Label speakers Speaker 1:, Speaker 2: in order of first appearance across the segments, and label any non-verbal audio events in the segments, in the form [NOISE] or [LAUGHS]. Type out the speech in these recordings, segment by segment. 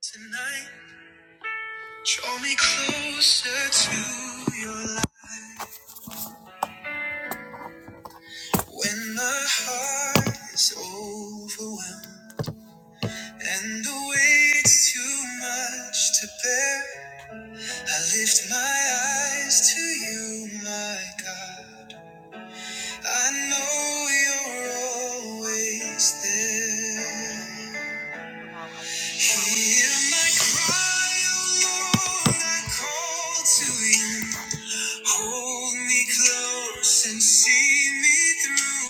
Speaker 1: Tonight, draw me closer to your light. When the heart is overwhelmed and the weight's too much to bear, I lift my eyes to you, my God. I know you're always there. Hear my cry, oh Lord, I call to you. Hold me close and see me through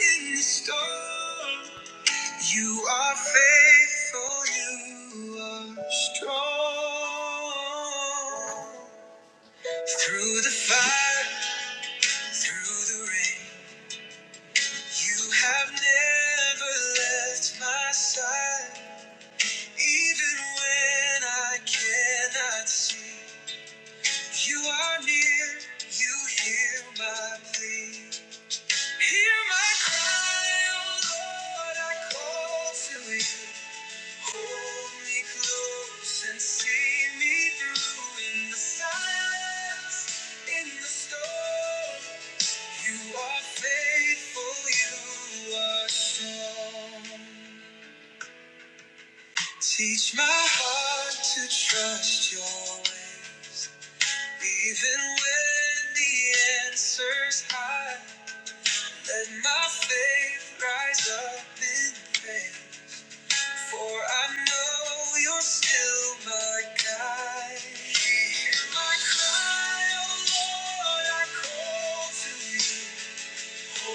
Speaker 1: in the storm. You are faithful, you are strong. Through the fire, through the rain, you have never left my side. Even when I cannot see. You are near, you hear my plea. Hear my cry, oh Lord, I call to you. Hold me close and see me through in the silence, in the storm. You are faithful, you are strong. Teach my heart to trust your ways. Even when the answer's high, let my faith rise up in pain. For I know you're still my guide. Hear my cry, oh Lord, I call to you. You are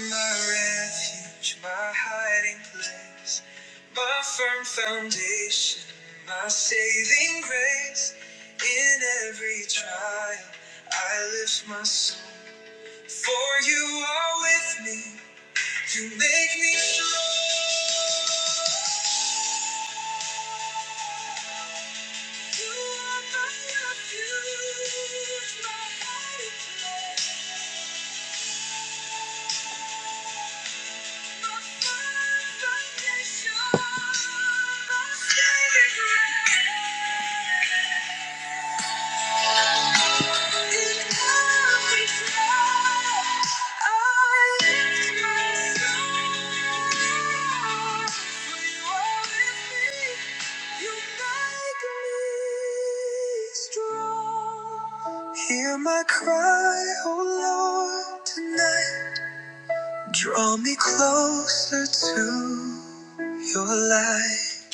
Speaker 1: my refuge, my hiding place, my firm foundation, my saving grace. In every trial, I lift my soul, for you are with me. To make me strong, you are my refuge, my hiding place, my firm foundation, my saving grace. Hear my cry, oh Lord, tonight. Draw me closer to your light.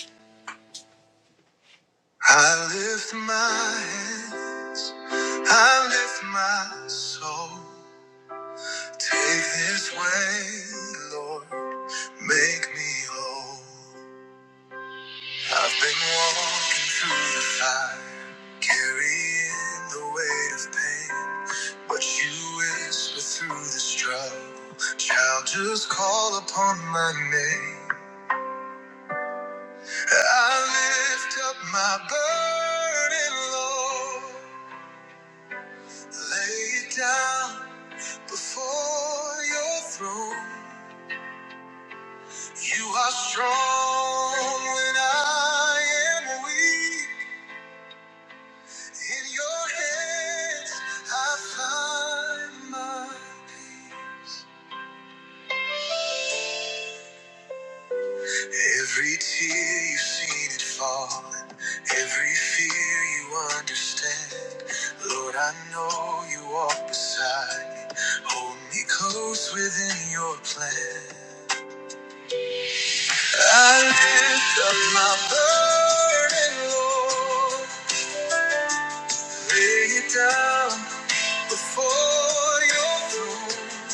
Speaker 1: I lift my head, I lift my soul. Take this way, Lord, make me whole. I've been walking through the fire, carrying the weight of pain. But you whisper through the struggle, child, just call upon my name. I lift up my burden, Lord, lay it down before your throne. You are strong when I am weak. In your hands I find my every tear you've seen it fall, every fear you understand. Lord, I know you walk beside me, hold me close within your plan. I lift up my burden, Lord. Lay it down before your throne.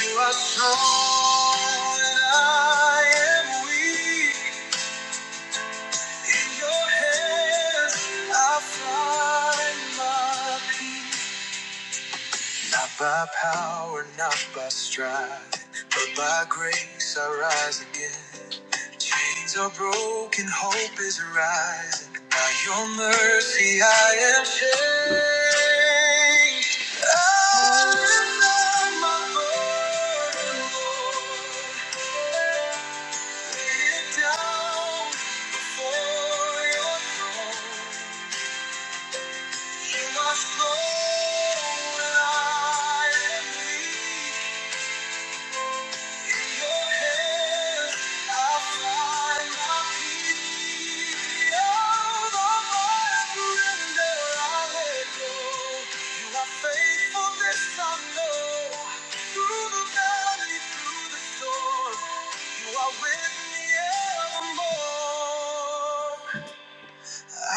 Speaker 1: You are strong and I am weak. In your hands I find my peace. Not by power, not by strife, but by grace I rise again. Chains are broken, hope is rising. By your mercy I am changed. I lift up my burden, Lord. Lay it down before your throne. You are strong when I am weak.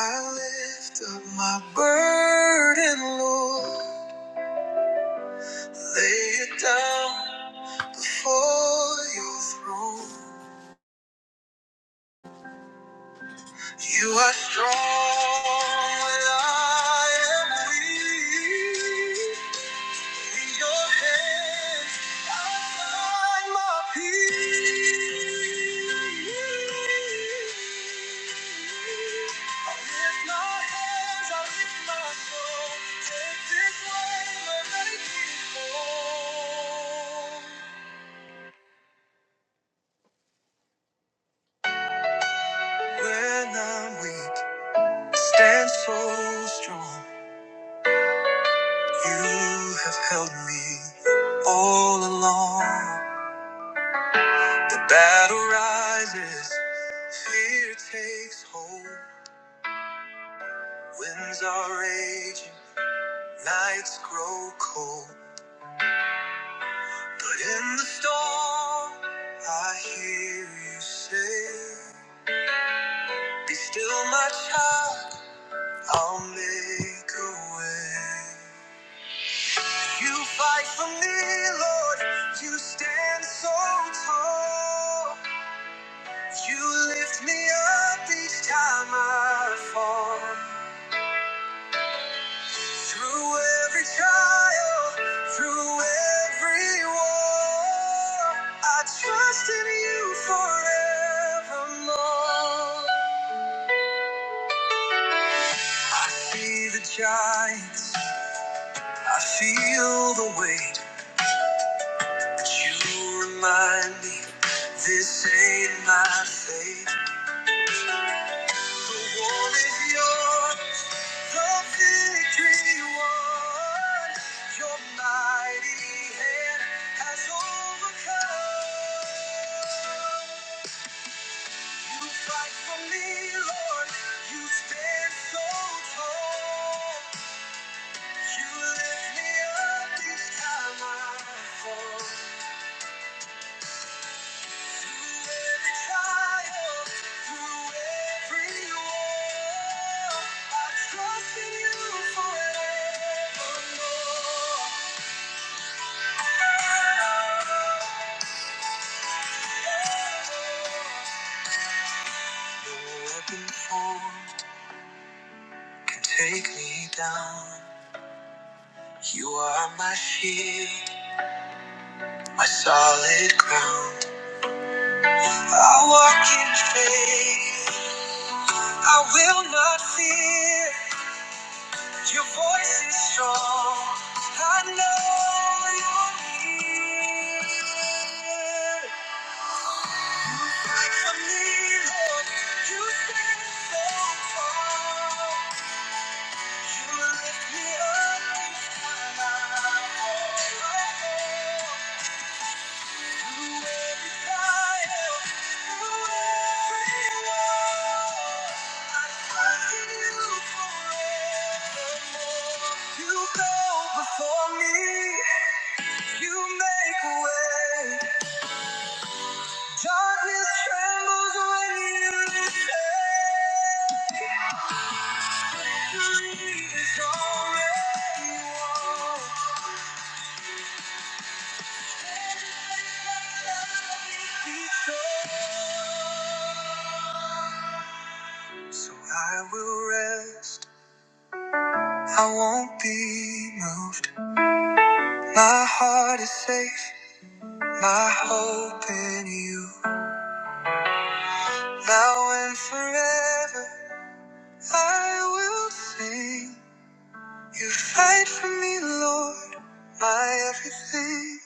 Speaker 1: I lift up My burden, Lord, lay it down for your throne. You are strong when I am weak. In your hands, I find my peace. I lift my hands, I lift my soul. Take this wave and make me whole. When I'm weak, stand so strong. You have held me all along. The battle rises, fear takes hold. Winds are raging, nights grow cold. But in the storm, I hear you say, Be still, my child, I'll make a way. You fight for me, Lord, you stand so tall. You lift me up each time I fall. Through every trial, through every war, I trust in you forevermore. I see the giants, I feel the weight, but you remind me this ain't my fate. The war is yours, the victory won. Your mighty hand has overcome. You fight for me, Lord. You stand so tall. You lift me up each time I fall. can Take me down. You are my shield, my solid ground. I walk in faith. I will not fear. Your voice is strong. I know you're here. You fight for me, Lord. You stand so tall. You lift me up each time I fall. You You go before me. You make a way. Darkness trembles when you say victory is already won. so I will rest. I won't be moved. My heart is safe, my hope in you. Now and forever, I will sing. You fight for me, Lord, my everything.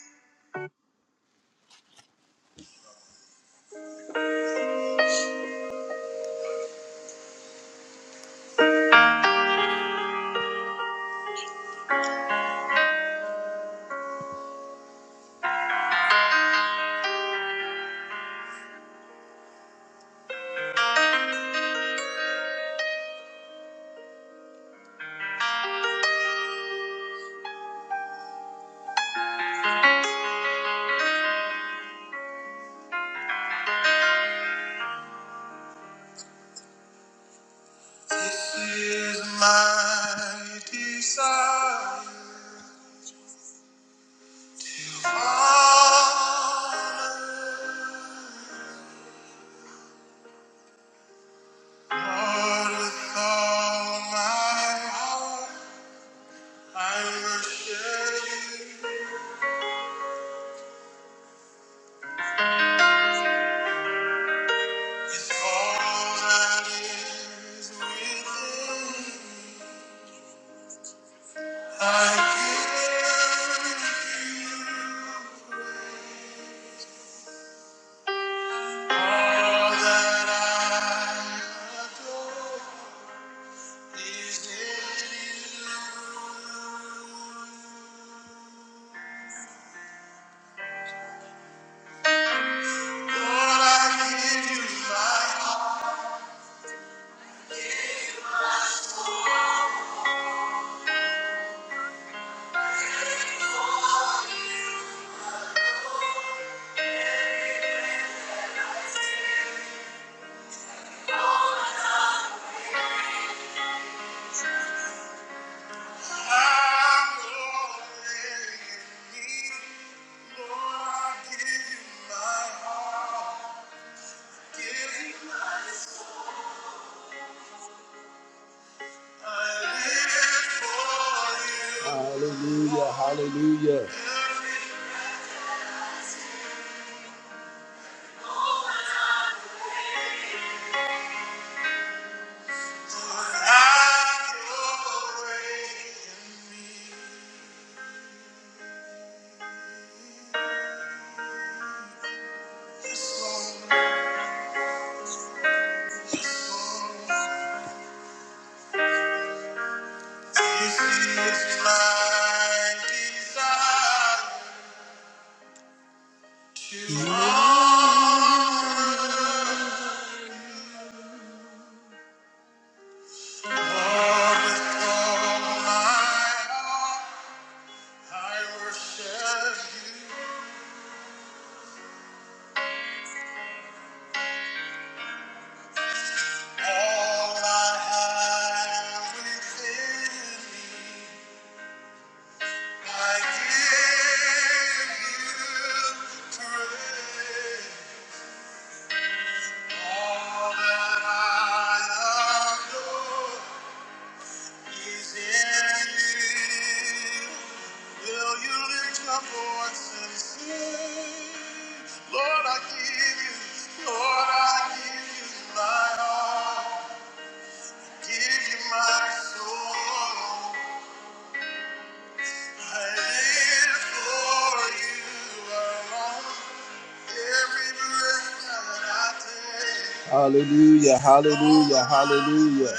Speaker 1: This is my desire. Honor, Lord, with all my heart, I will share you. With all that is within, I give you all that I adore is in you. Lord, I give you my heart. I'm already in need. Lord, I give you my heart. Hallelujah, hallelujah. I give you praise. All that I adore is in you. Will you lift your voice and sing? Lord, I give you, Lord, I give you my all. Give you my soul. I live for you alone. Hallelujah, hallelujah, hallelujah.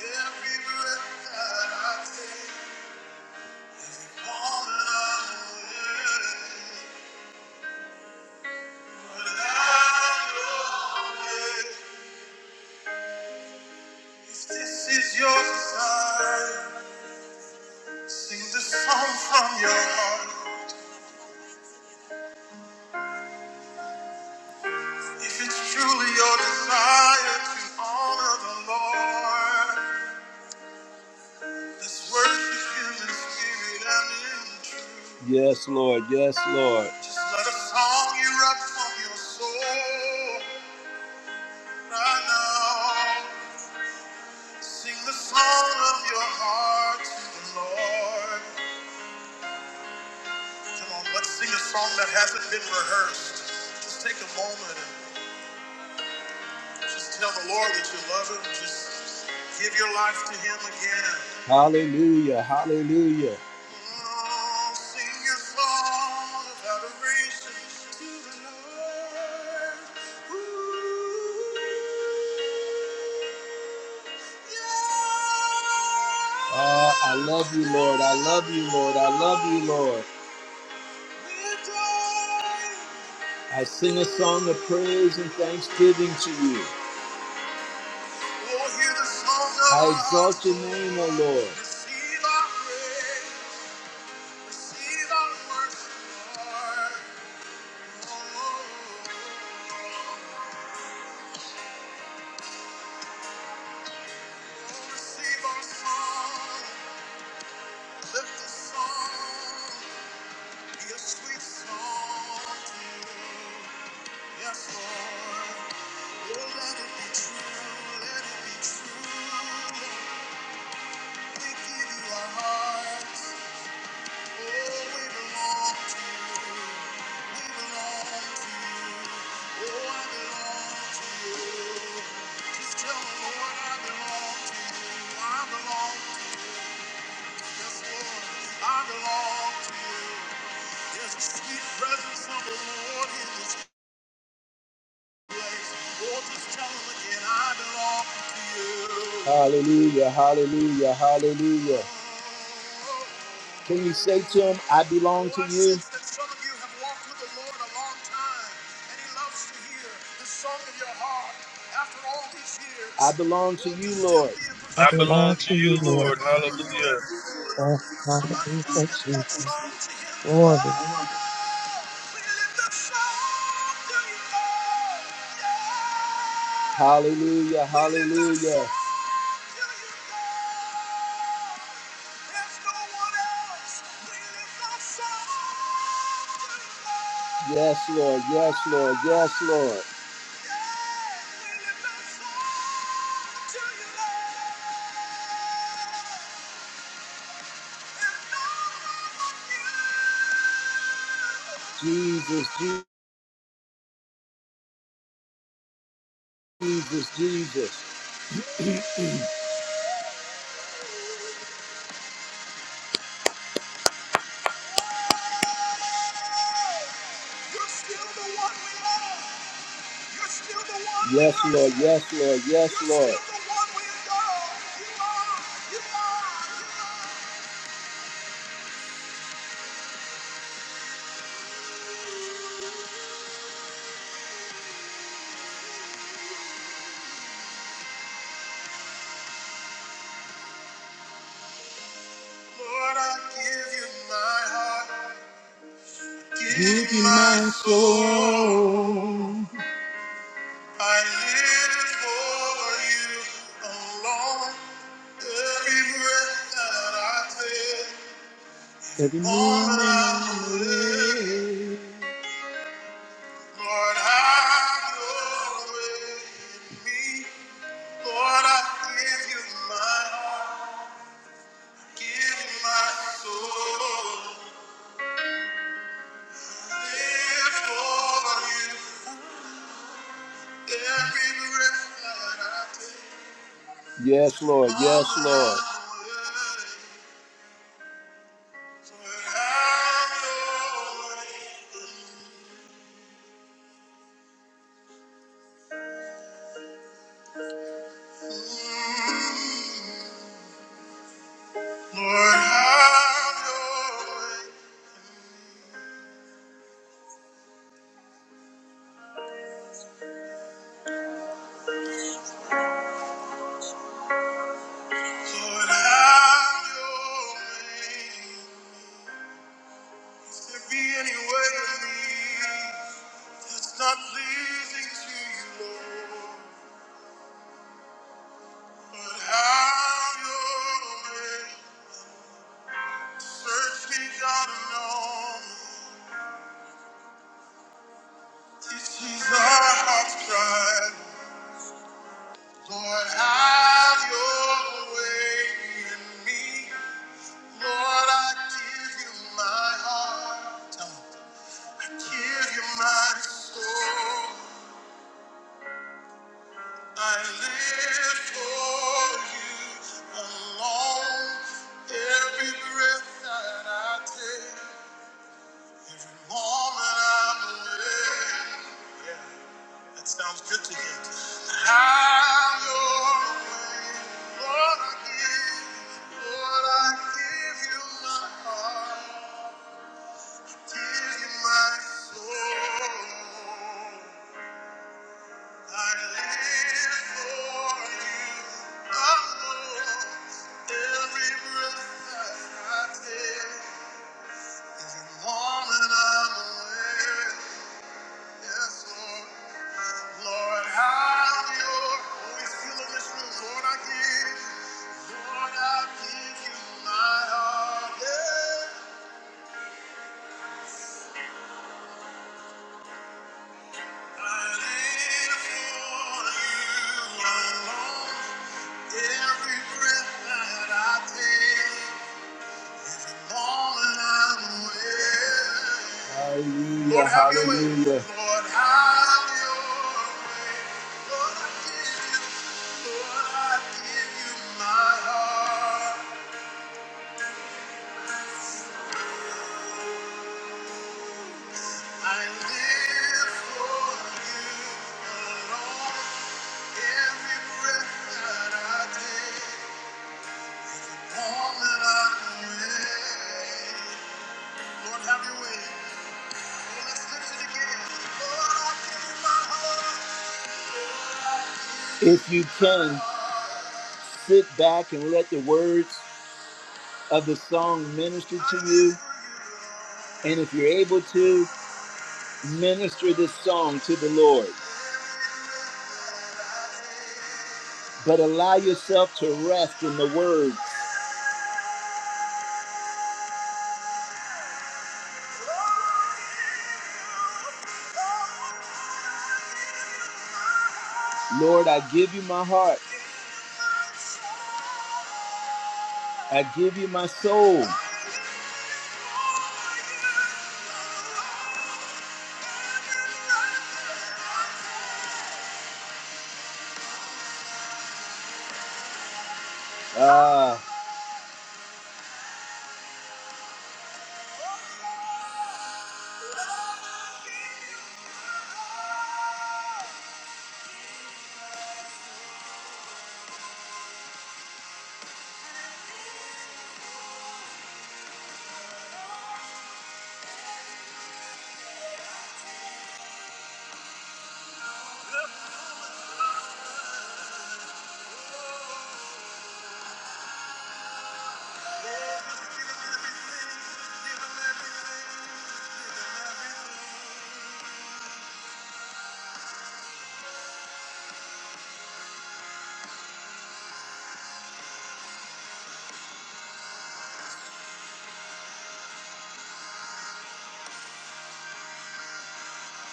Speaker 1: Every breath that I take is all that I will. If this is your desire, sing the song from your heart. If it's truly your desire to honor the Lord, let's worship Him in spirit and in truth. Yes, Lord. Yes, Lord. Just let a song erupt from your soul right now. Sing the song of your heart to the Lord. Come on, let's sing a song that hasn't been rehearsed. Just take a moment and just tell the Lord that you love Him. Just give your life to Him again. Hallelujah, hallelujah. Oh, sing a song of adoration to the Lord. Oh, I love you, Lord. I love you, Lord. I love you, Lord. I sing a song of praise and thanksgiving to you. I exalt your name, O Lord. Receive our praise, receive our worship, Lord. Oh, receive our song, lift the song, be a sweet song to you. Yes, Lord. Oh, let it be true, let it be true. We give you our hearts, oh, we belong to you. Hallelujah, hallelujah, hallelujah. Can you say to him, I belong to you? I belong to you, Lord.
Speaker 2: I
Speaker 3: I
Speaker 2: belong
Speaker 3: belong to
Speaker 2: to you,
Speaker 3: you,
Speaker 2: Lord.
Speaker 3: Lord. Hallelujah.
Speaker 2: God. Hallelujah, Jesus. Glory,
Speaker 1: Hallelujah, hallelujah. Yes, Lord. Yes, Lord. Yes, Lord. Jesus, Jesus, Jesus. Yes, Lord. Yes, Lord. Yes, Lord. Give you my heart. You be my soul. I live for you alone. Every breath that I take, every moment I live, Lord, have your way in me. Lord, I give you my heart, give you my soul. Live for you every breath that I take. Yes, Lord. Yes, Lord. I Lord, have your way. If there be any way in me that's not pleasing to you, Lord, but have your way. Search me, God, and know me. this is our heart's cry. Lord, have your way in me. Lord, I give you my heart. Tell 'em. I give you my soul. I live for you alone. Every breath that I take, every moment I'm awake. Yeah, that sounds good to him. Have your way, Lord. I give, Lord, I give you my heart, give you my soul. I Every breath that I take. Hallelujah, hallelujah. If you can. sit back and let the words of the song minister to you. And if you're able to, minister this song to the Lord. But allow yourself to rest in the word. Lord, I give you my heart. I give you my soul. Ah,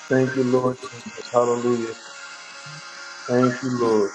Speaker 3: Thank you, Lord Jesus. Hallelujah. Thank you, Lord.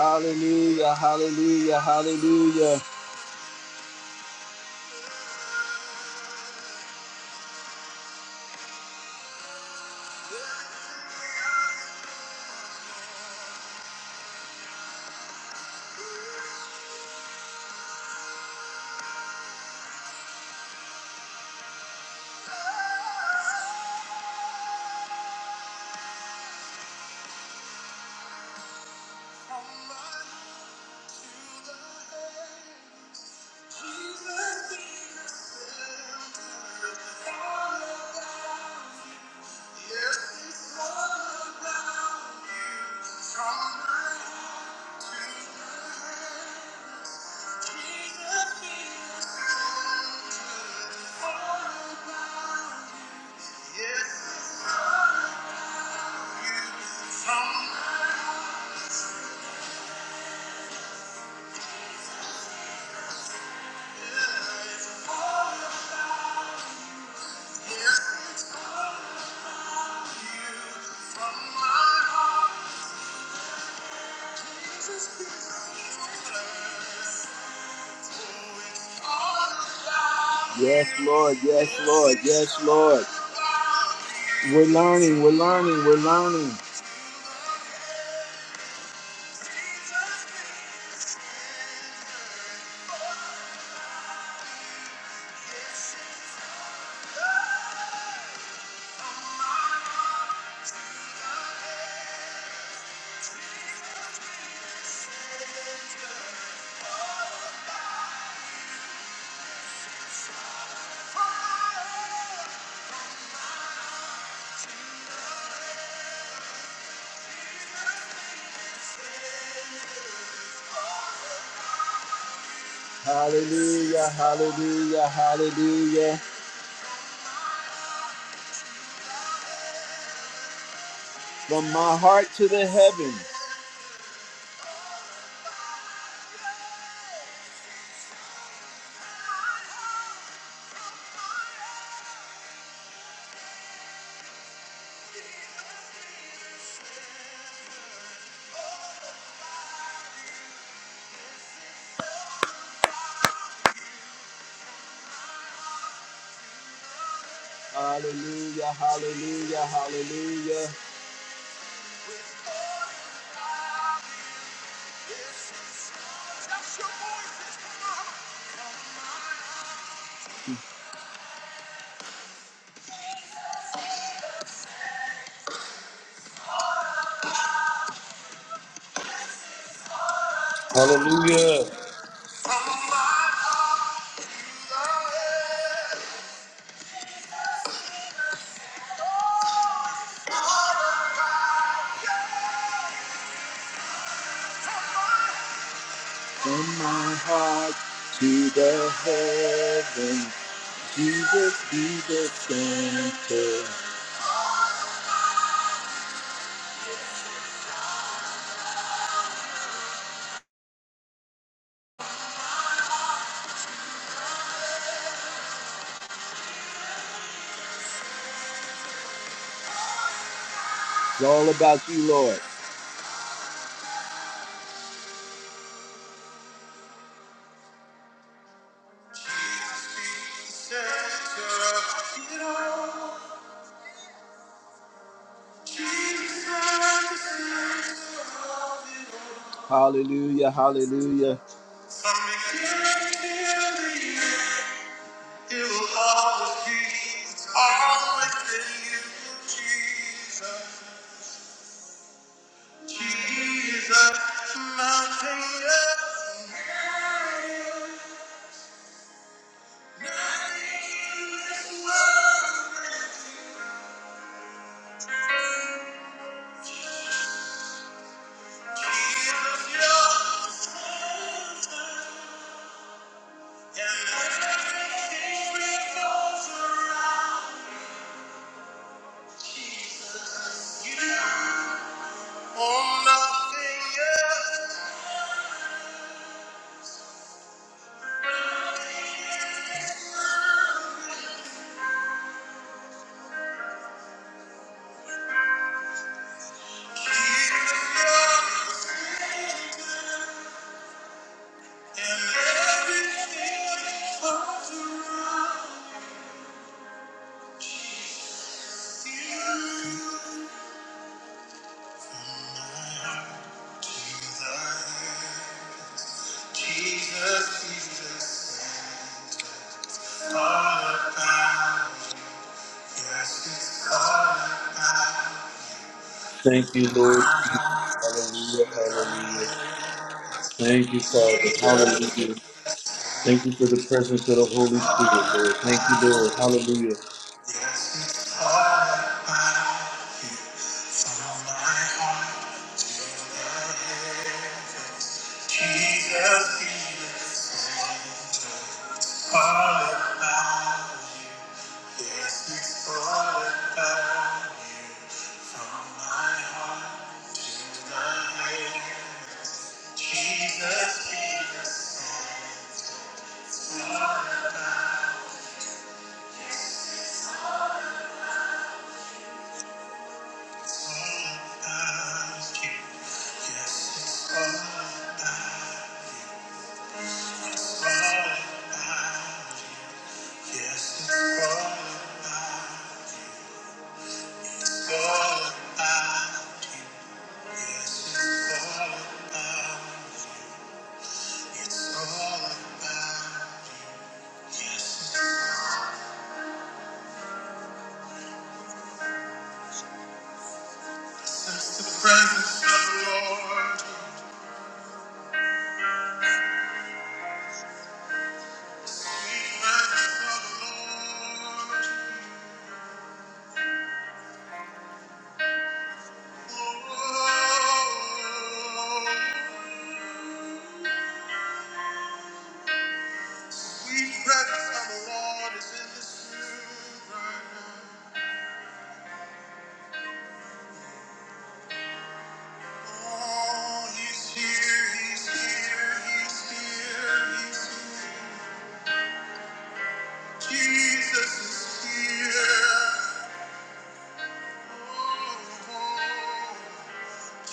Speaker 1: Hallelujah, hallelujah, hallelujah. Yes, Lord, yes, Lord, yes, Lord. We're learning, we're learning, we're learning. Hallelujah, hallelujah, hallelujah. from my heart to the heavens. Hallelujah, hallelujah, hallelujah.
Speaker 3: Hallelujah.
Speaker 1: From my heart to the heavens, Jesus be the center. It's all about you, Lord. Hallelujah, hallelujah. You always be, always be Jesus. Nothing is yours, oh, nothing else is and everything comes through you. Jesus, Jesus, Jesus, all about, yes, it's all about.
Speaker 3: Thank you, Lord Jesus. Hallelujah. Hallelujah. Thank you, Father.
Speaker 1: Jesus,
Speaker 3: Hallelujah. Thank you for the presence of the Holy Spirit, Lord. Thank you, Lord. Hallelujah.
Speaker 1: all about, yes, it's all about. From my heart, I yes, it's all about. It's all about you. yes. it's The presence of the Lord. The presence of the Lord. Oh, sweet presence of the Lord is in this room. right now. Oh, He's here. He's here. He's here. He's here. Jesus is here.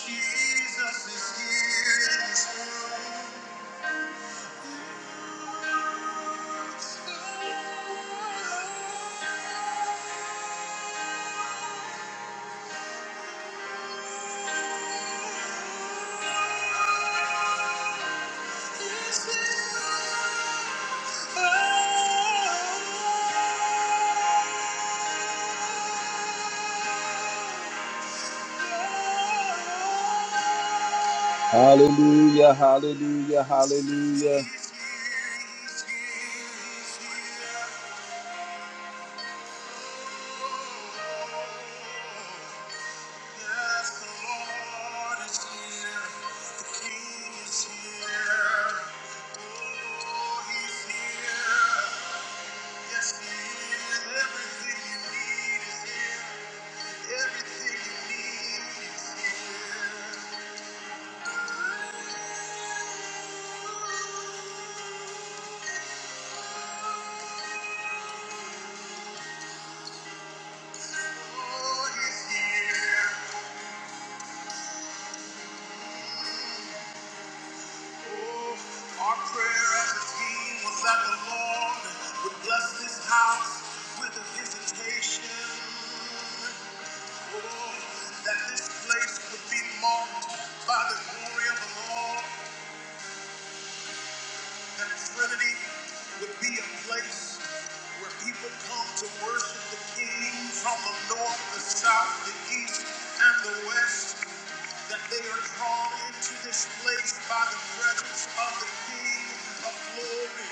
Speaker 1: Jesus Hallelujah, hallelujah, hallelujah. Our prayer as a team was that the Lord would bless this house with a visitation. Oh, that this place would be marked by the glory of the Lord. That Trinity would be a place where people come to worship the King from the north, the south, the east, and the west. That they are drawn into this place by the presence of the King of glory.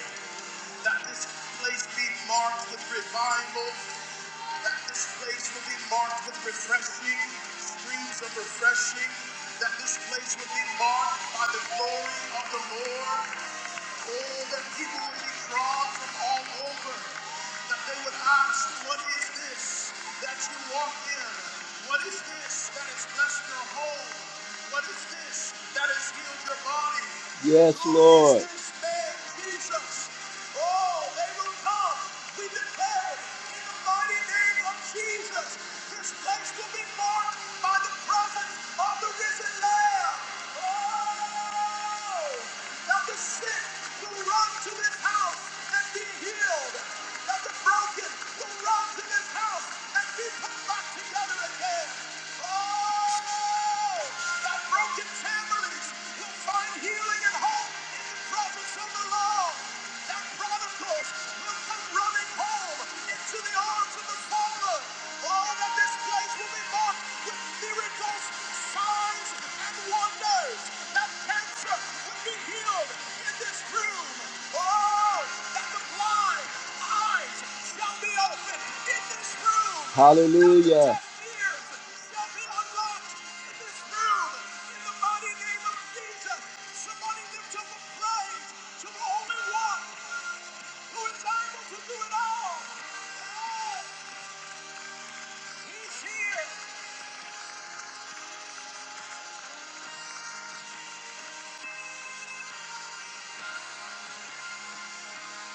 Speaker 1: That this place be marked with revival. That this place will be marked with refreshing, streams of refreshing. That this place will be marked by the glory of the Lord. Oh, that people would be drawn from all over. That they would ask, What is this that you walk in? What is this that has blessed your home? What is this that has healed your body? Yes, Who is Lord. this man, Jesus? Oh, they will come. We declare in the mighty name of Jesus. This place will be marked by the presence of the risen Families will find healing and hope in the presence of the Lord. That prodigals will come running home into the arms of the Father. Oh, that this place will be marked with miracles, signs, and wonders. That cancer will be healed in this room. Oh, that the blind eyes shall be opened in this room. Hallelujah. That the deaf ears shall be unlocked in this room. In the mighty name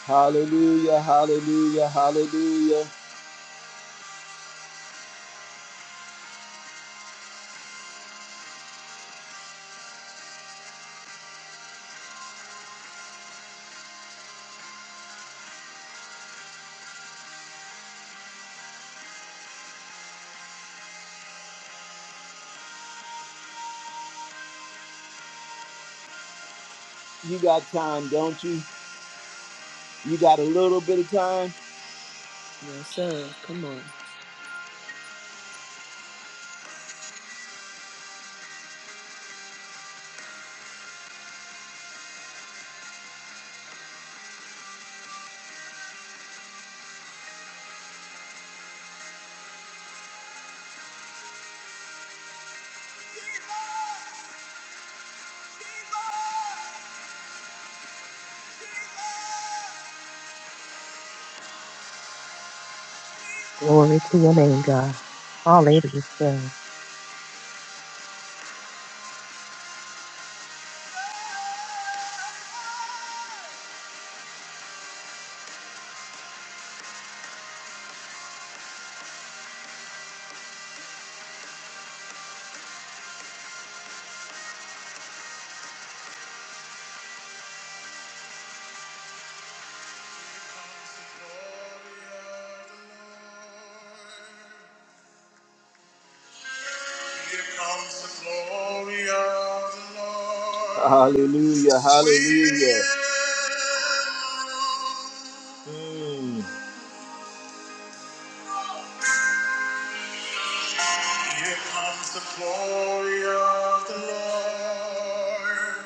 Speaker 1: Hallelujah, hallelujah, hallelujah. You got time, don't you? You got a little bit of time?
Speaker 4: Yes, sir. Come on.
Speaker 2: glory to your name, God. Hallelujah,
Speaker 1: Here comes the glory of the Lord. Hallelujah, hallelujah. Mm. Here comes the glory of the Lord.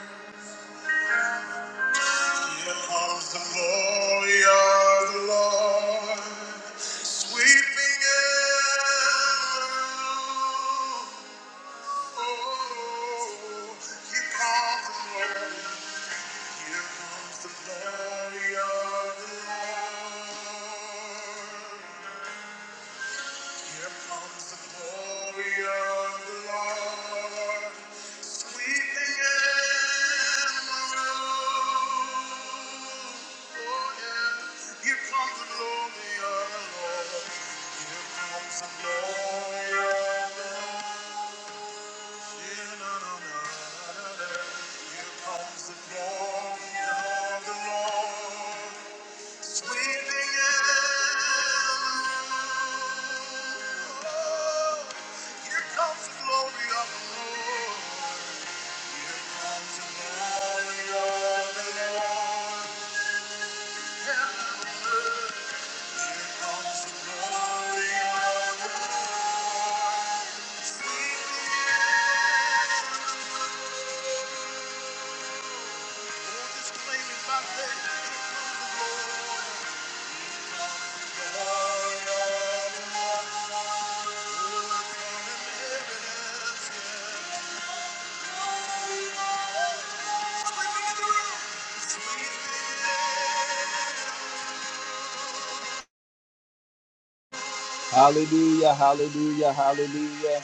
Speaker 1: Here comes the glory of the Lord. Sweeping in. Oh, here comes the glory. Here comes the glory of the Lord. Here comes the glory of the Lord. Weeping and mourning. Oh, oh, yeah. Here comes the glory of the Lord. Here comes the glory of the Lord. Yeah, na, na, na, na, na. Here comes the glory of the Lord. Hallelujah, hallelujah, hallelujah.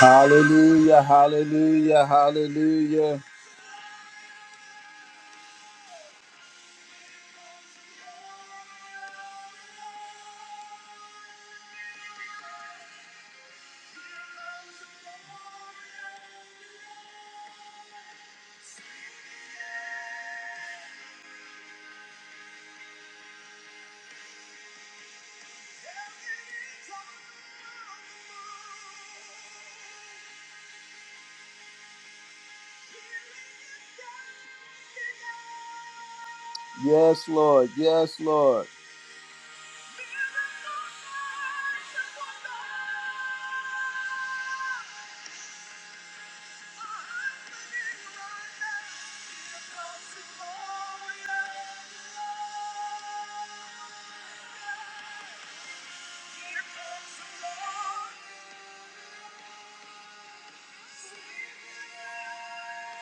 Speaker 1: Hallelujah, hallelujah, hallelujah. Yes, Lord, yes, Lord. Here comes the Lord.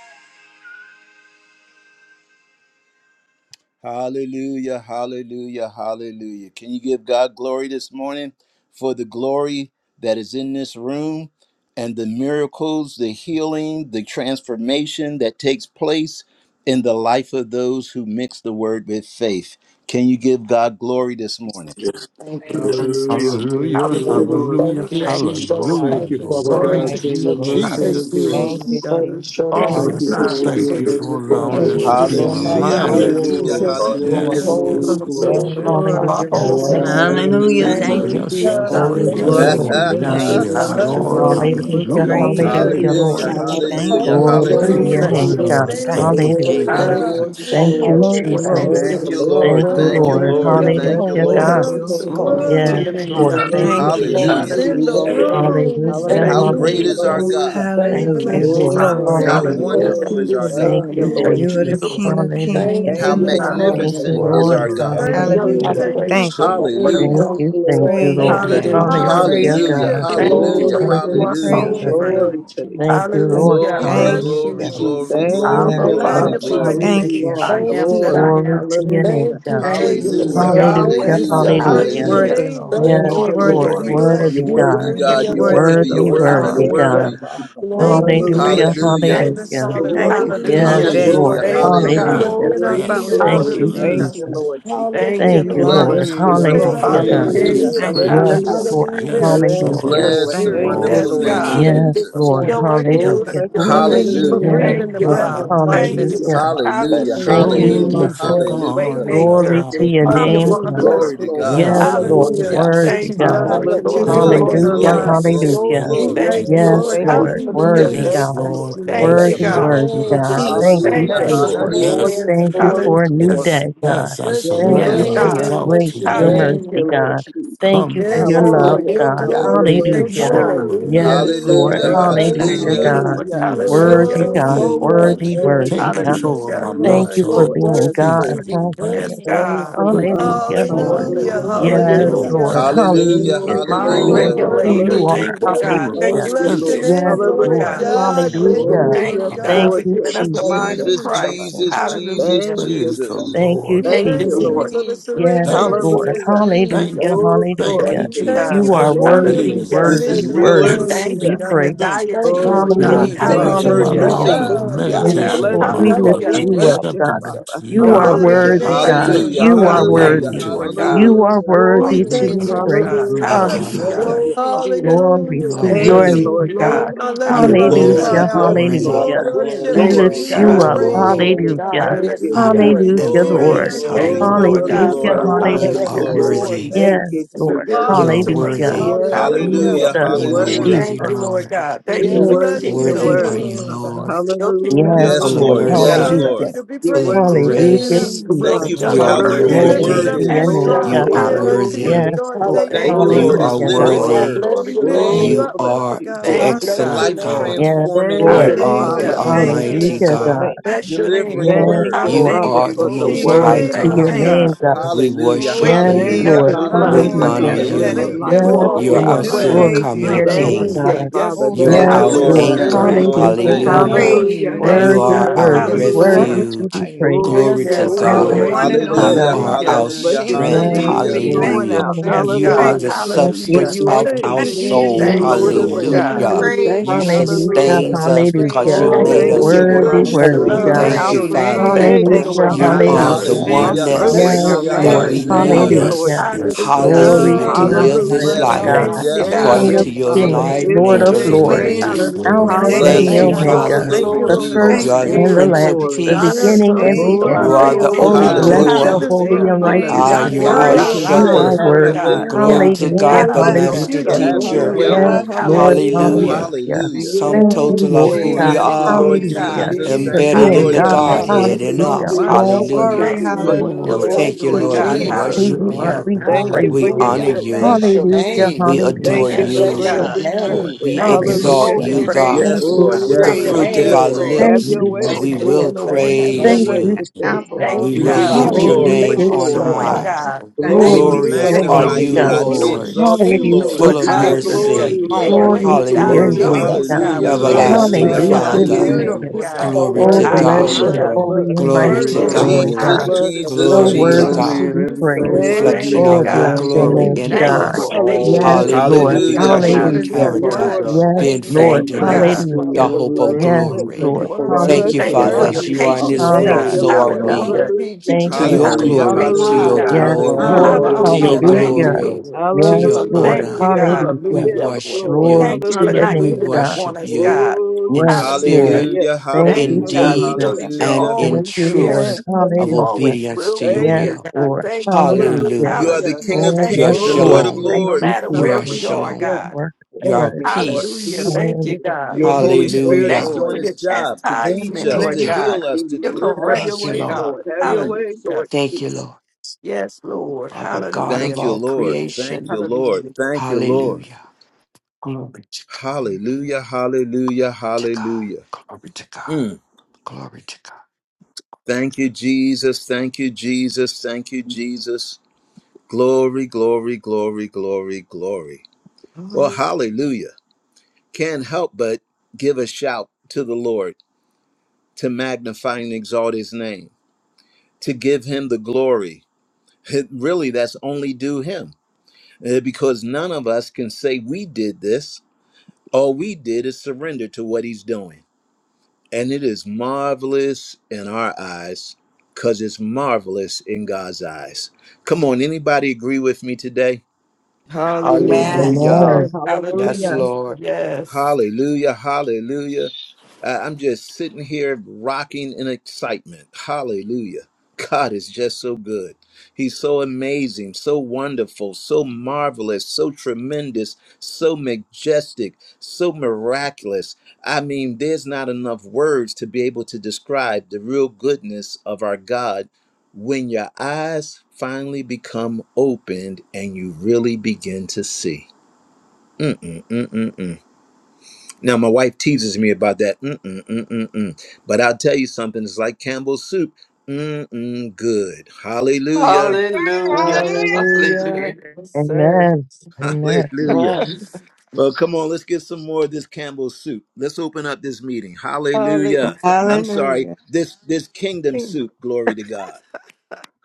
Speaker 1: Hallelujah, hallelujah, hallelujah. Can you give God glory this morning for the glory that is in this room and the miracles, the healing, the transformation that takes place in the life of those who mix the word with faith? Can you give God glory this morning?
Speaker 3: Yes,
Speaker 5: Thank you,
Speaker 3: Lord.
Speaker 5: Jesus.
Speaker 6: Hallelujah. Thank
Speaker 7: Hallelujah,
Speaker 6: you,
Speaker 3: Thank you.
Speaker 8: Hallelujah.
Speaker 5: Glory.
Speaker 6: Lord.
Speaker 7: hallelujah,
Speaker 5: Thank
Speaker 3: Lord.
Speaker 5: you,
Speaker 8: Thank you,
Speaker 5: Jesus.
Speaker 8: Lord.
Speaker 6: Thank
Speaker 7: hallelujah,
Speaker 5: Thank
Speaker 6: you,
Speaker 5: you
Speaker 7: Lord.
Speaker 6: Father
Speaker 5: so
Speaker 9: Hallelujah.
Speaker 8: Glory
Speaker 6: God,
Speaker 8: to
Speaker 5: much,
Speaker 9: Thank
Speaker 7: Thank
Speaker 6: for
Speaker 7: you,
Speaker 9: you,
Speaker 6: your
Speaker 8: you,
Speaker 5: Lord
Speaker 9: Lord.
Speaker 6: mercy
Speaker 8: God.
Speaker 6: and
Speaker 4: Thank
Speaker 6: your
Speaker 5: Jesus.
Speaker 4: you,
Speaker 7: Jesus.
Speaker 6: grace.
Speaker 4: Lord
Speaker 9: Thank you,
Speaker 4: God.
Speaker 5: Praise
Speaker 9: Jesus.
Speaker 5: your
Speaker 3: Thank you
Speaker 8: Awesome
Speaker 6: Thank
Speaker 5: name,
Speaker 7: Oh,
Speaker 3: for
Speaker 4: Hallelujah.
Speaker 6: you
Speaker 3: bringing
Speaker 5: Lord
Speaker 6: for
Speaker 3: us
Speaker 8: God.
Speaker 3: to
Speaker 9: Hallelujah.
Speaker 6: what you
Speaker 3: this
Speaker 7: thank you
Speaker 5: Jesus.
Speaker 6: have
Speaker 3: place
Speaker 7: for
Speaker 6: laid
Speaker 3: together,
Speaker 6: upon
Speaker 9: Yes,
Speaker 7: allowing
Speaker 6: me,
Speaker 4: Thank
Speaker 5: Thank
Speaker 7: us
Speaker 3: Lord.
Speaker 7: to
Speaker 5: you
Speaker 4: you,
Speaker 6: Lord.
Speaker 7: be in
Speaker 5: so
Speaker 4: Lord
Speaker 9: glory,
Speaker 5: much,
Speaker 1: Hallelujah,
Speaker 3: Be
Speaker 9: glory,
Speaker 5: Lord
Speaker 3: of
Speaker 7: alignment
Speaker 8: Awesome.
Speaker 3: this
Speaker 7: with
Speaker 1: hallelujah,
Speaker 9: glory,
Speaker 6: Glory,
Speaker 7: you.
Speaker 5: Jesus.
Speaker 4: Jesus.
Speaker 3: talk,
Speaker 9: glory.
Speaker 6: glory,
Speaker 1: hallelujah.
Speaker 7: Yes,
Speaker 8: Thank you,
Speaker 6: glory,
Speaker 7: yes,
Speaker 8: Lord.
Speaker 5: Glory,
Speaker 4: Oh, it's
Speaker 6: glory.
Speaker 5: glory.
Speaker 9: Thank you,
Speaker 3: fellowship,
Speaker 8: You
Speaker 5: Thank you,
Speaker 8: are
Speaker 9: Father.
Speaker 4: glorious
Speaker 2: hallelujah.
Speaker 3: and
Speaker 8: holy.
Speaker 2: Thank
Speaker 1: Mm,
Speaker 5: Jesus.
Speaker 2: you,
Speaker 4: forever.
Speaker 9: Hallelujah.
Speaker 1: mm,
Speaker 10: Hallelujah.
Speaker 7: Lord.
Speaker 1: mm,
Speaker 5: You
Speaker 8: Thank
Speaker 2: Jesus.
Speaker 6: Hallelujah.
Speaker 10: Thank
Speaker 3: what
Speaker 8: you.
Speaker 10: you,
Speaker 5: worthy
Speaker 3: you're
Speaker 7: yes,
Speaker 5: of
Speaker 3: saying,
Speaker 5: the
Speaker 4: Hallelujah.
Speaker 7: Lord,
Speaker 10: Jesus.
Speaker 2: Glory
Speaker 6: Thank
Speaker 5: praises
Speaker 9: Thank
Speaker 6: you,
Speaker 3: Lord.
Speaker 2: to
Speaker 7: yes,
Speaker 8: Hallelujah.
Speaker 2: your
Speaker 1: mm,
Speaker 10: Glory
Speaker 5: this
Speaker 2: name,
Speaker 10: to
Speaker 6: Lord.
Speaker 7: Lord,
Speaker 3: Thank
Speaker 10: your
Speaker 3: you,
Speaker 9: you,
Speaker 2: God.
Speaker 7: yes,
Speaker 9: sir.
Speaker 5: morning,
Speaker 10: name,
Speaker 1: mm.
Speaker 3: Lord
Speaker 7: yes,
Speaker 5: Lord
Speaker 9: Thank
Speaker 3: Jesus.
Speaker 9: you,
Speaker 10: Father.
Speaker 9: Lord.
Speaker 7: Lord.
Speaker 5: Jesus.
Speaker 8: Hallelujah.
Speaker 3: Hallelujah.
Speaker 6: Thank
Speaker 9: Thank
Speaker 10: We
Speaker 4: Hallelujah,
Speaker 6: you.
Speaker 9: you,
Speaker 2: Hallelujah,
Speaker 7: Hallelujah
Speaker 9: Father.
Speaker 1: [LAUGHS]
Speaker 5: Glory
Speaker 7: to the
Speaker 10: praise you,
Speaker 7: Lamb
Speaker 6: Thank
Speaker 5: be
Speaker 2: hallelujah,
Speaker 7: of
Speaker 5: to
Speaker 6: you.
Speaker 4: Jesus.
Speaker 7: God.
Speaker 1: hallelujah,
Speaker 2: Lord.
Speaker 10: Lord. We
Speaker 8: Lord,
Speaker 5: Jesus.
Speaker 3: I
Speaker 10: thank
Speaker 1: hallelujah,
Speaker 9: Hallelujah.
Speaker 4: Oh,
Speaker 10: you
Speaker 4: we
Speaker 10: for
Speaker 2: Glory
Speaker 10: who
Speaker 2: to
Speaker 5: Glory
Speaker 7: Thank
Speaker 1: hallelujah.
Speaker 5: be
Speaker 10: you
Speaker 2: your
Speaker 7: you,
Speaker 4: glorify
Speaker 9: Hallelujah.
Speaker 8: bless
Speaker 10: are,
Speaker 2: name,
Speaker 8: your
Speaker 5: to
Speaker 4: your
Speaker 2: God.
Speaker 10: Lord.
Speaker 7: Jesus.
Speaker 8: wonderful
Speaker 10: Thank
Speaker 4: name,
Speaker 8: name.
Speaker 7: Thank
Speaker 10: you,
Speaker 5: Jesus.
Speaker 7: you.
Speaker 4: Lord
Speaker 9: Glory,
Speaker 2: Hallelujah.
Speaker 5: Thank
Speaker 4: God.
Speaker 8: Hallelujah.
Speaker 10: Jesus.
Speaker 5: you
Speaker 9: glory,
Speaker 4: Thank
Speaker 5: so
Speaker 2: Thank
Speaker 4: you,
Speaker 2: you,
Speaker 5: much,
Speaker 9: glory.
Speaker 10: Oh,
Speaker 4: Lord.
Speaker 5: Lord
Speaker 8: Thank
Speaker 2: Jesus.
Speaker 9: Thank
Speaker 8: you,
Speaker 10: glory,
Speaker 1: Thank
Speaker 9: you,
Speaker 1: you,
Speaker 5: Jesus.
Speaker 8: Lord.
Speaker 9: Lord
Speaker 2: Thank
Speaker 10: glory,
Speaker 1: Lord.
Speaker 5: You
Speaker 2: you,
Speaker 8: Glory,
Speaker 9: Jesus.
Speaker 1: Thank you,
Speaker 10: glory.
Speaker 2: Lord.
Speaker 8: glory,
Speaker 1: Lord.
Speaker 5: Worthy of
Speaker 10: You're
Speaker 5: the
Speaker 8: glory.
Speaker 9: Bless
Speaker 1: Thank you,
Speaker 4: Hallelujah.
Speaker 2: Hallelujah,
Speaker 9: your
Speaker 1: Lord.
Speaker 10: holy,
Speaker 2: God.
Speaker 5: praises
Speaker 9: holy,
Speaker 4: Comes
Speaker 10: you're
Speaker 4: the
Speaker 5: this
Speaker 9: holy name,
Speaker 5: morning,
Speaker 8: Glory
Speaker 10: holy.
Speaker 8: to
Speaker 2: Yes,
Speaker 8: your
Speaker 5: Lord
Speaker 4: glory,
Speaker 9: Father.
Speaker 8: name,
Speaker 2: Lord.
Speaker 5: Jesus.
Speaker 8: God.
Speaker 4: Lord.
Speaker 2: Thank you,
Speaker 9: Hallelujah.
Speaker 10: Thank you,
Speaker 4: It's
Speaker 2: Jesus.
Speaker 1: Hallelujah.
Speaker 8: Hallelujah.
Speaker 5: Glory,
Speaker 4: in
Speaker 9: You
Speaker 4: the
Speaker 10: Jesus.
Speaker 9: are
Speaker 5: glory.
Speaker 9: worthy.
Speaker 4: room. It's in
Speaker 2: Hallelujah,
Speaker 4: the
Speaker 8: Thank
Speaker 5: Thank
Speaker 1: How
Speaker 5: you,
Speaker 9: Hallelujah.
Speaker 1: great
Speaker 8: you.
Speaker 1: is
Speaker 4: room.
Speaker 1: our
Speaker 2: hallelujah.
Speaker 10: Oh,
Speaker 5: Jesus.
Speaker 9: Hallelujah.
Speaker 1: God?
Speaker 4: We
Speaker 2: Thank
Speaker 5: Thank you,
Speaker 8: Thank
Speaker 2: you,
Speaker 4: bless
Speaker 10: hallelujah.
Speaker 8: you,
Speaker 4: you.
Speaker 9: Oh,
Speaker 2: Lord.
Speaker 4: We
Speaker 8: Father.
Speaker 5: Jesus.
Speaker 4: thank
Speaker 1: How
Speaker 10: Glory.
Speaker 9: glory,
Speaker 4: you,
Speaker 8: Hallelujah.
Speaker 2: Hallelujah.
Speaker 5: Thank
Speaker 1: wonderful
Speaker 4: Lord.
Speaker 5: you
Speaker 1: is
Speaker 9: glory.
Speaker 10: For
Speaker 1: our
Speaker 5: this
Speaker 10: the,
Speaker 2: Thank
Speaker 1: God?
Speaker 9: Thank you,
Speaker 2: you,
Speaker 5: morning,
Speaker 9: Lord
Speaker 5: Lord
Speaker 4: Hallelujah.
Speaker 8: Thank
Speaker 10: you're the
Speaker 2: Jesus.
Speaker 9: Jesus.
Speaker 5: Jesus.
Speaker 8: you,
Speaker 10: King of
Speaker 4: Hallelujah.
Speaker 2: Hallelujah.
Speaker 5: Thank
Speaker 10: kings
Speaker 1: How
Speaker 5: you
Speaker 9: Thank
Speaker 10: and the
Speaker 9: you,
Speaker 5: this
Speaker 8: Lord.
Speaker 10: Lord of
Speaker 2: Thank
Speaker 5: morning,
Speaker 9: Master.
Speaker 2: you,
Speaker 1: magnificent
Speaker 5: Lord
Speaker 1: is
Speaker 10: lords,
Speaker 1: our
Speaker 2: Lord.
Speaker 10: Lord.
Speaker 9: Hallelujah,
Speaker 1: God?
Speaker 5: Jesus.
Speaker 4: Thank
Speaker 8: Your
Speaker 4: you,
Speaker 5: I
Speaker 8: King,
Speaker 2: Hallelujah.
Speaker 9: hallelujah.
Speaker 10: Hallelujah.
Speaker 8: of
Speaker 4: thank
Speaker 8: kings,
Speaker 4: you,
Speaker 5: praise
Speaker 10: Thank
Speaker 5: your
Speaker 10: you.
Speaker 4: thank
Speaker 8: Lord of
Speaker 4: you.
Speaker 5: name.
Speaker 2: Thank
Speaker 1: Hallelujah.
Speaker 9: Yes,
Speaker 2: you,
Speaker 8: Lords.
Speaker 2: thank
Speaker 9: Lord.
Speaker 2: you,
Speaker 10: Praise
Speaker 5: Glory
Speaker 10: your
Speaker 9: Thank
Speaker 2: Lord.
Speaker 5: be
Speaker 9: you,
Speaker 5: to
Speaker 9: Father.
Speaker 10: name.
Speaker 8: Hallelujah.
Speaker 2: Hallelujah,
Speaker 10: Praise
Speaker 5: Jesus.
Speaker 10: your
Speaker 1: Hallelujah.
Speaker 4: Hallelujah.
Speaker 2: God.
Speaker 10: name.
Speaker 8: Thank
Speaker 4: Glory
Speaker 8: you,
Speaker 4: to
Speaker 1: Hallelujah.
Speaker 5: Glory
Speaker 4: the
Speaker 9: Glory
Speaker 8: Lord.
Speaker 2: Thank
Speaker 9: to
Speaker 8: You
Speaker 2: you,
Speaker 9: the
Speaker 8: are
Speaker 4: King.
Speaker 1: Hallelujah.
Speaker 9: King.
Speaker 10: Praise
Speaker 5: be
Speaker 10: your
Speaker 2: Jesus.
Speaker 8: sovereign.
Speaker 10: name.
Speaker 5: to
Speaker 9: Glory to the
Speaker 2: Thank
Speaker 9: King.
Speaker 2: you,
Speaker 5: Jesus.
Speaker 9: Thank
Speaker 2: Lord.
Speaker 9: you,
Speaker 4: We
Speaker 8: Hallelujah.
Speaker 1: Glory,
Speaker 9: Father.
Speaker 10: Thank
Speaker 5: Thank
Speaker 4: bless
Speaker 10: you,
Speaker 4: you,
Speaker 5: you,
Speaker 1: glory,
Speaker 2: Hallelujah.
Speaker 4: Lord.
Speaker 10: Lord.
Speaker 1: glory,
Speaker 5: Jesus.
Speaker 9: Thank
Speaker 1: glory,
Speaker 4: We
Speaker 2: Yes,
Speaker 8: Abba
Speaker 9: you,
Speaker 5: Thank
Speaker 1: glory,
Speaker 5: you,
Speaker 2: Lord.
Speaker 9: Father,
Speaker 8: Father.
Speaker 4: magnify
Speaker 9: for
Speaker 4: your
Speaker 1: glory.
Speaker 9: who
Speaker 5: Jesus.
Speaker 10: Thank
Speaker 9: you
Speaker 10: you,
Speaker 4: name,
Speaker 2: Hallelujah.
Speaker 9: are.
Speaker 4: Lord.
Speaker 8: I
Speaker 5: Thank
Speaker 8: am
Speaker 5: you,
Speaker 8: that
Speaker 10: Jesus.
Speaker 8: I
Speaker 9: Glory.
Speaker 5: God.
Speaker 2: Glory
Speaker 8: am.
Speaker 2: to your
Speaker 10: You,
Speaker 2: name,
Speaker 9: Hallelujah.
Speaker 5: Thank
Speaker 2: God.
Speaker 5: you,
Speaker 8: Thank you,
Speaker 4: Thank
Speaker 10: you,
Speaker 4: you.
Speaker 1: Hallelujah.
Speaker 8: Lord.
Speaker 5: Jesus.
Speaker 10: you,
Speaker 5: Thank
Speaker 9: Hallelujah,
Speaker 2: Hallelujah,
Speaker 8: Yahweh.
Speaker 5: you
Speaker 10: just-
Speaker 1: Hallelujah.
Speaker 5: so
Speaker 10: you're
Speaker 5: much,
Speaker 4: Praise
Speaker 2: hallelujah.
Speaker 4: your
Speaker 9: hallelujah.
Speaker 5: Lord.
Speaker 8: Hallelujah.
Speaker 1: Hallelujah.
Speaker 10: worthy,
Speaker 4: name,
Speaker 10: Lord.
Speaker 4: Lord.
Speaker 9: Thank
Speaker 2: Yes,
Speaker 5: Thank
Speaker 10: You're
Speaker 5: you,
Speaker 9: you,
Speaker 8: Glory,
Speaker 9: Lord
Speaker 10: worthy,
Speaker 2: Lord.
Speaker 4: We
Speaker 8: glory,
Speaker 5: Jesus.
Speaker 9: Jesus.
Speaker 10: Lord.
Speaker 8: glory.
Speaker 4: bless
Speaker 1: You're
Speaker 2: Worthy,
Speaker 4: you.
Speaker 5: You
Speaker 1: worthy,
Speaker 2: God.
Speaker 10: Oh, you're
Speaker 5: worthy
Speaker 1: God.
Speaker 8: Thank
Speaker 5: of
Speaker 1: You're
Speaker 5: the
Speaker 8: you.
Speaker 9: Yes,
Speaker 10: worthy,
Speaker 1: worthy. You're
Speaker 2: Worthy,
Speaker 10: Lord,
Speaker 9: Lord.
Speaker 5: praises
Speaker 1: worthy. You're
Speaker 5: this
Speaker 2: worthy,
Speaker 9: Thank
Speaker 10: Father.
Speaker 9: you,
Speaker 2: God.
Speaker 8: Hallelujah.
Speaker 1: worthy.
Speaker 5: morning.
Speaker 9: Father.
Speaker 4: Thank
Speaker 10: Oh,
Speaker 5: Glory
Speaker 4: you,
Speaker 5: be
Speaker 9: Hallelujah.
Speaker 4: Lord,
Speaker 5: to
Speaker 2: Hallelujah,
Speaker 10: thank you,
Speaker 4: for
Speaker 1: Hallelujah.
Speaker 10: Lord.
Speaker 4: being a
Speaker 5: Jesus.
Speaker 2: hallelujah.
Speaker 4: solid
Speaker 8: Majesty.
Speaker 10: Thank
Speaker 9: Glory
Speaker 4: rock.
Speaker 10: you
Speaker 7: I
Speaker 10: for
Speaker 5: Glory
Speaker 9: to
Speaker 5: be
Speaker 10: this
Speaker 2: Yes,
Speaker 5: to
Speaker 8: Hallelujah.
Speaker 7: praise
Speaker 10: day,
Speaker 1: Hallelujah.
Speaker 7: your
Speaker 2: Lord.
Speaker 9: glory,
Speaker 10: Lord.
Speaker 5: Jesus.
Speaker 8: Thank
Speaker 4: Thank
Speaker 8: you,
Speaker 4: you,
Speaker 7: holy
Speaker 9: Father,
Speaker 8: God.
Speaker 1: Hallelujah.
Speaker 9: from
Speaker 4: Lord,
Speaker 10: We
Speaker 2: Hallelujah.
Speaker 7: name.
Speaker 4: being
Speaker 5: Glory
Speaker 4: our
Speaker 9: glory to
Speaker 10: praise
Speaker 5: be
Speaker 7: Yes,
Speaker 10: your
Speaker 5: to
Speaker 2: Thank
Speaker 10: holy
Speaker 9: glory.
Speaker 4: foundation.
Speaker 2: you,
Speaker 1: Mm.
Speaker 9: Thank
Speaker 4: Thank
Speaker 10: name.
Speaker 8: Hallelujah.
Speaker 7: hallelujah.
Speaker 4: you,
Speaker 5: Jesus.
Speaker 9: you,
Speaker 2: Jesus.
Speaker 9: Lord
Speaker 4: Lord.
Speaker 9: Jesus.
Speaker 10: We
Speaker 8: Thank
Speaker 10: give
Speaker 8: you,
Speaker 2: Thank
Speaker 10: you
Speaker 2: you,
Speaker 5: Hallelujah.
Speaker 8: Lord.
Speaker 2: Lord.
Speaker 9: Thank
Speaker 10: honor
Speaker 1: Bless the
Speaker 9: you,
Speaker 10: and
Speaker 7: Praises,
Speaker 2: Hallelujah,
Speaker 9: Lord.
Speaker 4: Thank you,
Speaker 10: glory.
Speaker 1: wonderful
Speaker 8: Our
Speaker 1: name
Speaker 4: Lord.
Speaker 2: God.
Speaker 1: of
Speaker 5: Hallelujah
Speaker 7: praises,
Speaker 9: Hallelujah.
Speaker 5: this
Speaker 4: Live
Speaker 8: Creator.
Speaker 10: Thank
Speaker 5: morning.
Speaker 4: in
Speaker 1: Jesus.
Speaker 10: you,
Speaker 2: Yes,
Speaker 9: Hallelujah.
Speaker 7: praises.
Speaker 4: us.
Speaker 2: Lord.
Speaker 8: Hallelujah.
Speaker 10: Jesus.
Speaker 4: In
Speaker 5: Hallelujah,
Speaker 7: Yes,
Speaker 10: Thank
Speaker 4: us,
Speaker 9: Yes,
Speaker 5: Jesus.
Speaker 4: your
Speaker 10: thank
Speaker 7: Lord,
Speaker 2: Hallelujah.
Speaker 10: you,
Speaker 9: Lord.
Speaker 1: Bless
Speaker 7: yes,
Speaker 1: the
Speaker 10: thank you,
Speaker 4: spirit.
Speaker 9: Thank you,
Speaker 10: thank
Speaker 7: Lord,
Speaker 1: wonderful
Speaker 8: Yes,
Speaker 5: Bless
Speaker 10: you,
Speaker 5: your
Speaker 9: Lord
Speaker 1: name
Speaker 7: yes,
Speaker 1: of
Speaker 8: God.
Speaker 9: Jesus.
Speaker 4: Thank
Speaker 5: name
Speaker 2: Yes,
Speaker 4: you,
Speaker 5: this
Speaker 1: Jesus.
Speaker 4: Father.
Speaker 2: Lord.
Speaker 5: morning,
Speaker 8: Healer,
Speaker 9: Oh,
Speaker 2: Hallelujah.
Speaker 8: healer,
Speaker 5: Jesus.
Speaker 9: bless
Speaker 8: healer.
Speaker 9: your
Speaker 4: Thank
Speaker 9: holy,
Speaker 5: Bless
Speaker 4: you
Speaker 5: your
Speaker 4: for
Speaker 9: holy
Speaker 7: Ooh,
Speaker 1: Hallelujah.
Speaker 2: Yes,
Speaker 9: name,
Speaker 8: Thank
Speaker 4: breathing
Speaker 5: name
Speaker 4: the
Speaker 8: you,
Speaker 5: this
Speaker 2: Lord.
Speaker 4: breath
Speaker 9: Father.
Speaker 8: Father.
Speaker 4: of
Speaker 5: morning,
Speaker 4: life
Speaker 8: Thank
Speaker 4: in
Speaker 8: you,
Speaker 9: Hallelujah,
Speaker 4: us,
Speaker 5: Jesus.
Speaker 2: Hallelujah.
Speaker 8: Lord.
Speaker 4: God.
Speaker 9: Father.
Speaker 1: Hallelujah.
Speaker 5: Bless
Speaker 4: Thank
Speaker 5: your
Speaker 2: Thank
Speaker 8: Hallelujah.
Speaker 4: you,
Speaker 9: For
Speaker 2: you,
Speaker 5: name
Speaker 9: you
Speaker 4: Lord.
Speaker 9: are
Speaker 1: Hallelujah.
Speaker 7: Glory
Speaker 5: this
Speaker 7: to
Speaker 2: Jesus.
Speaker 5: morning,
Speaker 9: holy,
Speaker 1: Hallelujah.
Speaker 7: God
Speaker 9: Lord.
Speaker 7: in the
Speaker 5: Jesus.
Speaker 9: Thank
Speaker 2: Glory
Speaker 8: Waymaker,
Speaker 2: to
Speaker 9: you,
Speaker 4: Thank
Speaker 2: your
Speaker 4: you for your
Speaker 2: name,
Speaker 8: promise
Speaker 9: Jesus.
Speaker 7: highest.
Speaker 2: God.
Speaker 5: Hallelujah.
Speaker 9: Yes,
Speaker 8: keeper.
Speaker 4: marvelous
Speaker 1: Glory to
Speaker 4: works.
Speaker 9: Lord.
Speaker 1: God.
Speaker 2: Yes,
Speaker 7: Yes,
Speaker 9: Yes,
Speaker 7: yes,
Speaker 2: Lord.
Speaker 9: Lord.
Speaker 4: Hallelujah.
Speaker 5: Hallelujah.
Speaker 8: Hallelujah.
Speaker 7: yes.
Speaker 4: What
Speaker 2: Worthy,
Speaker 8: Thank
Speaker 4: you've
Speaker 8: you,
Speaker 2: God.
Speaker 4: done,
Speaker 8: Lord.
Speaker 4: what you're
Speaker 9: Hallelujah.
Speaker 8: Glory,
Speaker 7: Thank
Speaker 5: Hallelujah
Speaker 4: doing
Speaker 1: Glory,
Speaker 4: in
Speaker 8: glory,
Speaker 5: this
Speaker 7: you,
Speaker 4: our
Speaker 2: Hallelujah.
Speaker 5: morning.
Speaker 1: glory,
Speaker 9: Hallelujah.
Speaker 8: glory.
Speaker 4: lives.
Speaker 7: Jesus.
Speaker 1: glory,
Speaker 7: Thank
Speaker 2: Hallelujah.
Speaker 4: We
Speaker 7: you,
Speaker 5: Glory.
Speaker 1: glory.
Speaker 8: Thank
Speaker 4: thank
Speaker 8: you,
Speaker 4: you,
Speaker 9: Yes.
Speaker 2: Yes,
Speaker 7: Jesus.
Speaker 4: Lord
Speaker 8: Lord.
Speaker 9: Thank you,
Speaker 4: God,
Speaker 5: Glory
Speaker 2: Lord.
Speaker 4: for the
Speaker 5: be
Speaker 9: Jesus.
Speaker 5: to
Speaker 8: Hallelujah.
Speaker 2: Worthy,
Speaker 9: Thank
Speaker 7: Yes,
Speaker 4: newness.
Speaker 9: you,
Speaker 2: God.
Speaker 4: Thank
Speaker 5: Jesus.
Speaker 7: Lord.
Speaker 9: Lord.
Speaker 4: you,
Speaker 9: Thank
Speaker 4: Lord.
Speaker 8: Thank you,
Speaker 7: Yes,
Speaker 9: you,
Speaker 5: Bless
Speaker 2: Worthy,
Speaker 5: your
Speaker 9: Father.
Speaker 8: God.
Speaker 7: Lord.
Speaker 2: worthy,
Speaker 4: For
Speaker 5: name
Speaker 7: Yes,
Speaker 2: God.
Speaker 5: this
Speaker 7: yes,
Speaker 4: peace,
Speaker 2: Thank
Speaker 4: for
Speaker 5: morning.
Speaker 2: you,
Speaker 7: Lord.
Speaker 1: Hallelujah.
Speaker 8: Thank
Speaker 7: I
Speaker 8: you,
Speaker 9: Hallelujah.
Speaker 4: passes
Speaker 7: say
Speaker 5: Bless your
Speaker 2: Jesus.
Speaker 8: Lord.
Speaker 1: Hallelujah.
Speaker 5: name
Speaker 7: yes.
Speaker 9: Glory,
Speaker 5: this
Speaker 2: Thank you
Speaker 4: understanding.
Speaker 9: glory,
Speaker 4: Thank
Speaker 5: morning,
Speaker 2: for a
Speaker 4: you,
Speaker 2: new
Speaker 8: Hallelujah.
Speaker 5: Jesus.
Speaker 4: Lord.
Speaker 9: glory.
Speaker 7: Yes,
Speaker 2: day, God.
Speaker 7: yes. I
Speaker 5: Bless
Speaker 4: We
Speaker 5: your
Speaker 2: Thank
Speaker 9: Yes,
Speaker 2: you
Speaker 7: surrender
Speaker 8: Yes,
Speaker 4: bless
Speaker 2: for
Speaker 4: your
Speaker 5: name.
Speaker 9: Father.
Speaker 2: your
Speaker 8: God.
Speaker 4: name,
Speaker 7: myself
Speaker 2: grace,
Speaker 4: Lord
Speaker 5: Bless
Speaker 7: to
Speaker 5: your
Speaker 4: God.
Speaker 2: your
Speaker 7: you.
Speaker 9: Thank
Speaker 5: name,
Speaker 2: mercy,
Speaker 9: you,
Speaker 8: Hallelujah.
Speaker 9: Lord
Speaker 2: God.
Speaker 5: Jesus.
Speaker 9: Jesus.
Speaker 2: Thank
Speaker 7: Come
Speaker 2: you for
Speaker 7: and
Speaker 4: Yes,
Speaker 2: your
Speaker 8: Thank you,
Speaker 2: love,
Speaker 4: Lord,
Speaker 9: Hallelujah.
Speaker 8: Lord.
Speaker 4: your
Speaker 2: God.
Speaker 9: Father,
Speaker 5: Hallelujah.
Speaker 9: you're
Speaker 4: glory,
Speaker 7: take
Speaker 9: worthy.
Speaker 4: your
Speaker 8: Thank you,
Speaker 2: Hallelujah.
Speaker 9: Lord.
Speaker 8: God.
Speaker 7: control of
Speaker 4: glory.
Speaker 7: me.
Speaker 5: Hallelujah
Speaker 2: Yes,
Speaker 9: You're
Speaker 5: this
Speaker 9: so
Speaker 2: Lord.
Speaker 1: Hallelujah.
Speaker 5: evening.
Speaker 7: Take
Speaker 4: Hallelujah.
Speaker 9: worthy.
Speaker 5: Thank
Speaker 8: Thank
Speaker 7: control
Speaker 2: Hallelujah,
Speaker 8: you,
Speaker 7: of
Speaker 1: Hallelujah.
Speaker 2: God.
Speaker 7: my
Speaker 5: you.
Speaker 8: Lord.
Speaker 9: Hallelujah.
Speaker 7: ears
Speaker 4: Your
Speaker 7: so I
Speaker 5: Thank
Speaker 2: Worthy
Speaker 8: Hallelujah.
Speaker 7: can
Speaker 5: you
Speaker 9: Thank
Speaker 2: God,
Speaker 4: glory.
Speaker 7: hear
Speaker 9: you,
Speaker 5: so
Speaker 7: you
Speaker 9: Lord.
Speaker 7: better.
Speaker 5: much,
Speaker 2: worthy,
Speaker 9: Thank
Speaker 4: Hallelujah.
Speaker 5: Lord
Speaker 9: you,
Speaker 7: Take
Speaker 2: worthy God.
Speaker 1: Mm.
Speaker 7: control
Speaker 4: Thank
Speaker 7: of
Speaker 5: Jesus.
Speaker 9: Jesus.
Speaker 4: you,
Speaker 8: Hallelujah.
Speaker 7: my
Speaker 5: You're
Speaker 9: Yes,
Speaker 2: Thank
Speaker 7: mouth
Speaker 2: you
Speaker 4: Lord
Speaker 7: so I
Speaker 2: for
Speaker 5: so
Speaker 9: Lord.
Speaker 7: can
Speaker 2: being
Speaker 9: Yes,
Speaker 4: Jesus.
Speaker 5: worthy
Speaker 7: speak
Speaker 5: to
Speaker 2: God
Speaker 9: Lord.
Speaker 7: of
Speaker 5: be
Speaker 7: you
Speaker 2: all by
Speaker 7: better.
Speaker 8: Yes,
Speaker 5: praised
Speaker 2: yourself.
Speaker 9: Thank
Speaker 5: this
Speaker 8: God.
Speaker 9: you,
Speaker 7: Put
Speaker 5: morning.
Speaker 9: Father.
Speaker 2: Hallelujah, Lord.
Speaker 7: control
Speaker 4: Hallelujah.
Speaker 9: Hallelujah.
Speaker 7: of my
Speaker 8: Thank
Speaker 5: Hallelujah
Speaker 8: you,
Speaker 2: Yes,
Speaker 9: Hallelujah.
Speaker 5: this
Speaker 8: Lord.
Speaker 7: nose.
Speaker 2: Lord.
Speaker 7: I
Speaker 4: Hallelujah.
Speaker 5: morning,
Speaker 7: can,
Speaker 2: Hallelujah.
Speaker 1: Hallelujah.
Speaker 5: Jesus.
Speaker 9: Oh,
Speaker 4: Thank
Speaker 2: Just
Speaker 4: you,
Speaker 8: mind
Speaker 5: You're
Speaker 2: being
Speaker 7: oh,
Speaker 1: Hallelujah.
Speaker 9: glory.
Speaker 2: for who
Speaker 7: Lord,
Speaker 4: Lord.
Speaker 7: I
Speaker 8: regulator.
Speaker 5: worthy.
Speaker 2: you are.
Speaker 7: take
Speaker 5: You're
Speaker 8: Thank you,
Speaker 9: Hallelujah.
Speaker 7: control
Speaker 8: God.
Speaker 7: of
Speaker 5: worthy,
Speaker 4: We
Speaker 7: my
Speaker 8: Thank
Speaker 2: Hallelujah.
Speaker 9: Thank
Speaker 8: you
Speaker 5: Lord
Speaker 8: for
Speaker 9: you,
Speaker 8: your
Speaker 4: bless your
Speaker 9: Lord.
Speaker 7: senses.
Speaker 5: Jesus.
Speaker 2: Yes,
Speaker 4: name,
Speaker 8: wisdom, Lord
Speaker 4: Lord
Speaker 2: Lord.
Speaker 8: God.
Speaker 9: Hallelujah.
Speaker 4: God.
Speaker 5: Yes,
Speaker 4: Thank
Speaker 5: Lord
Speaker 4: you,
Speaker 2: Hallelujah.
Speaker 7: Hallelujah.
Speaker 9: Oh,
Speaker 8: Thank
Speaker 9: yes,
Speaker 4: Lord
Speaker 8: you,
Speaker 7: Hallelujah.
Speaker 8: God,
Speaker 2: Thank
Speaker 4: God.
Speaker 8: for
Speaker 9: Lord.
Speaker 5: Jesus.
Speaker 2: you,
Speaker 4: Thank
Speaker 9: Yes.
Speaker 8: giving us
Speaker 4: you,
Speaker 8: the
Speaker 4: Lord.
Speaker 9: Thank
Speaker 2: Jesus.
Speaker 8: mind
Speaker 9: you,
Speaker 7: hallelujah.
Speaker 8: of
Speaker 1: Jesus,
Speaker 9: Father.
Speaker 8: Christ.
Speaker 5: Jesus,
Speaker 2: Thank
Speaker 1: Jesus,
Speaker 2: you,
Speaker 1: Jesus,
Speaker 5: Jesus,
Speaker 8: Hallelujah.
Speaker 2: Jesus.
Speaker 9: Thank
Speaker 7: Praise
Speaker 9: you,
Speaker 7: the
Speaker 5: Jesus.
Speaker 1: Jesus.
Speaker 2: Thank
Speaker 9: Jesus.
Speaker 2: you,
Speaker 7: Lord.
Speaker 4: We
Speaker 9: Thank
Speaker 8: Thank you,
Speaker 5: Yes,
Speaker 4: thank
Speaker 7: Praise
Speaker 9: you,
Speaker 7: the Lord.
Speaker 4: you
Speaker 9: Lord.
Speaker 8: Lord.
Speaker 2: Jesus.
Speaker 4: for the
Speaker 5: Jesus,
Speaker 2: Yes,
Speaker 4: surrender.
Speaker 7: Thank you.
Speaker 2: Lord.
Speaker 5: Jesus,
Speaker 4: Thank
Speaker 9: Hallelujah.
Speaker 4: you.
Speaker 2: Hallelujah.
Speaker 7: Thank
Speaker 5: Jesus.
Speaker 7: you.
Speaker 9: Oh,
Speaker 7: Thank
Speaker 9: glory
Speaker 2: Hallelujah.
Speaker 7: you,
Speaker 4: We
Speaker 8: Thank
Speaker 9: to
Speaker 8: you,
Speaker 9: the
Speaker 4: thank you
Speaker 7: Jesus.
Speaker 2: You
Speaker 9: King.
Speaker 8: God.
Speaker 4: for
Speaker 2: are
Speaker 7: I
Speaker 4: the
Speaker 9: Glory
Speaker 7: hear
Speaker 2: worthy,
Speaker 4: yearly
Speaker 9: to
Speaker 7: you.
Speaker 9: the
Speaker 8: Hallelujah.
Speaker 5: Jesus,
Speaker 1: This
Speaker 9: King.
Speaker 1: is
Speaker 2: worthy,
Speaker 5: thank
Speaker 4: submission
Speaker 5: you,
Speaker 4: and
Speaker 2: worthy
Speaker 1: realer
Speaker 4: glory
Speaker 7: Yes.
Speaker 2: to
Speaker 8: Thank
Speaker 4: to
Speaker 9: Hallelujah.
Speaker 2: be
Speaker 8: you for
Speaker 5: Jesus.
Speaker 4: God.
Speaker 8: your
Speaker 1: hmm,
Speaker 2: praised.
Speaker 5: Thank
Speaker 8: deity,
Speaker 5: you,
Speaker 9: Oh,
Speaker 8: Lord
Speaker 7: May the
Speaker 9: yes,
Speaker 4: We
Speaker 8: God.
Speaker 2: Hallelujah.
Speaker 1: than we
Speaker 5: Jesus.
Speaker 4: thank
Speaker 7: words
Speaker 9: Father.
Speaker 7: of
Speaker 4: you,
Speaker 7: my
Speaker 1: first
Speaker 2: Hallelujah.
Speaker 8: Hallelujah.
Speaker 4: Lord
Speaker 9: Bless,
Speaker 7: mouth and
Speaker 1: perceived.
Speaker 7: the
Speaker 4: God.
Speaker 5: Hallelujah.
Speaker 2: Yes,
Speaker 9: we
Speaker 8: Yeah,
Speaker 7: meditation
Speaker 9: bless
Speaker 7: of
Speaker 2: Lord.
Speaker 4: Hallelujah.
Speaker 7: my
Speaker 2: We
Speaker 9: you, Lord.
Speaker 7: heart
Speaker 2: lift
Speaker 8: Hallelujah.
Speaker 7: be
Speaker 9: We
Speaker 2: you
Speaker 9: bless
Speaker 5: Hallelujah,
Speaker 2: up,
Speaker 9: you,
Speaker 2: God.
Speaker 7: acceptable to
Speaker 5: Jesus.
Speaker 9: Father.
Speaker 7: you,
Speaker 2: You
Speaker 8: Your
Speaker 4: We
Speaker 2: are
Speaker 7: O
Speaker 4: bless
Speaker 7: Lord,
Speaker 4: your
Speaker 5: Praise
Speaker 9: Hallelujah.
Speaker 7: my
Speaker 5: your
Speaker 2: worthy,
Speaker 4: name,
Speaker 2: God.
Speaker 8: omnipresent,
Speaker 5: name
Speaker 7: strength
Speaker 4: Lord
Speaker 1: Hallelujah,
Speaker 5: this
Speaker 8: Lord
Speaker 2: You are
Speaker 8: God.
Speaker 7: and my
Speaker 5: morning,
Speaker 8: Thank
Speaker 1: hallelujah,
Speaker 9: Hallelujah.
Speaker 8: you,
Speaker 2: worthy.
Speaker 4: Jesus.
Speaker 5: Jesus.
Speaker 8: Lord
Speaker 7: redeemer.
Speaker 8: God.
Speaker 2: You
Speaker 1: hallelujah.
Speaker 2: are
Speaker 9: Hallelujah.
Speaker 4: We
Speaker 2: worthy
Speaker 5: Glory
Speaker 2: to
Speaker 5: be
Speaker 7: Hallelujah,
Speaker 4: thank
Speaker 2: be
Speaker 4: you,
Speaker 5: to
Speaker 8: Omnipotent,
Speaker 4: Lord
Speaker 2: praised.
Speaker 8: God.
Speaker 4: God.
Speaker 7: hallelujah,
Speaker 5: Jesus.
Speaker 11: Thank
Speaker 9: Hallelujah.
Speaker 11: you,
Speaker 9: Thank
Speaker 2: Hallelujah.
Speaker 8: Hallelujah.
Speaker 11: Father.
Speaker 7: hallelujah.
Speaker 9: you,
Speaker 5: Glory
Speaker 9: Father.
Speaker 5: be to
Speaker 2: Glory
Speaker 11: You
Speaker 4: Hallelujah.
Speaker 11: are
Speaker 4: We
Speaker 2: to
Speaker 5: Jesus.
Speaker 9: Thank
Speaker 8: Thank
Speaker 2: your
Speaker 4: thank
Speaker 8: you,
Speaker 9: you,
Speaker 1: Mm.
Speaker 11: worthy.
Speaker 4: you.
Speaker 9: Lord
Speaker 4: We
Speaker 2: name,
Speaker 8: Lord
Speaker 2: God.
Speaker 4: will
Speaker 8: God.
Speaker 9: Jesus.
Speaker 5: Glory
Speaker 4: not
Speaker 5: be
Speaker 4: let the
Speaker 11: You're
Speaker 5: to
Speaker 9: Yes,
Speaker 4: rocks
Speaker 5: Jesus.
Speaker 8: Hallelujah.
Speaker 1: Glory,
Speaker 4: cry
Speaker 9: Lord.
Speaker 2: Hallelujah,
Speaker 11: worthy,
Speaker 9: Yes,
Speaker 4: out.
Speaker 1: glory,
Speaker 4: We
Speaker 11: worthy
Speaker 9: Lord.
Speaker 4: will
Speaker 2: hallelujah.
Speaker 1: glory,
Speaker 4: worship
Speaker 1: glory,
Speaker 2: We
Speaker 5: Hallelujah.
Speaker 11: to
Speaker 8: Thank
Speaker 4: you.
Speaker 2: lift
Speaker 8: you,
Speaker 9: Glory,
Speaker 4: We
Speaker 1: glory,
Speaker 11: receive
Speaker 2: you
Speaker 4: will
Speaker 8: God.
Speaker 2: up.
Speaker 1: glory.
Speaker 9: glory,
Speaker 4: praise
Speaker 11: glory,
Speaker 4: you,
Speaker 5: Oh,
Speaker 9: glory.
Speaker 4: God,
Speaker 5: God.
Speaker 2: Hallelujah.
Speaker 9: Thank
Speaker 5: Yes,
Speaker 9: you,
Speaker 8: Hallelujah.
Speaker 11: honor,
Speaker 9: Jesus.
Speaker 5: Lord.
Speaker 4: in
Speaker 11: and
Speaker 2: Hallelujah,
Speaker 5: Yes,
Speaker 1: Glory,
Speaker 4: spirit
Speaker 2: Lord.
Speaker 11: praise.
Speaker 4: and
Speaker 5: Lord.
Speaker 4: in
Speaker 1: glory,
Speaker 8: Thank
Speaker 9: Oh,
Speaker 8: you,
Speaker 4: truth.
Speaker 11: Hallelujah.
Speaker 8: Lord
Speaker 1: glory,
Speaker 4: Thank
Speaker 5: Yes,
Speaker 8: God,
Speaker 4: you,
Speaker 2: Hallelujah,
Speaker 9: hallelujah.
Speaker 8: for
Speaker 1: glory,
Speaker 4: Lord
Speaker 5: Lord.
Speaker 4: God.
Speaker 9: Bless
Speaker 11: You
Speaker 1: glory,
Speaker 8: unlocking
Speaker 11: are
Speaker 5: Yes,
Speaker 9: you,
Speaker 2: hallelujah.
Speaker 1: glory.
Speaker 9: Lord.
Speaker 5: Lord,
Speaker 11: worthy.
Speaker 8: mysteries
Speaker 9: Thank
Speaker 2: Yes,
Speaker 9: you,
Speaker 8: and
Speaker 5: Jesus.
Speaker 2: Lord.
Speaker 9: Jesus.
Speaker 8: revealing
Speaker 11: You
Speaker 8: them
Speaker 11: are
Speaker 5: Yes,
Speaker 8: to
Speaker 5: to
Speaker 8: us,
Speaker 4: Hallelujah.
Speaker 2: Hallelujah.
Speaker 5: your
Speaker 11: worthy.
Speaker 8: Lord.
Speaker 9: Yes,
Speaker 5: will
Speaker 4: Hallelujah.
Speaker 9: Lord.
Speaker 1: Hallelujah,
Speaker 8: Hallelujah.
Speaker 5: this
Speaker 9: You're
Speaker 11: You
Speaker 2: Jesus,
Speaker 11: are
Speaker 5: morning,
Speaker 4: Hallelujah.
Speaker 9: worthy,
Speaker 1: hallelujah.
Speaker 11: worthy,
Speaker 8: Thank
Speaker 9: Father.
Speaker 8: you,
Speaker 2: Jesus,
Speaker 5: Jesus.
Speaker 8: Lord
Speaker 11: Lord.
Speaker 8: God. Thank
Speaker 4: We
Speaker 8: you
Speaker 9: You're
Speaker 8: for your
Speaker 5: Yes,
Speaker 9: worthy
Speaker 4: bless
Speaker 9: in
Speaker 2: Jesus,
Speaker 4: your
Speaker 9: your
Speaker 5: Lord,
Speaker 11: Worthy
Speaker 8: kingdom.
Speaker 4: name,
Speaker 11: are
Speaker 9: word,
Speaker 11: you,
Speaker 2: Jesus.
Speaker 4: Lord.
Speaker 9: Father.
Speaker 11: Lord.
Speaker 5: Jesus.
Speaker 8: Your
Speaker 9: Hallelujah.
Speaker 8: kingdom
Speaker 5: Mm,
Speaker 2: Yes,
Speaker 1: Yes,
Speaker 11: Full of
Speaker 8: come,
Speaker 2: Lord.
Speaker 1: Lord,
Speaker 4: You
Speaker 8: Lord
Speaker 4: are
Speaker 9: Hallelujah.
Speaker 1: yes,
Speaker 8: God.
Speaker 11: mercy,
Speaker 1: Lord.
Speaker 4: worthy
Speaker 2: Hallelujah.
Speaker 4: to
Speaker 5: Jesus,
Speaker 4: be
Speaker 9: You're
Speaker 11: full of
Speaker 4: praised
Speaker 9: worthy
Speaker 4: and
Speaker 9: with your
Speaker 4: lifted
Speaker 2: Hallelujah,
Speaker 4: up.
Speaker 11: grace.
Speaker 9: deeds,
Speaker 8: The will
Speaker 1: Thank
Speaker 8: be
Speaker 5: Jesus,
Speaker 1: you
Speaker 2: Jesus.
Speaker 9: Father.
Speaker 8: done
Speaker 1: for
Speaker 11: You are
Speaker 8: on
Speaker 1: how
Speaker 4: You would
Speaker 8: earth
Speaker 1: true
Speaker 4: be
Speaker 5: Jesus,
Speaker 8: as
Speaker 1: your
Speaker 8: it
Speaker 9: Hallelujah.
Speaker 2: Glory
Speaker 8: is
Speaker 4: lifted
Speaker 1: word
Speaker 11: worthy.
Speaker 8: in
Speaker 2: to
Speaker 4: up. You
Speaker 2: your
Speaker 4: would
Speaker 5: Jesus.
Speaker 8: heaven,
Speaker 1: is.
Speaker 2: name,
Speaker 8: God.
Speaker 4: draw
Speaker 5: Yes,
Speaker 4: all
Speaker 11: You
Speaker 2: God.
Speaker 9: Glory,
Speaker 11: are
Speaker 4: men
Speaker 5: Lord.
Speaker 4: unto
Speaker 8: Hallelujah.
Speaker 11: worthy.
Speaker 4: you,
Speaker 9: glory.
Speaker 2: Yes,
Speaker 4: God.
Speaker 2: Lord.
Speaker 4: Thank
Speaker 1: Thank
Speaker 4: you,
Speaker 8: Thank
Speaker 1: you,
Speaker 8: you,
Speaker 9: Oh,
Speaker 4: Lord
Speaker 5: Hallelujah.
Speaker 11: You
Speaker 1: Lord,
Speaker 9: yes,
Speaker 11: are
Speaker 1: is
Speaker 4: God.
Speaker 8: Lord.
Speaker 2: Hallelujah, God.
Speaker 1: living
Speaker 9: Lord.
Speaker 5: I
Speaker 8: Glory,
Speaker 11: worthy.
Speaker 1: word,
Speaker 4: We
Speaker 8: glory,
Speaker 5: bless your
Speaker 4: lift
Speaker 8: glory.
Speaker 4: you
Speaker 2: Lord.
Speaker 9: Oh,
Speaker 5: name.
Speaker 11: You
Speaker 4: up,
Speaker 9: bless
Speaker 10: Lord.
Speaker 4: Lord
Speaker 11: are
Speaker 9: you,
Speaker 11: the
Speaker 4: God,
Speaker 9: Lord
Speaker 5: I
Speaker 8: Thank you,
Speaker 5: bless
Speaker 9: Jesus.
Speaker 8: God.
Speaker 11: excellent
Speaker 10: Merciful
Speaker 5: your
Speaker 1: life
Speaker 11: God.
Speaker 10: Lord.
Speaker 5: name.
Speaker 2: Yes,
Speaker 1: transforming
Speaker 4: in
Speaker 9: Thank
Speaker 2: Lord.
Speaker 4: the
Speaker 11: You
Speaker 9: you,
Speaker 1: word,
Speaker 5: I
Speaker 4: name
Speaker 11: are
Speaker 4: of
Speaker 10: Jesus,
Speaker 11: the
Speaker 9: Father,
Speaker 8: Hallelujah.
Speaker 5: bless your
Speaker 9: for
Speaker 10: thank
Speaker 9: the
Speaker 10: you,
Speaker 11: Almighty
Speaker 2: Hallelujah,
Speaker 5: name.
Speaker 10: Lord.
Speaker 4: Jesus.
Speaker 11: God.
Speaker 2: God.
Speaker 8: Bless
Speaker 9: transformation.
Speaker 8: your name,
Speaker 10: Hallelujah.
Speaker 1: delivering
Speaker 8: Lord.
Speaker 2: Yes,
Speaker 9: Thank
Speaker 1: word.
Speaker 9: you,
Speaker 11: You
Speaker 2: Lord.
Speaker 10: Thank
Speaker 5: Glory,
Speaker 9: Father,
Speaker 8: Hallelujah.
Speaker 11: are
Speaker 10: you,
Speaker 11: the
Speaker 9: for the
Speaker 5: glory
Speaker 4: In
Speaker 11: Most
Speaker 5: be
Speaker 4: the
Speaker 5: to
Speaker 11: High
Speaker 10: Jesus.
Speaker 9: word
Speaker 2: Glory
Speaker 9: of
Speaker 4: name
Speaker 2: to
Speaker 8: Thank
Speaker 4: of
Speaker 8: you,
Speaker 2: your
Speaker 11: God.
Speaker 10: Thank
Speaker 5: Jesus.
Speaker 2: name,
Speaker 10: you
Speaker 8: God.
Speaker 9: salvation.
Speaker 10: for
Speaker 2: God.
Speaker 9: Father.
Speaker 11: We
Speaker 4: Jesus.
Speaker 1: Hallelujah,
Speaker 11: worship
Speaker 2: Yes,
Speaker 5: Glory
Speaker 10: waking
Speaker 5: be
Speaker 10: me
Speaker 11: you.
Speaker 5: to
Speaker 9: Thank
Speaker 8: Thank
Speaker 1: hallelujah,
Speaker 10: up
Speaker 9: you,
Speaker 2: Lord.
Speaker 8: you,
Speaker 10: this
Speaker 8: Father.
Speaker 5: Jesus.
Speaker 9: Lord,
Speaker 11: We
Speaker 9: that
Speaker 1: hallelujah,
Speaker 2: Hallelujah.
Speaker 10: morning
Speaker 11: honor
Speaker 9: we
Speaker 10: and
Speaker 9: can
Speaker 4: Hallelujah.
Speaker 9: live our
Speaker 10: letting
Speaker 1: hallelujah.
Speaker 4: Thank
Speaker 5: Morning.
Speaker 11: you.
Speaker 10: me
Speaker 4: you,
Speaker 9: life
Speaker 8: Do
Speaker 10: start
Speaker 5: Yes,
Speaker 2: Yes,
Speaker 9: with
Speaker 8: all
Speaker 4: Lord.
Speaker 11: You're
Speaker 9: you,
Speaker 5: Lord.
Speaker 4: Thank
Speaker 10: a
Speaker 8: things
Speaker 11: our
Speaker 2: Lord.
Speaker 10: new
Speaker 9: Father.
Speaker 1: Mm.
Speaker 11: soon
Speaker 8: well.
Speaker 10: day,
Speaker 2: Glory
Speaker 4: you,
Speaker 2: to
Speaker 10: dear
Speaker 11: coming
Speaker 8: Make
Speaker 2: your
Speaker 8: no
Speaker 10: God.
Speaker 2: name,
Speaker 9: Thank
Speaker 11: King.
Speaker 9: you,
Speaker 5: Hallelujah.
Speaker 2: God.
Speaker 8: mistakes.
Speaker 5: Yes,
Speaker 9: Father,
Speaker 10: Oh,
Speaker 9: that
Speaker 11: You're
Speaker 1: Thank
Speaker 9: you
Speaker 10: yes,
Speaker 1: you,
Speaker 5: Lord.
Speaker 4: Lord.
Speaker 2: Yes,
Speaker 11: our
Speaker 9: set
Speaker 1: Lord.
Speaker 9: us
Speaker 10: Lord.
Speaker 5: Yes,
Speaker 2: Lord.
Speaker 10: We,
Speaker 8: Hallelujah.
Speaker 1: Thank you,
Speaker 11: anchor.
Speaker 5: Lord.
Speaker 4: Hallelujah.
Speaker 9: free.
Speaker 8: Thank you,
Speaker 1: Lord.
Speaker 2: Hallelujah,
Speaker 10: we
Speaker 1: Thank you,
Speaker 8: Lord.
Speaker 2: God.
Speaker 11: Hallelujah.
Speaker 1: Lord.
Speaker 10: praise your
Speaker 9: Hallelujah,
Speaker 5: Mm,
Speaker 10: name.
Speaker 8: Thank
Speaker 11: You
Speaker 8: you,
Speaker 5: yes,
Speaker 2: Worthy,
Speaker 11: are
Speaker 9: hallelujah,
Speaker 8: God.
Speaker 11: our
Speaker 5: Lord.
Speaker 10: We
Speaker 2: worthy,
Speaker 5: Yes,
Speaker 8: Hallelujah.
Speaker 9: hallelujah.
Speaker 2: worthy
Speaker 5: Lord.
Speaker 2: to
Speaker 11: refuge.
Speaker 10: glorify
Speaker 2: be
Speaker 10: you.
Speaker 2: praised.
Speaker 9: Oh,
Speaker 10: Oh,
Speaker 11: Glory
Speaker 5: Yes,
Speaker 11: to
Speaker 9: yes,
Speaker 10: Lord,
Speaker 8: Yes,
Speaker 10: you're
Speaker 5: Lord.
Speaker 10: the
Speaker 8: Lord.
Speaker 11: God.
Speaker 9: Lord,
Speaker 5: Thank
Speaker 10: one
Speaker 9: we
Speaker 5: you.
Speaker 10: and
Speaker 4: Hallelujah.
Speaker 2: Hallelujah,
Speaker 9: bless
Speaker 11: You
Speaker 1: Hallelujah.
Speaker 10: only
Speaker 9: you.
Speaker 2: God.
Speaker 11: are
Speaker 8: Hallelujah.
Speaker 9: Father,
Speaker 11: our
Speaker 9: bless
Speaker 1: Hallelujah.
Speaker 9: you
Speaker 10: King
Speaker 11: strength.
Speaker 5: Thank
Speaker 9: coming
Speaker 2: Yes,
Speaker 5: you,
Speaker 9: in
Speaker 10: Jesus.
Speaker 1: Hallelujah.
Speaker 9: and
Speaker 2: Lord.
Speaker 5: Jesus.
Speaker 10: Thank
Speaker 9: going
Speaker 10: you,
Speaker 11: Hallelujah.
Speaker 9: out.
Speaker 10: Lord.
Speaker 5: Thank
Speaker 8: Yes,
Speaker 5: you,
Speaker 11: You
Speaker 2: Hallelujah.
Speaker 11: are
Speaker 10: Thank
Speaker 8: God.
Speaker 11: the
Speaker 5: Jesus.
Speaker 9: Hallelujah.
Speaker 10: you, Lord.
Speaker 2: Thank you,
Speaker 9: For
Speaker 8: Hallelujah.
Speaker 11: substance
Speaker 9: you are
Speaker 11: of
Speaker 5: Thank
Speaker 2: Jesus.
Speaker 4: Thank
Speaker 5: you,
Speaker 11: our
Speaker 9: King
Speaker 10: Thank
Speaker 4: you,
Speaker 9: of
Speaker 10: you,
Speaker 9: King
Speaker 11: soul.
Speaker 9: and
Speaker 8: Thank
Speaker 5: Jesus.
Speaker 10: Jesus.
Speaker 8: you,
Speaker 2: Jesus,
Speaker 9: Lord
Speaker 4: Jesus.
Speaker 1: Mm.
Speaker 9: of
Speaker 10: We
Speaker 8: Lord
Speaker 10: just
Speaker 9: Lords.
Speaker 8: God.
Speaker 2: Jesus.
Speaker 11: Hallelujah.
Speaker 5: Mm, thank
Speaker 10: praise
Speaker 11: You
Speaker 9: Hallelujah,
Speaker 10: you,
Speaker 5: you,
Speaker 2: Hallelujah,
Speaker 10: praise
Speaker 9: hallelujah.
Speaker 11: sustained
Speaker 5: Jesus.
Speaker 10: you,
Speaker 11: us
Speaker 10: praise
Speaker 11: because
Speaker 2: hallelujah.
Speaker 11: you
Speaker 9: Oh,
Speaker 10: you.
Speaker 8: Thank
Speaker 11: made
Speaker 8: you
Speaker 4: Thank
Speaker 8: for
Speaker 9: thank
Speaker 11: us
Speaker 4: you.
Speaker 1: Glory,
Speaker 9: you,
Speaker 10: You're
Speaker 8: joy,
Speaker 5: Hallelujah.
Speaker 4: Lord.
Speaker 2: Worthy,
Speaker 10: worthy
Speaker 9: Father,
Speaker 1: glory,
Speaker 8: peace,
Speaker 10: to
Speaker 8: and
Speaker 9: for
Speaker 2: worthy,
Speaker 11: whole.
Speaker 10: be
Speaker 9: you are
Speaker 1: glory,
Speaker 2: God.
Speaker 9: the
Speaker 8: love.
Speaker 5: Bless
Speaker 11: Thank you,
Speaker 5: your
Speaker 1: glory.
Speaker 9: Alpha
Speaker 10: praised,
Speaker 9: and
Speaker 11: Father.
Speaker 10: Lord.
Speaker 5: name.
Speaker 8: Thank you,
Speaker 10: Thank
Speaker 9: Omega.
Speaker 5: Bless
Speaker 10: you.
Speaker 5: your
Speaker 8: Lord
Speaker 2: Hallelujah,
Speaker 11: You
Speaker 8: God.
Speaker 5: name.
Speaker 11: are
Speaker 9: Hallelujah.
Speaker 11: the
Speaker 7: Yes,
Speaker 2: hallelujah.
Speaker 10: Thank
Speaker 9: Our
Speaker 8: Hallelujah.
Speaker 1: Hallelujah.
Speaker 7: yes,
Speaker 8: For
Speaker 10: you,
Speaker 8: your
Speaker 9: first
Speaker 10: dear
Speaker 9: and
Speaker 5: Bless
Speaker 11: oneness
Speaker 8: grace
Speaker 7: yes.
Speaker 2: Yes,
Speaker 10: God.
Speaker 5: your
Speaker 9: our
Speaker 8: and
Speaker 1: Hallelujah.
Speaker 8: your
Speaker 11: that
Speaker 10: Just
Speaker 2: Lord.
Speaker 9: last.
Speaker 11: we
Speaker 5: name,
Speaker 8: mercy.
Speaker 5: God.
Speaker 9: Thank
Speaker 10: help
Speaker 1: Hallelujah.
Speaker 9: you,
Speaker 11: need.
Speaker 10: us,
Speaker 9: Lord
Speaker 7: Yes,
Speaker 2: Hallelujah.
Speaker 10: Lord.
Speaker 7: yes,
Speaker 5: Just
Speaker 9: Jesus.
Speaker 8: Hallelujah.
Speaker 5: bless your
Speaker 7: yes.
Speaker 2: Glory
Speaker 11: Hallelujah.
Speaker 10: Help
Speaker 4: Oh,
Speaker 11: To
Speaker 2: to
Speaker 4: my
Speaker 5: name
Speaker 2: the
Speaker 11: live
Speaker 5: this
Speaker 4: God,
Speaker 11: this
Speaker 10: us
Speaker 5: morning.
Speaker 4: my
Speaker 2: highest
Speaker 1: Yes,
Speaker 9: Hallelujah.
Speaker 10: help
Speaker 11: life
Speaker 4: God.
Speaker 1: Lord.
Speaker 2: God.
Speaker 5: God,
Speaker 8: Thank
Speaker 10: us
Speaker 7: Yes,
Speaker 8: you,
Speaker 10: to
Speaker 1: Yes,
Speaker 5: thank
Speaker 9: Thank
Speaker 2: King
Speaker 1: Lord.
Speaker 11: according
Speaker 7: yes,
Speaker 10: be
Speaker 8: God.
Speaker 9: you,
Speaker 2: of
Speaker 11: to
Speaker 5: you.
Speaker 11: your
Speaker 7: yes.
Speaker 5: Thank
Speaker 9: Father,
Speaker 2: kings,
Speaker 5: you.
Speaker 11: life,
Speaker 10: able
Speaker 9: in
Speaker 4: We
Speaker 2: Lord
Speaker 7: I
Speaker 9: the
Speaker 2: of
Speaker 11: nature,
Speaker 10: to
Speaker 11: and
Speaker 7: say
Speaker 4: bless
Speaker 9: name
Speaker 4: your
Speaker 9: of
Speaker 2: lords,
Speaker 5: Thank
Speaker 4: name,
Speaker 10: stand
Speaker 5: you,
Speaker 11: ability.
Speaker 7: yes,
Speaker 4: Lord.
Speaker 10: on
Speaker 9: Jesus.
Speaker 10: your
Speaker 7: Lord.
Speaker 8: Hallelujah.
Speaker 2: Alpha
Speaker 4: Thank
Speaker 5: Jesus.
Speaker 2: and
Speaker 4: you,
Speaker 1: Bless
Speaker 2: the
Speaker 7: Yes,
Speaker 10: name,
Speaker 11: Thank
Speaker 1: the
Speaker 11: you,
Speaker 5: Thank
Speaker 9: Hallelujah.
Speaker 4: Jesus.
Speaker 7: Lord.
Speaker 5: you.
Speaker 10: Lord.
Speaker 1: wonderful
Speaker 8: Glory,
Speaker 2: Omega,
Speaker 11: Father.
Speaker 1: name
Speaker 4: Thank
Speaker 7: Yes,
Speaker 1: of
Speaker 4: you,
Speaker 2: the
Speaker 9: Hallelujah.
Speaker 8: glory,
Speaker 4: Lord
Speaker 2: first
Speaker 11: You
Speaker 10: Thank
Speaker 4: God.
Speaker 7: yes,
Speaker 8: glory.
Speaker 1: Jesus.
Speaker 11: are
Speaker 10: you,
Speaker 7: Lord.
Speaker 11: the
Speaker 9: Oh,
Speaker 2: and the
Speaker 5: Thank
Speaker 11: Prince
Speaker 5: you.
Speaker 10: Lord.
Speaker 11: of
Speaker 2: last,
Speaker 8: We
Speaker 2: the
Speaker 9: glory.
Speaker 7: I
Speaker 8: honor
Speaker 4: Here
Speaker 10: Your
Speaker 8: you
Speaker 11: Peace.
Speaker 8: with
Speaker 2: beginning
Speaker 8: the
Speaker 2: and
Speaker 4: comes the
Speaker 2: the
Speaker 8: fruit
Speaker 10: name
Speaker 5: Mm,
Speaker 8: of
Speaker 10: is
Speaker 8: our
Speaker 11: You
Speaker 2: end.
Speaker 9: Glory,
Speaker 11: are
Speaker 4: glory
Speaker 11: the
Speaker 5: Thank
Speaker 4: of the
Speaker 10: holy,
Speaker 8: lips,
Speaker 5: you,
Speaker 9: glory,
Speaker 2: Oh,
Speaker 11: open
Speaker 8: God.
Speaker 4: Lord.
Speaker 10: Lord.
Speaker 2: bless
Speaker 4: It's in
Speaker 9: glory.
Speaker 2: your
Speaker 1: Hallelujah.
Speaker 11: door.
Speaker 4: this
Speaker 5: Jesus.
Speaker 2: holy
Speaker 9: Thank
Speaker 8: Hallelujah.
Speaker 10: Your
Speaker 2: and
Speaker 9: you,
Speaker 4: room.
Speaker 10: name
Speaker 8: We
Speaker 9: Jesus.
Speaker 2: righteous
Speaker 11: Ah,
Speaker 10: is
Speaker 8: honor
Speaker 11: you
Speaker 8: you
Speaker 11: are
Speaker 2: name.
Speaker 5: Hallelujah.
Speaker 8: with
Speaker 11: our
Speaker 1: We
Speaker 8: our
Speaker 4: Oh
Speaker 9: Thank
Speaker 10: worthy,
Speaker 1: can
Speaker 4: my
Speaker 9: you,
Speaker 2: You
Speaker 10: Lord.
Speaker 1: say,
Speaker 4: God.
Speaker 2: are
Speaker 9: Lord
Speaker 8: lives,
Speaker 11: shepherd.
Speaker 1: Have
Speaker 8: Lord
Speaker 1: your
Speaker 9: Jesus.
Speaker 2: worthy.
Speaker 1: way,
Speaker 8: God.
Speaker 10: You
Speaker 1: Lord.
Speaker 11: Glory
Speaker 10: are
Speaker 5: Hallelujah.
Speaker 11: to
Speaker 10: the
Speaker 2: Hallelujah,
Speaker 8: Not
Speaker 11: God,
Speaker 9: Thank
Speaker 11: the
Speaker 8: our
Speaker 9: you,
Speaker 8: will, but
Speaker 11: master
Speaker 10: blessing,
Speaker 4: You,
Speaker 2: hallelujah.
Speaker 8: your
Speaker 9: Master.
Speaker 8: will
Speaker 1: Have
Speaker 8: be
Speaker 10: Lord.
Speaker 1: your
Speaker 10: You are
Speaker 8: done,
Speaker 11: teacher.
Speaker 5: Hallelujah,
Speaker 1: way.
Speaker 2: Yes,
Speaker 8: God.
Speaker 9: Hallelujah.
Speaker 5: Lord.
Speaker 10: blessing, me,
Speaker 2: Lord,
Speaker 5: Yes,
Speaker 8: Hallelujah.
Speaker 9: Hallelujah.
Speaker 7: thank you.
Speaker 5: Lord.
Speaker 10: Father.
Speaker 11: Hallelujah.
Speaker 2: hallelujah.
Speaker 10: Thank
Speaker 1: Hallelujah.
Speaker 10: you,
Speaker 11: Sum
Speaker 2: Thank
Speaker 9: Yes,
Speaker 2: you,
Speaker 10: Jesus.
Speaker 11: total
Speaker 5: Mm,
Speaker 11: of
Speaker 2: Lord
Speaker 11: who
Speaker 8: We
Speaker 9: Lord.
Speaker 11: we
Speaker 2: God,
Speaker 5: Jesus,
Speaker 1: Thank
Speaker 8: submit
Speaker 1: you,
Speaker 8: to
Speaker 11: are
Speaker 1: Lord
Speaker 8: you,
Speaker 5: Jesus,
Speaker 10: Jesus,
Speaker 8: God.
Speaker 2: hallelujah,
Speaker 7: praise
Speaker 1: Jesus.
Speaker 5: Jesus.
Speaker 7: your
Speaker 2: for
Speaker 1: Thank
Speaker 10: Jesus,
Speaker 1: you,
Speaker 11: embedded
Speaker 2: being
Speaker 11: in
Speaker 9: Thank
Speaker 7: holy
Speaker 11: the
Speaker 10: Jesus,
Speaker 1: Lord
Speaker 9: you,
Speaker 2: God,
Speaker 8: Hallelujah.
Speaker 7: name.
Speaker 5: Thank
Speaker 9: Father,
Speaker 5: you
Speaker 10: Jesus.
Speaker 11: Godhead
Speaker 1: Jesus.
Speaker 9: for
Speaker 11: in
Speaker 5: so
Speaker 9: you
Speaker 2: hallelujah.
Speaker 11: us.
Speaker 9: do what no
Speaker 5: much,
Speaker 2: All
Speaker 9: one
Speaker 11: Hallelujah.
Speaker 9: can
Speaker 10: Glory,
Speaker 5: Jesus.
Speaker 8: Thank you
Speaker 9: do,
Speaker 2: who
Speaker 8: for
Speaker 1: Mm.
Speaker 2: you
Speaker 9: Lord.
Speaker 7: Lord,
Speaker 10: hallelujah.
Speaker 8: humility,
Speaker 5: Thank
Speaker 9: Glory
Speaker 11: Thank you,
Speaker 2: are,
Speaker 9: to
Speaker 5: you,
Speaker 2: just
Speaker 8: Lord
Speaker 9: your
Speaker 11: Lord.
Speaker 10: Glory,
Speaker 8: God.
Speaker 11: We
Speaker 2: you,
Speaker 9: name.
Speaker 5: Jesus.
Speaker 2: who
Speaker 11: worship
Speaker 7: you
Speaker 2: you
Speaker 10: hallelujah.
Speaker 7: are
Speaker 2: are,
Speaker 7: the
Speaker 8: Hallelujah.
Speaker 11: you.
Speaker 2: we
Speaker 7: one
Speaker 9: Thank you
Speaker 2: pray.
Speaker 7: and
Speaker 9: for
Speaker 11: We
Speaker 9: your
Speaker 11: honor
Speaker 5: Hallelujah.
Speaker 10: Oh,
Speaker 7: only,
Speaker 9: healing,
Speaker 11: you.
Speaker 10: thank
Speaker 5: Bless
Speaker 9: Father.
Speaker 10: you,
Speaker 5: your
Speaker 7: all
Speaker 2: Hallelujah,
Speaker 5: name.
Speaker 7: the
Speaker 10: Jesus.
Speaker 11: We
Speaker 2: hallelujah.
Speaker 10: Thank
Speaker 11: adore
Speaker 9: Thank you
Speaker 10: you,
Speaker 2: Yes,
Speaker 8: Thank
Speaker 7: righteous
Speaker 9: for
Speaker 8: you,
Speaker 5: Bless
Speaker 10: Lord.
Speaker 7: God.
Speaker 11: you.
Speaker 9: grace
Speaker 5: your
Speaker 8: God.
Speaker 9: and
Speaker 2: Lord,
Speaker 5: name.
Speaker 11: We
Speaker 9: mercy.
Speaker 8: Thank you
Speaker 7: You
Speaker 8: for
Speaker 10: We
Speaker 11: exalt
Speaker 10: just
Speaker 2: hallelujah.
Speaker 8: molding
Speaker 9: Hallelujah.
Speaker 11: you,
Speaker 8: and
Speaker 7: speak,
Speaker 10: praise
Speaker 11: God.
Speaker 8: making
Speaker 2: Thank
Speaker 1: Yes,
Speaker 10: you.
Speaker 8: us,
Speaker 2: you,
Speaker 10: We
Speaker 1: Lord.
Speaker 8: God.
Speaker 5: Bless
Speaker 7: and
Speaker 11: With
Speaker 9: Oh,
Speaker 11: the
Speaker 1: Yes,
Speaker 5: your
Speaker 10: praise
Speaker 9: yes,
Speaker 2: Jesus.
Speaker 1: Lord.
Speaker 11: fruit
Speaker 10: you.
Speaker 11: of
Speaker 10: We
Speaker 8: Hallelujah.
Speaker 5: name
Speaker 1: Yes,
Speaker 11: our
Speaker 9: Lord.
Speaker 1: Lord.
Speaker 10: praise
Speaker 5: today.
Speaker 9: Have
Speaker 2: Thank
Speaker 11: lips,
Speaker 10: you.
Speaker 7: you
Speaker 9: your
Speaker 2: you,
Speaker 9: way
Speaker 10: Thank
Speaker 5: Bless
Speaker 11: we
Speaker 7: look,
Speaker 8: Thank
Speaker 9: today,
Speaker 10: you.
Speaker 8: you,
Speaker 2: Jesus.
Speaker 11: will
Speaker 5: Lord.
Speaker 9: Father.
Speaker 8: Lord.
Speaker 5: Bless
Speaker 7: and
Speaker 5: your
Speaker 9: Have
Speaker 10: You're
Speaker 9: your
Speaker 5: name.
Speaker 11: praise
Speaker 2: Thank
Speaker 7: things
Speaker 10: the
Speaker 9: way
Speaker 2: you,
Speaker 11: you.
Speaker 7: happen.
Speaker 9: today,
Speaker 10: apple
Speaker 9: Lord.
Speaker 2: Jesus.
Speaker 8: Thank
Speaker 10: of
Speaker 11: We
Speaker 8: you,
Speaker 5: Thank
Speaker 1: We
Speaker 7: You
Speaker 5: you,
Speaker 11: will
Speaker 1: give
Speaker 8: God,
Speaker 5: Father.
Speaker 1: you
Speaker 8: what
Speaker 11: lift
Speaker 8: you,
Speaker 11: your
Speaker 7: hear
Speaker 8: for
Speaker 1: glory.
Speaker 5: Thank
Speaker 9: Oh,
Speaker 11: name
Speaker 8: what
Speaker 2: Hallelujah,
Speaker 10: our
Speaker 8: you're
Speaker 10: eye.
Speaker 11: on
Speaker 5: you so
Speaker 9: glory.
Speaker 8: doing,
Speaker 2: Jesus.
Speaker 11: high.
Speaker 5: much.
Speaker 8: God.
Speaker 10: Just
Speaker 7: all of
Speaker 10: thank
Speaker 7: us.
Speaker 10: you.
Speaker 1: We,
Speaker 5: Thank
Speaker 2: Glory
Speaker 1: we
Speaker 5: you
Speaker 9: Glory,
Speaker 2: to
Speaker 5: so
Speaker 11: Glorious
Speaker 2: your
Speaker 10: Thank
Speaker 11: are
Speaker 10: you.
Speaker 7: Thank
Speaker 1: magnify
Speaker 5: much,
Speaker 2: name,
Speaker 8: Those
Speaker 9: glory,
Speaker 7: you
Speaker 1: you,
Speaker 11: you,
Speaker 7: at
Speaker 10: Thank
Speaker 2: God.
Speaker 8: things
Speaker 5: Jesus.
Speaker 1: God.
Speaker 7: the
Speaker 10: you.
Speaker 8: we
Speaker 1: We
Speaker 7: same
Speaker 8: don't
Speaker 9: glory,
Speaker 11: Lord,
Speaker 8: even
Speaker 9: Father.
Speaker 1: exalt you,
Speaker 5: Thank
Speaker 8: see,
Speaker 7: time.
Speaker 5: you
Speaker 2: Hallelujah,
Speaker 1: Lord.
Speaker 11: full
Speaker 5: so
Speaker 8: Lord.
Speaker 11: of
Speaker 9: It's
Speaker 10: Thank
Speaker 9: your
Speaker 5: much.
Speaker 10: you for
Speaker 2: Jesus.
Speaker 10: this
Speaker 8: Hallelujah.
Speaker 7: Thank
Speaker 9: glory,
Speaker 11: mercy.
Speaker 8: You
Speaker 7: you,
Speaker 9: Lord.
Speaker 8: make
Speaker 10: moment.
Speaker 9: It's
Speaker 7: Father.
Speaker 5: Holy
Speaker 2: Glory
Speaker 9: your
Speaker 8: ways
Speaker 2: to
Speaker 5: Spirit of
Speaker 8: out
Speaker 2: your
Speaker 8: of
Speaker 9: glory,
Speaker 8: no
Speaker 11: Hallelujah.
Speaker 6: Glory
Speaker 10: Thank
Speaker 2: name,
Speaker 10: you
Speaker 9: Lord.
Speaker 6: to
Speaker 8: ways,
Speaker 5: Jesus.
Speaker 2: God.
Speaker 10: for
Speaker 8: God.
Speaker 1: Hallelujah.
Speaker 10: this
Speaker 8: We
Speaker 6: your
Speaker 8: can't
Speaker 7: Thank
Speaker 6: name.
Speaker 9: Hallelujah.
Speaker 8: even
Speaker 10: day.
Speaker 7: you.
Speaker 11: Everlasting
Speaker 1: Hallelujah.
Speaker 10: Thank
Speaker 8: begin
Speaker 10: you
Speaker 8: to
Speaker 5: Hallelujah.
Speaker 10: for a
Speaker 2: Hallelujah,
Speaker 11: Father.
Speaker 9: Yes,
Speaker 1: Hallelujah.
Speaker 6: Hallelujah.
Speaker 8: understand,
Speaker 2: Jesus.
Speaker 5: You're
Speaker 10: beautiful
Speaker 8: God.
Speaker 10: day.
Speaker 5: so
Speaker 9: Father.
Speaker 11: Glory
Speaker 2: Oh,
Speaker 11: to
Speaker 6: Thank
Speaker 9: Thank
Speaker 6: you,
Speaker 5: worthy,
Speaker 9: you
Speaker 2: bless
Speaker 11: God.
Speaker 6: Father
Speaker 1: Mm.
Speaker 9: for
Speaker 2: your
Speaker 5: God.
Speaker 9: the
Speaker 8: Hallelujah.
Speaker 10: Glory.
Speaker 6: God.
Speaker 2: holy
Speaker 9: blood,
Speaker 2: and
Speaker 5: You're
Speaker 11: Glory
Speaker 9: Father.
Speaker 6: We
Speaker 8: Thank
Speaker 2: righteous
Speaker 11: to
Speaker 9: The
Speaker 8: you,
Speaker 5: worthy
Speaker 10: Glory.
Speaker 6: love
Speaker 5: of
Speaker 6: you,
Speaker 11: God.
Speaker 8: Lord.
Speaker 9: blood,
Speaker 5: this
Speaker 2: name,
Speaker 9: the
Speaker 1: Jesus,
Speaker 2: God.
Speaker 8: Hallelujah.
Speaker 9: blood,
Speaker 5: praises
Speaker 9: the
Speaker 1: Jesus,
Speaker 2: So
Speaker 9: blood,
Speaker 5: today,
Speaker 11: Glory
Speaker 6: Lord. We
Speaker 11: to
Speaker 5: Lord.
Speaker 6: love
Speaker 2: worthy
Speaker 9: Father.
Speaker 1: Jesus.
Speaker 2: to
Speaker 6: you
Speaker 11: God.
Speaker 2: be
Speaker 6: in
Speaker 5: You're so
Speaker 6: everything
Speaker 2: praised.
Speaker 6: that you
Speaker 9: Thank
Speaker 6: do,
Speaker 9: you,
Speaker 8: Thank
Speaker 11: reflection
Speaker 5: worthy.
Speaker 6: you
Speaker 8: you,
Speaker 2: Oh,
Speaker 11: of
Speaker 6: have
Speaker 9: Father.
Speaker 11: your
Speaker 8: God.
Speaker 2: bless
Speaker 6: done
Speaker 2: your
Speaker 5: Thank
Speaker 6: for
Speaker 11: glory
Speaker 6: us,
Speaker 5: you,
Speaker 9: Thank
Speaker 2: name,
Speaker 11: in
Speaker 9: you,
Speaker 5: Jesus.
Speaker 8: Thank you
Speaker 2: God.
Speaker 9: Lord.
Speaker 8: for
Speaker 6: for
Speaker 11: us.
Speaker 5: Thank you,
Speaker 6: all
Speaker 5: Jesus.
Speaker 9: Hallelujah.
Speaker 6: of
Speaker 2: Yes,
Speaker 6: us.
Speaker 8: relationship,
Speaker 11: Hallelujah,
Speaker 2: Lord.
Speaker 8: Lord
Speaker 9: Hallelujah.
Speaker 6: We
Speaker 1: Hallelujah.
Speaker 8: God.
Speaker 11: because
Speaker 5: Thank
Speaker 11: your
Speaker 2: Hallelujah.
Speaker 5: you
Speaker 6: praise you,
Speaker 5: so
Speaker 8: Hallelujah.
Speaker 6: Father
Speaker 11: character
Speaker 9: Glory.
Speaker 5: much.
Speaker 6: God.
Speaker 2: Yes,
Speaker 5: Thank
Speaker 11: being
Speaker 9: Thank
Speaker 5: you
Speaker 9: you
Speaker 5: so
Speaker 9: for
Speaker 2: Lord.
Speaker 11: formed
Speaker 8: Thank
Speaker 6: We
Speaker 9: the
Speaker 8: you,
Speaker 11: in
Speaker 9: blood,
Speaker 6: thank
Speaker 5: much,
Speaker 6: you
Speaker 11: us,
Speaker 8: God.
Speaker 6: for
Speaker 5: Lord.
Speaker 9: Father,
Speaker 11: the
Speaker 6: your
Speaker 2: Hallelujah.
Speaker 9: the
Speaker 11: hope
Speaker 9: blood
Speaker 11: of
Speaker 9: that
Speaker 6: resurrection.
Speaker 2: Yes,
Speaker 6: We
Speaker 9: cleanses,
Speaker 11: glory.
Speaker 6: thank
Speaker 5: You
Speaker 2: Lord.
Speaker 6: you
Speaker 9: Father,
Speaker 6: for
Speaker 9: the
Speaker 6: life
Speaker 5: worthy.
Speaker 11: Thank
Speaker 9: blood
Speaker 11: you,
Speaker 5: You
Speaker 9: that
Speaker 8: Thank
Speaker 2: Hallelujah,
Speaker 8: you
Speaker 6: itself.
Speaker 11: Father,
Speaker 8: for
Speaker 2: God.
Speaker 8: your
Speaker 11: as
Speaker 5: worthy,
Speaker 9: washes,
Speaker 11: you are in
Speaker 6: We
Speaker 9: Father.
Speaker 11: this
Speaker 8: patience,
Speaker 6: just
Speaker 5: Jesus.
Speaker 9: Thank
Speaker 11: world,
Speaker 8: God.
Speaker 9: you,
Speaker 6: praise
Speaker 11: so
Speaker 6: you,
Speaker 11: are
Speaker 2: Hallelujah,
Speaker 9: Lord.
Speaker 5: You
Speaker 6: Father
Speaker 2: God.
Speaker 11: we.
Speaker 6: God.
Speaker 8: Hallelujah.
Speaker 5: worthy,
Speaker 9: Hallelujah.
Speaker 2: Thank
Speaker 8: Teaching
Speaker 11: To
Speaker 8: us
Speaker 2: you,
Speaker 5: Jesus.
Speaker 11: your
Speaker 8: how to be
Speaker 1: Hallelujah.
Speaker 11: glory,
Speaker 6: Hallelujah.
Speaker 2: Jesus.
Speaker 11: to
Speaker 8: patient,
Speaker 11: your
Speaker 5: My,
Speaker 1: Hallelujah.
Speaker 8: God.
Speaker 2: Yes,
Speaker 9: Hallelujah.
Speaker 11: glory,
Speaker 5: my,
Speaker 1: Hallelujah.
Speaker 2: Lord.
Speaker 5: my,
Speaker 11: to
Speaker 5: my,
Speaker 11: your
Speaker 8: Hallelujah.
Speaker 5: my,
Speaker 9: Hallelujah.
Speaker 8: Thank you,
Speaker 2: Hallelujah.
Speaker 5: Lord.
Speaker 6: Hallelujah.
Speaker 11: glory,
Speaker 8: Lord.
Speaker 11: to
Speaker 2: Yes,
Speaker 11: your
Speaker 2: Lord.
Speaker 8: Thank
Speaker 5: Hallelujah.
Speaker 8: you,
Speaker 11: honor.
Speaker 9: Hallelujah.
Speaker 8: God.
Speaker 11: We
Speaker 2: Hallelujah.
Speaker 5: Hallelujah,
Speaker 9: Yes,
Speaker 5: Lord.
Speaker 11: worship
Speaker 9: Lord.
Speaker 11: you.
Speaker 2: Glory
Speaker 8: Thank you
Speaker 2: to
Speaker 8: for
Speaker 2: your
Speaker 8: not
Speaker 11: We
Speaker 2: name,
Speaker 9: Hallelujah.
Speaker 8: giving
Speaker 5: Hallelujah.
Speaker 8: up
Speaker 2: God.
Speaker 8: on
Speaker 11: worship
Speaker 8: us,
Speaker 11: you
Speaker 8: God.
Speaker 9: Oh,
Speaker 11: in
Speaker 9: Jesus.
Speaker 2: Yes, Lord.
Speaker 8: Hallelujah.
Speaker 11: spirit
Speaker 9: Yes,
Speaker 1: Hallelujah.
Speaker 2: Thank
Speaker 9: Lord.
Speaker 8: Thank
Speaker 11: in
Speaker 2: you,
Speaker 8: you,
Speaker 1: Hallelujah.
Speaker 8: God. We
Speaker 11: deed
Speaker 8: know
Speaker 2: Jesus.
Speaker 9: Hallelujah.
Speaker 8: that you're
Speaker 11: and
Speaker 1: Hallelujah.
Speaker 11: in
Speaker 2: Thank
Speaker 8: always
Speaker 2: you,
Speaker 8: there,
Speaker 2: Lord.
Speaker 9: Yes.
Speaker 11: truths
Speaker 9: Thank
Speaker 11: of
Speaker 9: you,
Speaker 2: Hallelujah.
Speaker 8: always
Speaker 9: Jesus.
Speaker 11: obedience
Speaker 8: will
Speaker 11: to
Speaker 8: be
Speaker 11: your
Speaker 9: Thank
Speaker 2: Yes,
Speaker 8: there,
Speaker 9: you,
Speaker 11: will.
Speaker 8: God.
Speaker 9: Jesus.
Speaker 2: Lord.
Speaker 8: Thank you, God.
Speaker 2: Hallelujah.
Speaker 1: You
Speaker 11: Hallelujah.
Speaker 1: are the
Speaker 9: Hallelujah.
Speaker 1: King
Speaker 8: Hallelujah.
Speaker 1: of
Speaker 2: Oh,
Speaker 11: You
Speaker 8: Thank
Speaker 11: are
Speaker 2: yes,
Speaker 1: Kings
Speaker 8: you,
Speaker 1: and
Speaker 9: Oh,
Speaker 8: Lord.
Speaker 1: Lord
Speaker 2: Lord.
Speaker 1: of
Speaker 11: shalom.
Speaker 9: glory.
Speaker 2: Thank
Speaker 8: No
Speaker 1: Lords.
Speaker 2: you,
Speaker 8: matter
Speaker 11: You
Speaker 8: where
Speaker 11: are
Speaker 2: Jesus.
Speaker 8: we are,
Speaker 9: Hallelujah.
Speaker 11: shalom.
Speaker 8: God.
Speaker 2: Work is
Speaker 11: You
Speaker 9: Thank
Speaker 11: are
Speaker 2: worthy.
Speaker 9: you, Lord. for
Speaker 8: Hallelujah.
Speaker 9: You
Speaker 11: peace.
Speaker 9: are
Speaker 8: Thank
Speaker 2: Hallelujah.
Speaker 8: you,
Speaker 9: King of
Speaker 8: God.
Speaker 1: Your
Speaker 9: Kings
Speaker 1: Holy
Speaker 9: and Lord of
Speaker 1: Spirit is
Speaker 8: Thank
Speaker 11: Hallelujah.
Speaker 8: you
Speaker 1: doing
Speaker 8: for
Speaker 9: Lords.
Speaker 8: your
Speaker 1: his job to
Speaker 9: In
Speaker 1: teach
Speaker 8: chastisement,
Speaker 9: the
Speaker 1: us,
Speaker 8: Lord
Speaker 11: Thank
Speaker 1: to
Speaker 11: you,
Speaker 9: name
Speaker 11: Lord.
Speaker 9: of
Speaker 8: God.
Speaker 1: heal us, to
Speaker 8: Your
Speaker 9: Jesus,
Speaker 1: deliver
Speaker 9: have your
Speaker 11: Thank you,
Speaker 9: way,
Speaker 8: correction,
Speaker 1: us.
Speaker 11: Lord.
Speaker 8: God.
Speaker 9: Lord. Have
Speaker 1: Mm.
Speaker 9: your way,
Speaker 8: Hallelujah.
Speaker 9: Lord.
Speaker 11: Thank you,
Speaker 9: Peace.
Speaker 11: Lord.
Speaker 8: Yes, Lord.
Speaker 11: Are the God of
Speaker 1: Thank
Speaker 8: Hallelujah.
Speaker 1: you,
Speaker 11: all
Speaker 1: Lord. Thank
Speaker 11: creation.
Speaker 1: you, Lord.
Speaker 8: Hallelujah.
Speaker 1: Thank you, Lord.
Speaker 11: Hallelujah. Glory to, glory
Speaker 1: Hallelujah, hallelujah,
Speaker 11: to God.
Speaker 1: hallelujah.
Speaker 11: Glory to God.
Speaker 1: Mm.
Speaker 11: Glory to
Speaker 1: Thank you, Jesus. Thank you, Jesus. Thank you, Jesus. Glory, glory, glory, glory, glory. Well, hallelujah. Can't help but give a shout to the Lord to magnify and exalt his name, to give him the glory. [LAUGHS] Really, that's only due him Uh, because none of us can say we did this. All we did is surrender to what he's doing. and it is marvelous in our eyes because it's marvelous in God's eyes. Come on, anybody agree with me today?
Speaker 11: God.
Speaker 4: Hallelujah,
Speaker 9: Yeah,
Speaker 5: Amen.
Speaker 11: Hallelujah.
Speaker 4: sir.
Speaker 2: Amen.
Speaker 11: Yes,
Speaker 8: Hallelujah.
Speaker 9: hallelujah.
Speaker 11: Lord.
Speaker 8: Yes.
Speaker 1: Hallelujah. Hallelujah. I- I'm just sitting here rocking in excitement. Hallelujah. God is just so good. He's so amazing, so wonderful, so marvelous, so tremendous, so majestic, so miraculous. I mean, there's not enough words to be able to describe the real goodness of our God when your eyes finally become opened and you really begin to see. Mm-mm-mm-mm-mm. Now, my wife teases me about that. Mm-mm, mm-mm-mm. But I'll tell you something. It's like Campbell's soup. Mm-mm, good.
Speaker 12: Yes,
Speaker 1: Hallelujah.
Speaker 12: sir.
Speaker 11: Hallelujah.
Speaker 12: Hallelujah.
Speaker 4: Hallelujah,
Speaker 11: Hallelujah.
Speaker 4: sir.
Speaker 2: Amen.
Speaker 1: [LAUGHS]
Speaker 2: Amen.
Speaker 1: Hallelujah.
Speaker 8: Amen.
Speaker 1: Well, come on. Let's get some more of this Campbell's soup. Let's open up this meeting. Hallelujah.
Speaker 4: Hallelujah.
Speaker 1: I'm sorry.
Speaker 10: Hallelujah.
Speaker 1: This this kingdom soup. Glory to God.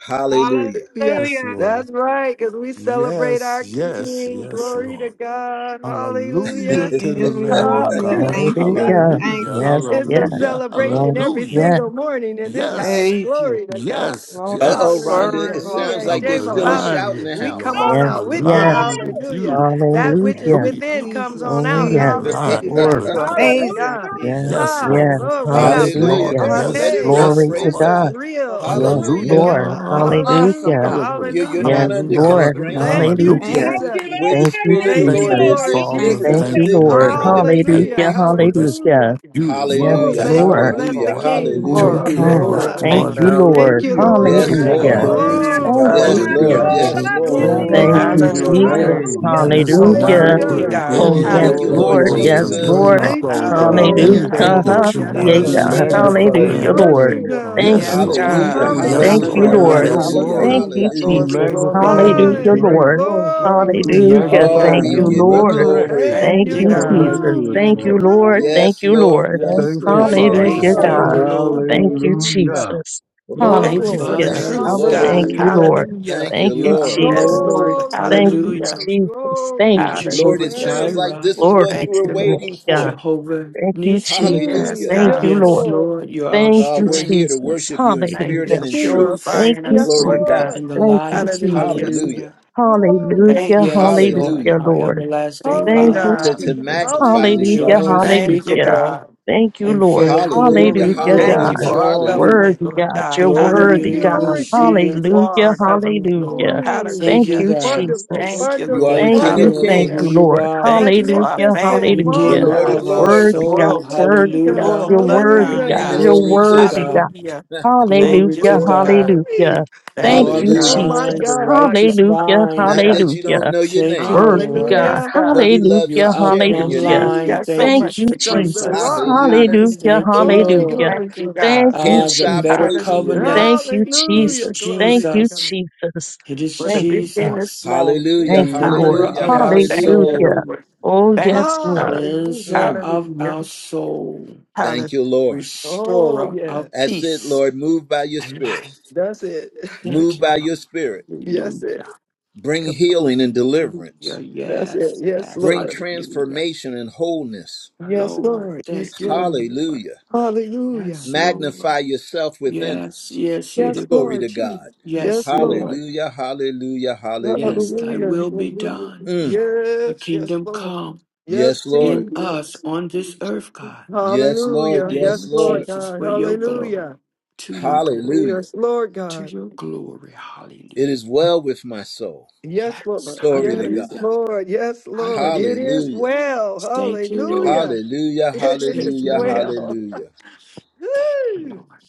Speaker 1: Hallelujah.
Speaker 4: Hallelujah.
Speaker 7: Yes,
Speaker 12: Hallelujah.
Speaker 7: Lord.
Speaker 4: That's right, because we celebrate
Speaker 7: Yes,
Speaker 4: our
Speaker 7: yes,
Speaker 4: King.
Speaker 7: yes,
Speaker 4: Glory to
Speaker 7: Lord.
Speaker 4: God.
Speaker 7: Hallelujah
Speaker 4: Hallelujah.
Speaker 7: to the Lamb of
Speaker 10: Hallelujah.
Speaker 7: God.
Speaker 10: Thank
Speaker 12: Hallelujah.
Speaker 4: Hallelujah.
Speaker 10: you.
Speaker 2: Hallelujah.
Speaker 7: Hallelujah,
Speaker 10: Thank you,
Speaker 2: Yes,
Speaker 10: Lord.
Speaker 4: It's a
Speaker 2: yes.
Speaker 7: hallelujah,
Speaker 2: Yes,
Speaker 4: celebration every
Speaker 7: hallelujah.
Speaker 2: yes,
Speaker 4: single morning in this house.
Speaker 7: Yes,
Speaker 10: Praise you.
Speaker 4: Glory to God.
Speaker 7: yes,
Speaker 10: Glory,
Speaker 1: Uh-oh,
Speaker 7: yes.
Speaker 1: Rhonda.
Speaker 10: glory,
Speaker 4: Hallelujah.
Speaker 1: It
Speaker 10: glory.
Speaker 4: We
Speaker 1: sounds
Speaker 4: ain't
Speaker 7: I'm
Speaker 1: like there's
Speaker 4: shame
Speaker 10: glory.
Speaker 1: still a
Speaker 4: about it.
Speaker 7: aligned
Speaker 1: shout in the
Speaker 7: with you,
Speaker 4: We come
Speaker 7: Lord.
Speaker 1: house.
Speaker 4: on
Speaker 2: yes,
Speaker 7: I'm
Speaker 10: Thank
Speaker 4: out with
Speaker 10: you, Lord.
Speaker 4: it.
Speaker 2: yes.
Speaker 7: aligned
Speaker 12: Glory.
Speaker 7: with
Speaker 4: Hallelujah.
Speaker 7: you, Lord.
Speaker 4: That which
Speaker 10: Yeah.
Speaker 4: is
Speaker 2: Hallelujah.
Speaker 7: Hallelujah.
Speaker 4: within comes on
Speaker 10: Jesus,
Speaker 2: Oh,
Speaker 4: out.
Speaker 7: I'm
Speaker 2: yes.
Speaker 10: Jesus,
Speaker 4: Hallelujah.
Speaker 7: aligned
Speaker 10: Jesus.
Speaker 2: Glory.
Speaker 7: with
Speaker 10: You're
Speaker 4: Glory to
Speaker 7: God.
Speaker 10: amazing,
Speaker 4: God.
Speaker 12: Hallelujah.
Speaker 2: Yes,
Speaker 10: Jesus.
Speaker 7: Yes,
Speaker 12: Hallelujah.
Speaker 4: Oh,
Speaker 2: yes.
Speaker 7: Lord.
Speaker 4: Lord, we not
Speaker 7: Yes,
Speaker 10: You're
Speaker 1: Hallelujah.
Speaker 4: playing
Speaker 7: Lord.
Speaker 1: Come
Speaker 2: Hallelujah.
Speaker 4: this.
Speaker 1: on. Let
Speaker 7: Yes,
Speaker 10: awesome,
Speaker 1: it
Speaker 4: Hey,
Speaker 10: God.
Speaker 1: rip.
Speaker 7: yes,
Speaker 2: Glory to
Speaker 1: Praise
Speaker 4: this
Speaker 7: Lord.
Speaker 2: God.
Speaker 4: is
Speaker 1: God.
Speaker 10: Yes, Lord.
Speaker 4: real.
Speaker 2: Yes,
Speaker 4: Glory to
Speaker 1: Hallelujah.
Speaker 2: Lord.
Speaker 4: God.
Speaker 10: You're
Speaker 7: Hallelujah.
Speaker 10: awesome,
Speaker 2: Hallelujah.
Speaker 4: Hallelujah.
Speaker 10: God.
Speaker 1: You,
Speaker 7: Hallelujah.
Speaker 1: you're
Speaker 4: Hallelujah.
Speaker 1: not
Speaker 2: Yes,
Speaker 1: under
Speaker 7: Hallelujah.
Speaker 2: Lord.
Speaker 7: Hallelujah.
Speaker 1: constraint.
Speaker 4: Thank you,
Speaker 7: Hallelujah.
Speaker 10: Thank
Speaker 2: Hallelujah.
Speaker 12: Thank
Speaker 10: you,
Speaker 4: Jesus.
Speaker 12: you,
Speaker 1: Where
Speaker 10: Jesus.
Speaker 1: the
Speaker 12: Lord.
Speaker 2: Thank you,
Speaker 1: Spirit
Speaker 10: Thank
Speaker 1: of the
Speaker 12: Thank
Speaker 10: you,
Speaker 4: Thank
Speaker 12: you,
Speaker 10: God.
Speaker 7: Thank
Speaker 1: Lord
Speaker 4: you,
Speaker 7: you,
Speaker 1: is,
Speaker 2: Jesus.
Speaker 12: Lord.
Speaker 4: Lord
Speaker 1: there's
Speaker 7: Father.
Speaker 10: Thank
Speaker 1: liberty
Speaker 2: Thank
Speaker 10: you.
Speaker 1: to
Speaker 2: you,
Speaker 7: Thank
Speaker 4: Jesus.
Speaker 12: Hallelujah.
Speaker 1: live
Speaker 7: you,
Speaker 1: the
Speaker 2: Lord.
Speaker 10: Thank,
Speaker 1: freedom
Speaker 7: Lord.
Speaker 1: He
Speaker 7: Thank
Speaker 4: Hallelujah.
Speaker 2: Hallelujah.
Speaker 10: thank
Speaker 7: you
Speaker 1: gives.
Speaker 10: you.
Speaker 7: for this
Speaker 4: Hallelujah.
Speaker 2: Hallelujah. Yes,
Speaker 7: beautiful
Speaker 10: Oh,
Speaker 4: Oh,
Speaker 1: Hallelujah,
Speaker 7: day.
Speaker 4: thank you.
Speaker 10: yes,
Speaker 2: Lord.
Speaker 9: Hallelujah.
Speaker 4: Bless the
Speaker 1: hallelujah,
Speaker 10: Lord.
Speaker 9: Glory,
Speaker 7: You
Speaker 4: King.
Speaker 6: Thank
Speaker 7: took
Speaker 1: hallelujah.
Speaker 10: Glory,
Speaker 6: you,
Speaker 7: care
Speaker 9: glory,
Speaker 7: of
Speaker 2: hmm
Speaker 10: glory,
Speaker 7: us
Speaker 6: Lord.
Speaker 9: glory.
Speaker 4: [LAUGHS]
Speaker 7: through
Speaker 2: Thank
Speaker 7: our
Speaker 8: Thank
Speaker 10: glory.
Speaker 2: you,
Speaker 8: you.
Speaker 7: night.
Speaker 4: thank
Speaker 2: Lord.
Speaker 4: you,
Speaker 6: Hallelujah.
Speaker 9: Thank
Speaker 7: You
Speaker 9: you,
Speaker 8: Thank
Speaker 4: Lord.
Speaker 8: you,
Speaker 1: Yes,
Speaker 7: took care
Speaker 8: God.
Speaker 4: Thank
Speaker 7: of
Speaker 9: Lord.
Speaker 4: you,
Speaker 1: Lord.
Speaker 2: Hallelujah.
Speaker 10: Thank
Speaker 7: our
Speaker 12: Soul,
Speaker 10: you,
Speaker 9: Thank
Speaker 12: my
Speaker 6: Praise
Speaker 10: thank
Speaker 9: you,
Speaker 7: yesterday.
Speaker 6: you,
Speaker 4: Lord.
Speaker 10: you,
Speaker 2: Thank
Speaker 12: soul,
Speaker 2: you,
Speaker 10: thank
Speaker 1: Yes,
Speaker 6: Father
Speaker 4: Glory,
Speaker 12: my
Speaker 10: you,
Speaker 9: Jesus.
Speaker 1: Lord.
Speaker 7: You
Speaker 8: Hallelujah.
Speaker 6: God.
Speaker 12: soul
Speaker 10: Jesus.
Speaker 2: Jesus.
Speaker 1: Yes,
Speaker 7: took
Speaker 4: glory,
Speaker 12: loves you,
Speaker 1: Lord.
Speaker 4: glory,
Speaker 7: care of
Speaker 10: Thank
Speaker 2: Thank
Speaker 7: us
Speaker 12: Jesus.
Speaker 10: you,
Speaker 6: Glory is
Speaker 4: glory,
Speaker 2: you,
Speaker 10: thank
Speaker 9: Hallelujah.
Speaker 6: your
Speaker 10: you,
Speaker 7: today.
Speaker 4: glory,
Speaker 10: thank
Speaker 8: Hallelujah.
Speaker 2: Jesus.
Speaker 4: glory.
Speaker 6: name.
Speaker 12: Hallelujah.
Speaker 7: Let
Speaker 8: You
Speaker 7: us
Speaker 8: are
Speaker 7: not
Speaker 2: Hallelujah.
Speaker 8: worthy,
Speaker 7: take
Speaker 4: Hallelujah.
Speaker 6: Glory,
Speaker 9: Hallelujah.
Speaker 8: God.
Speaker 4: Thank you,
Speaker 2: Oh,
Speaker 6: glory,
Speaker 7: any of
Speaker 9: Oh,
Speaker 1: Thank
Speaker 2: yes,
Speaker 1: you,
Speaker 4: Jesus.
Speaker 6: glory,
Speaker 9: bless
Speaker 7: your
Speaker 1: Lord
Speaker 9: your
Speaker 2: Lord.
Speaker 8: Hallelujah.
Speaker 6: glory.
Speaker 9: holy
Speaker 2: Yes,
Speaker 6: We
Speaker 7: wisdom, your
Speaker 9: name.
Speaker 1: Jesus.
Speaker 6: praise
Speaker 2: Lord.
Speaker 6: you,
Speaker 4: Thank
Speaker 7: knowledge,
Speaker 6: Father
Speaker 4: you,
Speaker 10: you. Yes,
Speaker 6: God.
Speaker 9: Glory,
Speaker 6: We
Speaker 4: Lord.
Speaker 8: Hallelujah.
Speaker 7: anything
Speaker 6: thank
Speaker 2: Hallelujah.
Speaker 10: Jesus.
Speaker 6: you.
Speaker 9: glory,
Speaker 7: that
Speaker 2: [LAUGHS]
Speaker 7: you
Speaker 8: Hallelujah.
Speaker 7: want
Speaker 2: Yeah,
Speaker 7: us
Speaker 6: We
Speaker 10: Jesus,
Speaker 7: to
Speaker 9: glory.
Speaker 2: God.
Speaker 10: Jesus,
Speaker 9: Yes,
Speaker 7: see
Speaker 8: Hallelujah.
Speaker 7: for
Speaker 6: magnify
Speaker 4: Oh,
Speaker 9: Lord.
Speaker 4: we
Speaker 6: in
Speaker 2: Hallelujah,
Speaker 9: Yes,
Speaker 7: granted.
Speaker 6: your
Speaker 10: Jesus.
Speaker 4: bless
Speaker 2: Lord.
Speaker 4: you,
Speaker 6: name,
Speaker 9: Lord.
Speaker 6: Father
Speaker 4: God.
Speaker 2: Thank
Speaker 7: Yes,
Speaker 6: God.
Speaker 2: you,
Speaker 8: Yes,
Speaker 7: Lord.
Speaker 9: Thank
Speaker 8: God.
Speaker 1: Hallelujah,
Speaker 9: you,
Speaker 6: We
Speaker 2: Jesus.
Speaker 9: Lord
Speaker 7: Yes,
Speaker 2: Thank
Speaker 11: Thank you,
Speaker 9: Jesus.
Speaker 2: you,
Speaker 1: hallelujah,
Speaker 6: magnify
Speaker 11: Lord.
Speaker 4: Hallelujah.
Speaker 7: Lord.
Speaker 6: in
Speaker 8: Hallelujah.
Speaker 2: Lord.
Speaker 6: your
Speaker 7: Yes,
Speaker 1: hallelujah,
Speaker 7: Lord.
Speaker 4: Hallelujah.
Speaker 6: glory.
Speaker 2: Thank
Speaker 9: Hallelujah.
Speaker 2: you,
Speaker 6: We
Speaker 1: hallelujah.
Speaker 11: Thank
Speaker 8: Glory,
Speaker 11: you,
Speaker 2: Jesus.
Speaker 8: glory,
Speaker 11: Lord.
Speaker 6: magnify
Speaker 9: Yes,
Speaker 6: in your
Speaker 2: Hallelujah,
Speaker 8: glory.
Speaker 4: Hi.
Speaker 9: Lord.
Speaker 11: Hallelujah.
Speaker 6: grace.
Speaker 2: Lord.
Speaker 9: Glory,
Speaker 4: Glory,
Speaker 8: Glory
Speaker 9: glory.
Speaker 6: We
Speaker 8: to your
Speaker 4: glory of the
Speaker 2: Hallelujah.
Speaker 8: name,
Speaker 1: Oh,
Speaker 6: magnify
Speaker 2: Thank
Speaker 6: in
Speaker 4: Lord.
Speaker 8: God.
Speaker 1: we
Speaker 6: your
Speaker 2: you,
Speaker 11: Hallelujah.
Speaker 9: Thank
Speaker 1: give you
Speaker 9: you,
Speaker 2: Lord.
Speaker 9: Father.
Speaker 6: resurrection
Speaker 1: glory.
Speaker 9: Thank
Speaker 4: Hey,
Speaker 2: Thank
Speaker 8: Thank
Speaker 9: you,
Speaker 4: you're
Speaker 6: to
Speaker 8: you,
Speaker 2: you,
Speaker 4: in the
Speaker 9: Lord.
Speaker 6: come
Speaker 8: God.
Speaker 9: Thank
Speaker 6: back
Speaker 2: Jesus.
Speaker 4: room.
Speaker 6: to us,
Speaker 4: You're in
Speaker 2: Thank
Speaker 4: the
Speaker 2: you,
Speaker 11: Mm.
Speaker 6: Lord.
Speaker 9: you, Father.
Speaker 2: Lord.
Speaker 4: room.
Speaker 2: Thank
Speaker 1: Yes,
Speaker 2: you,
Speaker 1: Lord.
Speaker 2: Lord.
Speaker 11: Now, the
Speaker 9: Thank
Speaker 1: Yes,
Speaker 6: Thank
Speaker 9: you,
Speaker 6: you,
Speaker 1: Lord.
Speaker 11: Prince
Speaker 4: Yes,
Speaker 11: of
Speaker 6: Father
Speaker 9: Jesus.
Speaker 1: Yes,
Speaker 11: Peace,
Speaker 6: God.
Speaker 2: Hallelujah,
Speaker 8: Thank you,
Speaker 4: Lord.
Speaker 1: Lord.
Speaker 11: thank
Speaker 2: God.
Speaker 11: you,
Speaker 8: Lord.
Speaker 9: Hallelujah,
Speaker 11: Lord.
Speaker 2: Thank you,
Speaker 6: Hallelujah.
Speaker 9: hallelujah.
Speaker 2: Jesus.
Speaker 11: You're
Speaker 9: Oh,
Speaker 11: our
Speaker 8: Thank you
Speaker 9: glory.
Speaker 8: for the
Speaker 2: Hallelujah.
Speaker 4: Hallelujah.
Speaker 1: Thank
Speaker 11: Father.
Speaker 1: you,
Speaker 8: truth,
Speaker 1: Lord.
Speaker 8: God.
Speaker 2: Thank you,
Speaker 11: Hallelujah.
Speaker 4: Hallelujah.
Speaker 9: Hallelujah.
Speaker 2: Lord.
Speaker 8: Hallelujah.
Speaker 1: Thank
Speaker 2: Thank
Speaker 1: you,
Speaker 11: You're
Speaker 2: you,
Speaker 11: our
Speaker 1: Lord.
Speaker 8: Yes,
Speaker 2: Jesus.
Speaker 11: Lord.
Speaker 8: Lord.
Speaker 4: Glory,
Speaker 2: Thank
Speaker 4: glory,
Speaker 2: you,
Speaker 8: Hallelujah.
Speaker 11: Hallelujah.
Speaker 4: glory,
Speaker 2: Jesus.
Speaker 4: glory,
Speaker 11: You're
Speaker 2: Thank you,
Speaker 4: glory.
Speaker 1: Lord,
Speaker 11: Jehovah
Speaker 1: it
Speaker 2: Jesus.
Speaker 8: Hallelujah.
Speaker 1: sounds
Speaker 4: Praise
Speaker 1: like
Speaker 4: the
Speaker 11: Jireh,
Speaker 1: this is
Speaker 4: Lord.
Speaker 1: what
Speaker 2: Glory
Speaker 1: you
Speaker 8: Thank
Speaker 1: were
Speaker 2: to
Speaker 8: you,
Speaker 2: your name,
Speaker 1: waiting
Speaker 8: Lord.
Speaker 1: for.
Speaker 2: God.
Speaker 11: Jehovah
Speaker 2: Thank you,
Speaker 11: Nissi.
Speaker 2: Jesus.
Speaker 8: Yes,
Speaker 1: Hallelujah.
Speaker 4: Mm,
Speaker 2: Thank
Speaker 4: yes,
Speaker 8: God.
Speaker 2: you,
Speaker 11: Yes,
Speaker 2: Lord.
Speaker 4: Lord.
Speaker 11: Lord. You're our
Speaker 2: Thank
Speaker 1: Uh,
Speaker 2: you,
Speaker 1: we're
Speaker 11: strength.
Speaker 1: here to
Speaker 2: Jesus.
Speaker 1: worship you in
Speaker 8: Thank
Speaker 11: You're
Speaker 1: spirit
Speaker 8: you
Speaker 11: the
Speaker 2: Hallelujah.
Speaker 1: and
Speaker 8: for
Speaker 1: in
Speaker 4: Jesus.
Speaker 1: truth.
Speaker 11: truth
Speaker 2: Thank
Speaker 8: purifying
Speaker 2: you,
Speaker 4: Yes,
Speaker 8: us,
Speaker 1: Glory to
Speaker 8: Lord God.
Speaker 1: God.
Speaker 4: Lord.
Speaker 2: Jesus.
Speaker 11: and the
Speaker 2: Thank you,
Speaker 11: life.
Speaker 8: Hallelujah.
Speaker 2: Jesus.
Speaker 4: Yes,
Speaker 1: Hallelujah.
Speaker 11: Hallelujah.
Speaker 4: Lord. Yes.
Speaker 8: Thank
Speaker 2: Hallelujah.
Speaker 8: you,
Speaker 11: Yes,
Speaker 8: Lord.
Speaker 11: Lord.
Speaker 1: Hallelujah.
Speaker 2: Hallelujah,
Speaker 11: Our
Speaker 2: Lord.
Speaker 11: everlasting
Speaker 8: Thank you,
Speaker 2: Thank you,
Speaker 11: Father.
Speaker 1: To,
Speaker 8: God.
Speaker 1: to
Speaker 4: Hallelujah.
Speaker 2: Jesus.
Speaker 1: magnify and
Speaker 4: Hallelujah.
Speaker 2: Hallelujah.
Speaker 11: Joy
Speaker 1: exalt your name.
Speaker 8: Thank you,
Speaker 2: Hallelujah.
Speaker 11: unspeakable.
Speaker 8: God.
Speaker 2: Thank you,
Speaker 11: and
Speaker 2: Lord.
Speaker 11: full of
Speaker 1: Hallelujah.
Speaker 11: glory.
Speaker 2: Hallelujah,
Speaker 11: You are
Speaker 4: Oh,
Speaker 8: Thank
Speaker 11: our
Speaker 8: you
Speaker 2: God.
Speaker 1: Hallelujah.
Speaker 8: for our
Speaker 11: joy.
Speaker 1: Hallelujah.
Speaker 8: government,
Speaker 2: Worthy
Speaker 8: Lord
Speaker 2: God.
Speaker 8: God.
Speaker 2: You're
Speaker 11: Glory
Speaker 4: thank
Speaker 2: worthy
Speaker 11: to
Speaker 4: you,
Speaker 11: you,
Speaker 2: God.
Speaker 8: Hallelujah.
Speaker 1: Mm.
Speaker 4: Lord
Speaker 11: Boshia.
Speaker 8: You are
Speaker 2: Hallelujah.
Speaker 8: our
Speaker 4: Jesus.
Speaker 8: government, Lord.
Speaker 2: Hallelujah.
Speaker 4: Mm,
Speaker 11: Thank
Speaker 2: Thank
Speaker 11: you,
Speaker 8: Hallelujah.
Speaker 2: you,
Speaker 11: God.
Speaker 4: wonderful,
Speaker 2: Jesus.
Speaker 8: Thank you,
Speaker 1: You are
Speaker 4: wonderful,
Speaker 1: the
Speaker 8: Lord.
Speaker 11: Thank
Speaker 2: Thank
Speaker 11: you,
Speaker 1: King
Speaker 2: you.
Speaker 1: of
Speaker 11: Lord, for
Speaker 2: Thank
Speaker 4: wonderful.
Speaker 11: who
Speaker 8: Hallelujah.
Speaker 2: you,
Speaker 1: Kings,
Speaker 11: you
Speaker 2: Lord.
Speaker 11: are,
Speaker 8: Thank you for our
Speaker 2: Hallelujah.
Speaker 4: Magnificent,
Speaker 8: family,
Speaker 1: the
Speaker 8: Lord
Speaker 2: Hallelujah.
Speaker 11: Redeemer
Speaker 1: Lord of
Speaker 8: God.
Speaker 11: of our
Speaker 4: marvelous.
Speaker 8: The
Speaker 2: Worthy
Speaker 1: Lords.
Speaker 2: God.
Speaker 11: soul.
Speaker 8: royal, to
Speaker 2: Worthy
Speaker 4: Glory,
Speaker 8: the
Speaker 2: God.
Speaker 4: God.
Speaker 8: royal
Speaker 11: Hallelujah.
Speaker 2: You're
Speaker 1: Your
Speaker 2: worthy
Speaker 8: bloodline,
Speaker 4: Hallelujah.
Speaker 2: God.
Speaker 1: name
Speaker 8: God.
Speaker 1: is
Speaker 2: You're
Speaker 11: Glory to
Speaker 1: Jesus.
Speaker 2: worthy God.
Speaker 11: God.
Speaker 8: Hallelujah.
Speaker 1: [LAUGHS]
Speaker 8: Thank
Speaker 11: Glory
Speaker 8: you,
Speaker 11: to
Speaker 2: Hallelujah.
Speaker 8: Lord God.
Speaker 11: God.
Speaker 4: Woo-wee.
Speaker 2: Hallelujah.
Speaker 11: You
Speaker 8: Thank
Speaker 11: are
Speaker 2: Thank
Speaker 8: you,
Speaker 2: you,
Speaker 11: the
Speaker 4: Oh,
Speaker 8: God.
Speaker 1: Hallelujah.
Speaker 4: my
Speaker 11: vine, the
Speaker 2: Jesus.
Speaker 4: God, my
Speaker 11: righteous
Speaker 4: God.
Speaker 2: Hallelujah.
Speaker 11: vine.
Speaker 1: Not
Speaker 8: Yeah.
Speaker 1: that you
Speaker 2: Hallelujah.
Speaker 1: don't know your
Speaker 11: Thank
Speaker 1: name,
Speaker 11: you,
Speaker 2: Word be
Speaker 11: Lord.
Speaker 2: God.
Speaker 8: Yes,
Speaker 4: Hallelujah.
Speaker 1: but
Speaker 8: God.
Speaker 1: we love
Speaker 11: You
Speaker 2: Hallelujah.
Speaker 11: are our
Speaker 1: sharing
Speaker 11: plumb
Speaker 1: your
Speaker 2: Hallelujah.
Speaker 1: name.
Speaker 8: We
Speaker 11: line.
Speaker 8: got
Speaker 4: Jesus,
Speaker 8: so
Speaker 11: Thank
Speaker 2: Thank
Speaker 11: you,
Speaker 8: much
Speaker 2: you,
Speaker 8: to
Speaker 4: the
Speaker 8: praise you
Speaker 2: Jesus.
Speaker 11: Jesus.
Speaker 4: rock.
Speaker 8: for.
Speaker 1: Hallelujah.
Speaker 2: Hallelujah.
Speaker 8: Hallelujah.
Speaker 11: Thank you,
Speaker 4: Glory,
Speaker 11: Lord.
Speaker 2: Hallelujah.
Speaker 4: glory,
Speaker 8: Thank you,
Speaker 4: glory.
Speaker 2: Thank
Speaker 8: God.
Speaker 2: you,
Speaker 1: Can't
Speaker 11: Ah, the
Speaker 1: stop
Speaker 11: better
Speaker 2: Jesus.
Speaker 1: praising your
Speaker 8: Hallelujah.
Speaker 1: name.
Speaker 2: Thank
Speaker 11: covenant
Speaker 2: you,
Speaker 11: is
Speaker 4: Hallelujah.
Speaker 2: Jesus. Thank
Speaker 4: Glory to
Speaker 2: you,
Speaker 11: Jesus.
Speaker 4: God.
Speaker 2: Jesus.
Speaker 11: It is
Speaker 8: for the
Speaker 2: Thank
Speaker 8: big
Speaker 2: you,
Speaker 8: and
Speaker 2: Lord.
Speaker 8: the
Speaker 11: Jesus,
Speaker 8: small.
Speaker 1: Hallelujah.
Speaker 2: Thank you,
Speaker 4: Jesus,
Speaker 11: deliverer
Speaker 2: Lord.
Speaker 1: Hallelujah.
Speaker 11: of
Speaker 8: Hallelujah.
Speaker 11: our
Speaker 4: Jesus.
Speaker 8: Thank you,
Speaker 1: Hallelujah.
Speaker 2: Hallelujah.
Speaker 11: soul,
Speaker 8: Lord.
Speaker 2: Oh,
Speaker 8: Thank
Speaker 2: yes,
Speaker 8: you,
Speaker 2: Lord.
Speaker 8: God.
Speaker 11: cleanser
Speaker 4: Hallelujah.
Speaker 1: Mm,
Speaker 11: of
Speaker 8: Hallelujah.
Speaker 11: our soul,
Speaker 1: thank
Speaker 8: Hallelujah.
Speaker 1: you, Lord.
Speaker 4: Oh,
Speaker 11: restorer of
Speaker 4: yes.
Speaker 1: That's it,
Speaker 11: peace
Speaker 1: Lord. Move by your
Speaker 11: and
Speaker 1: spirit.
Speaker 11: life.
Speaker 4: That's it. [LAUGHS]
Speaker 11: Thank
Speaker 1: Move
Speaker 11: you,
Speaker 1: by
Speaker 11: Lord.
Speaker 1: your spirit.
Speaker 4: yes, it.
Speaker 11: Hallelujah.
Speaker 1: Bring
Speaker 4: Come-
Speaker 1: healing and deliverance.
Speaker 11: Hallelujah.
Speaker 4: That's it.
Speaker 11: Yes,
Speaker 4: Yes,
Speaker 11: yes.
Speaker 1: Bring
Speaker 4: Lord.
Speaker 11: Hallelujah.
Speaker 1: transformation and wholeness.
Speaker 4: Yes,
Speaker 11: Lord,
Speaker 4: Lord. Yes,
Speaker 11: thank you,
Speaker 4: Lord.
Speaker 11: Lord.
Speaker 1: Hallelujah.
Speaker 4: Hallelujah.
Speaker 11: Yes,
Speaker 1: Magnify
Speaker 11: Lord.
Speaker 1: yourself within
Speaker 11: Yes,
Speaker 1: us.
Speaker 11: yes,
Speaker 4: Yes,
Speaker 1: [LAUGHS]
Speaker 11: it
Speaker 1: Glory
Speaker 11: will.
Speaker 4: Lord.
Speaker 1: to
Speaker 4: Jesus.
Speaker 1: God.
Speaker 11: Yes,
Speaker 4: Yes, Lord.
Speaker 11: Lord.
Speaker 1: Hallelujah, hallelujah,
Speaker 11: Yes,
Speaker 1: hallelujah.
Speaker 11: thy
Speaker 4: Hallelujah.
Speaker 11: will be
Speaker 4: Hallelujah.
Speaker 11: done.
Speaker 1: Mm,
Speaker 11: The
Speaker 4: Yes, yes,
Speaker 11: kingdom
Speaker 4: Lord.
Speaker 11: come
Speaker 4: Yes,
Speaker 1: yes,
Speaker 11: in
Speaker 1: Lord.
Speaker 11: us
Speaker 4: Jesus.
Speaker 11: on this earth, God
Speaker 1: Yes,
Speaker 11: In
Speaker 1: Lord.
Speaker 4: Hallelujah.
Speaker 11: the name
Speaker 1: Yes,
Speaker 4: Yes,
Speaker 11: of
Speaker 4: Lord
Speaker 1: Lord.
Speaker 11: Jesus,
Speaker 4: God.
Speaker 11: for your glory,
Speaker 4: Hallelujah.
Speaker 11: to your glory,
Speaker 1: Hallelujah.
Speaker 4: Yes, Lord
Speaker 11: to
Speaker 4: God.
Speaker 11: your glory.
Speaker 1: It
Speaker 11: Hallelujah.
Speaker 1: is well with my soul.
Speaker 4: Yes,
Speaker 11: Yes.
Speaker 1: [LAUGHS]
Speaker 4: Lord.
Speaker 1: Glory to
Speaker 4: Yes,
Speaker 1: God.
Speaker 11: Hallelujah.
Speaker 4: Lord. Yes, Lord. It
Speaker 11: Hallelujah.
Speaker 4: is
Speaker 1: Hallelujah.
Speaker 4: well.
Speaker 11: Thank you,
Speaker 4: Hallelujah.
Speaker 11: Lord.
Speaker 1: Hallelujah,
Speaker 4: It
Speaker 11: Thank
Speaker 4: is
Speaker 11: you,
Speaker 1: hallelujah,
Speaker 11: Lord.
Speaker 4: well.
Speaker 1: hallelujah.
Speaker 11: Thank you,
Speaker 4: Woo.
Speaker 11: Lord.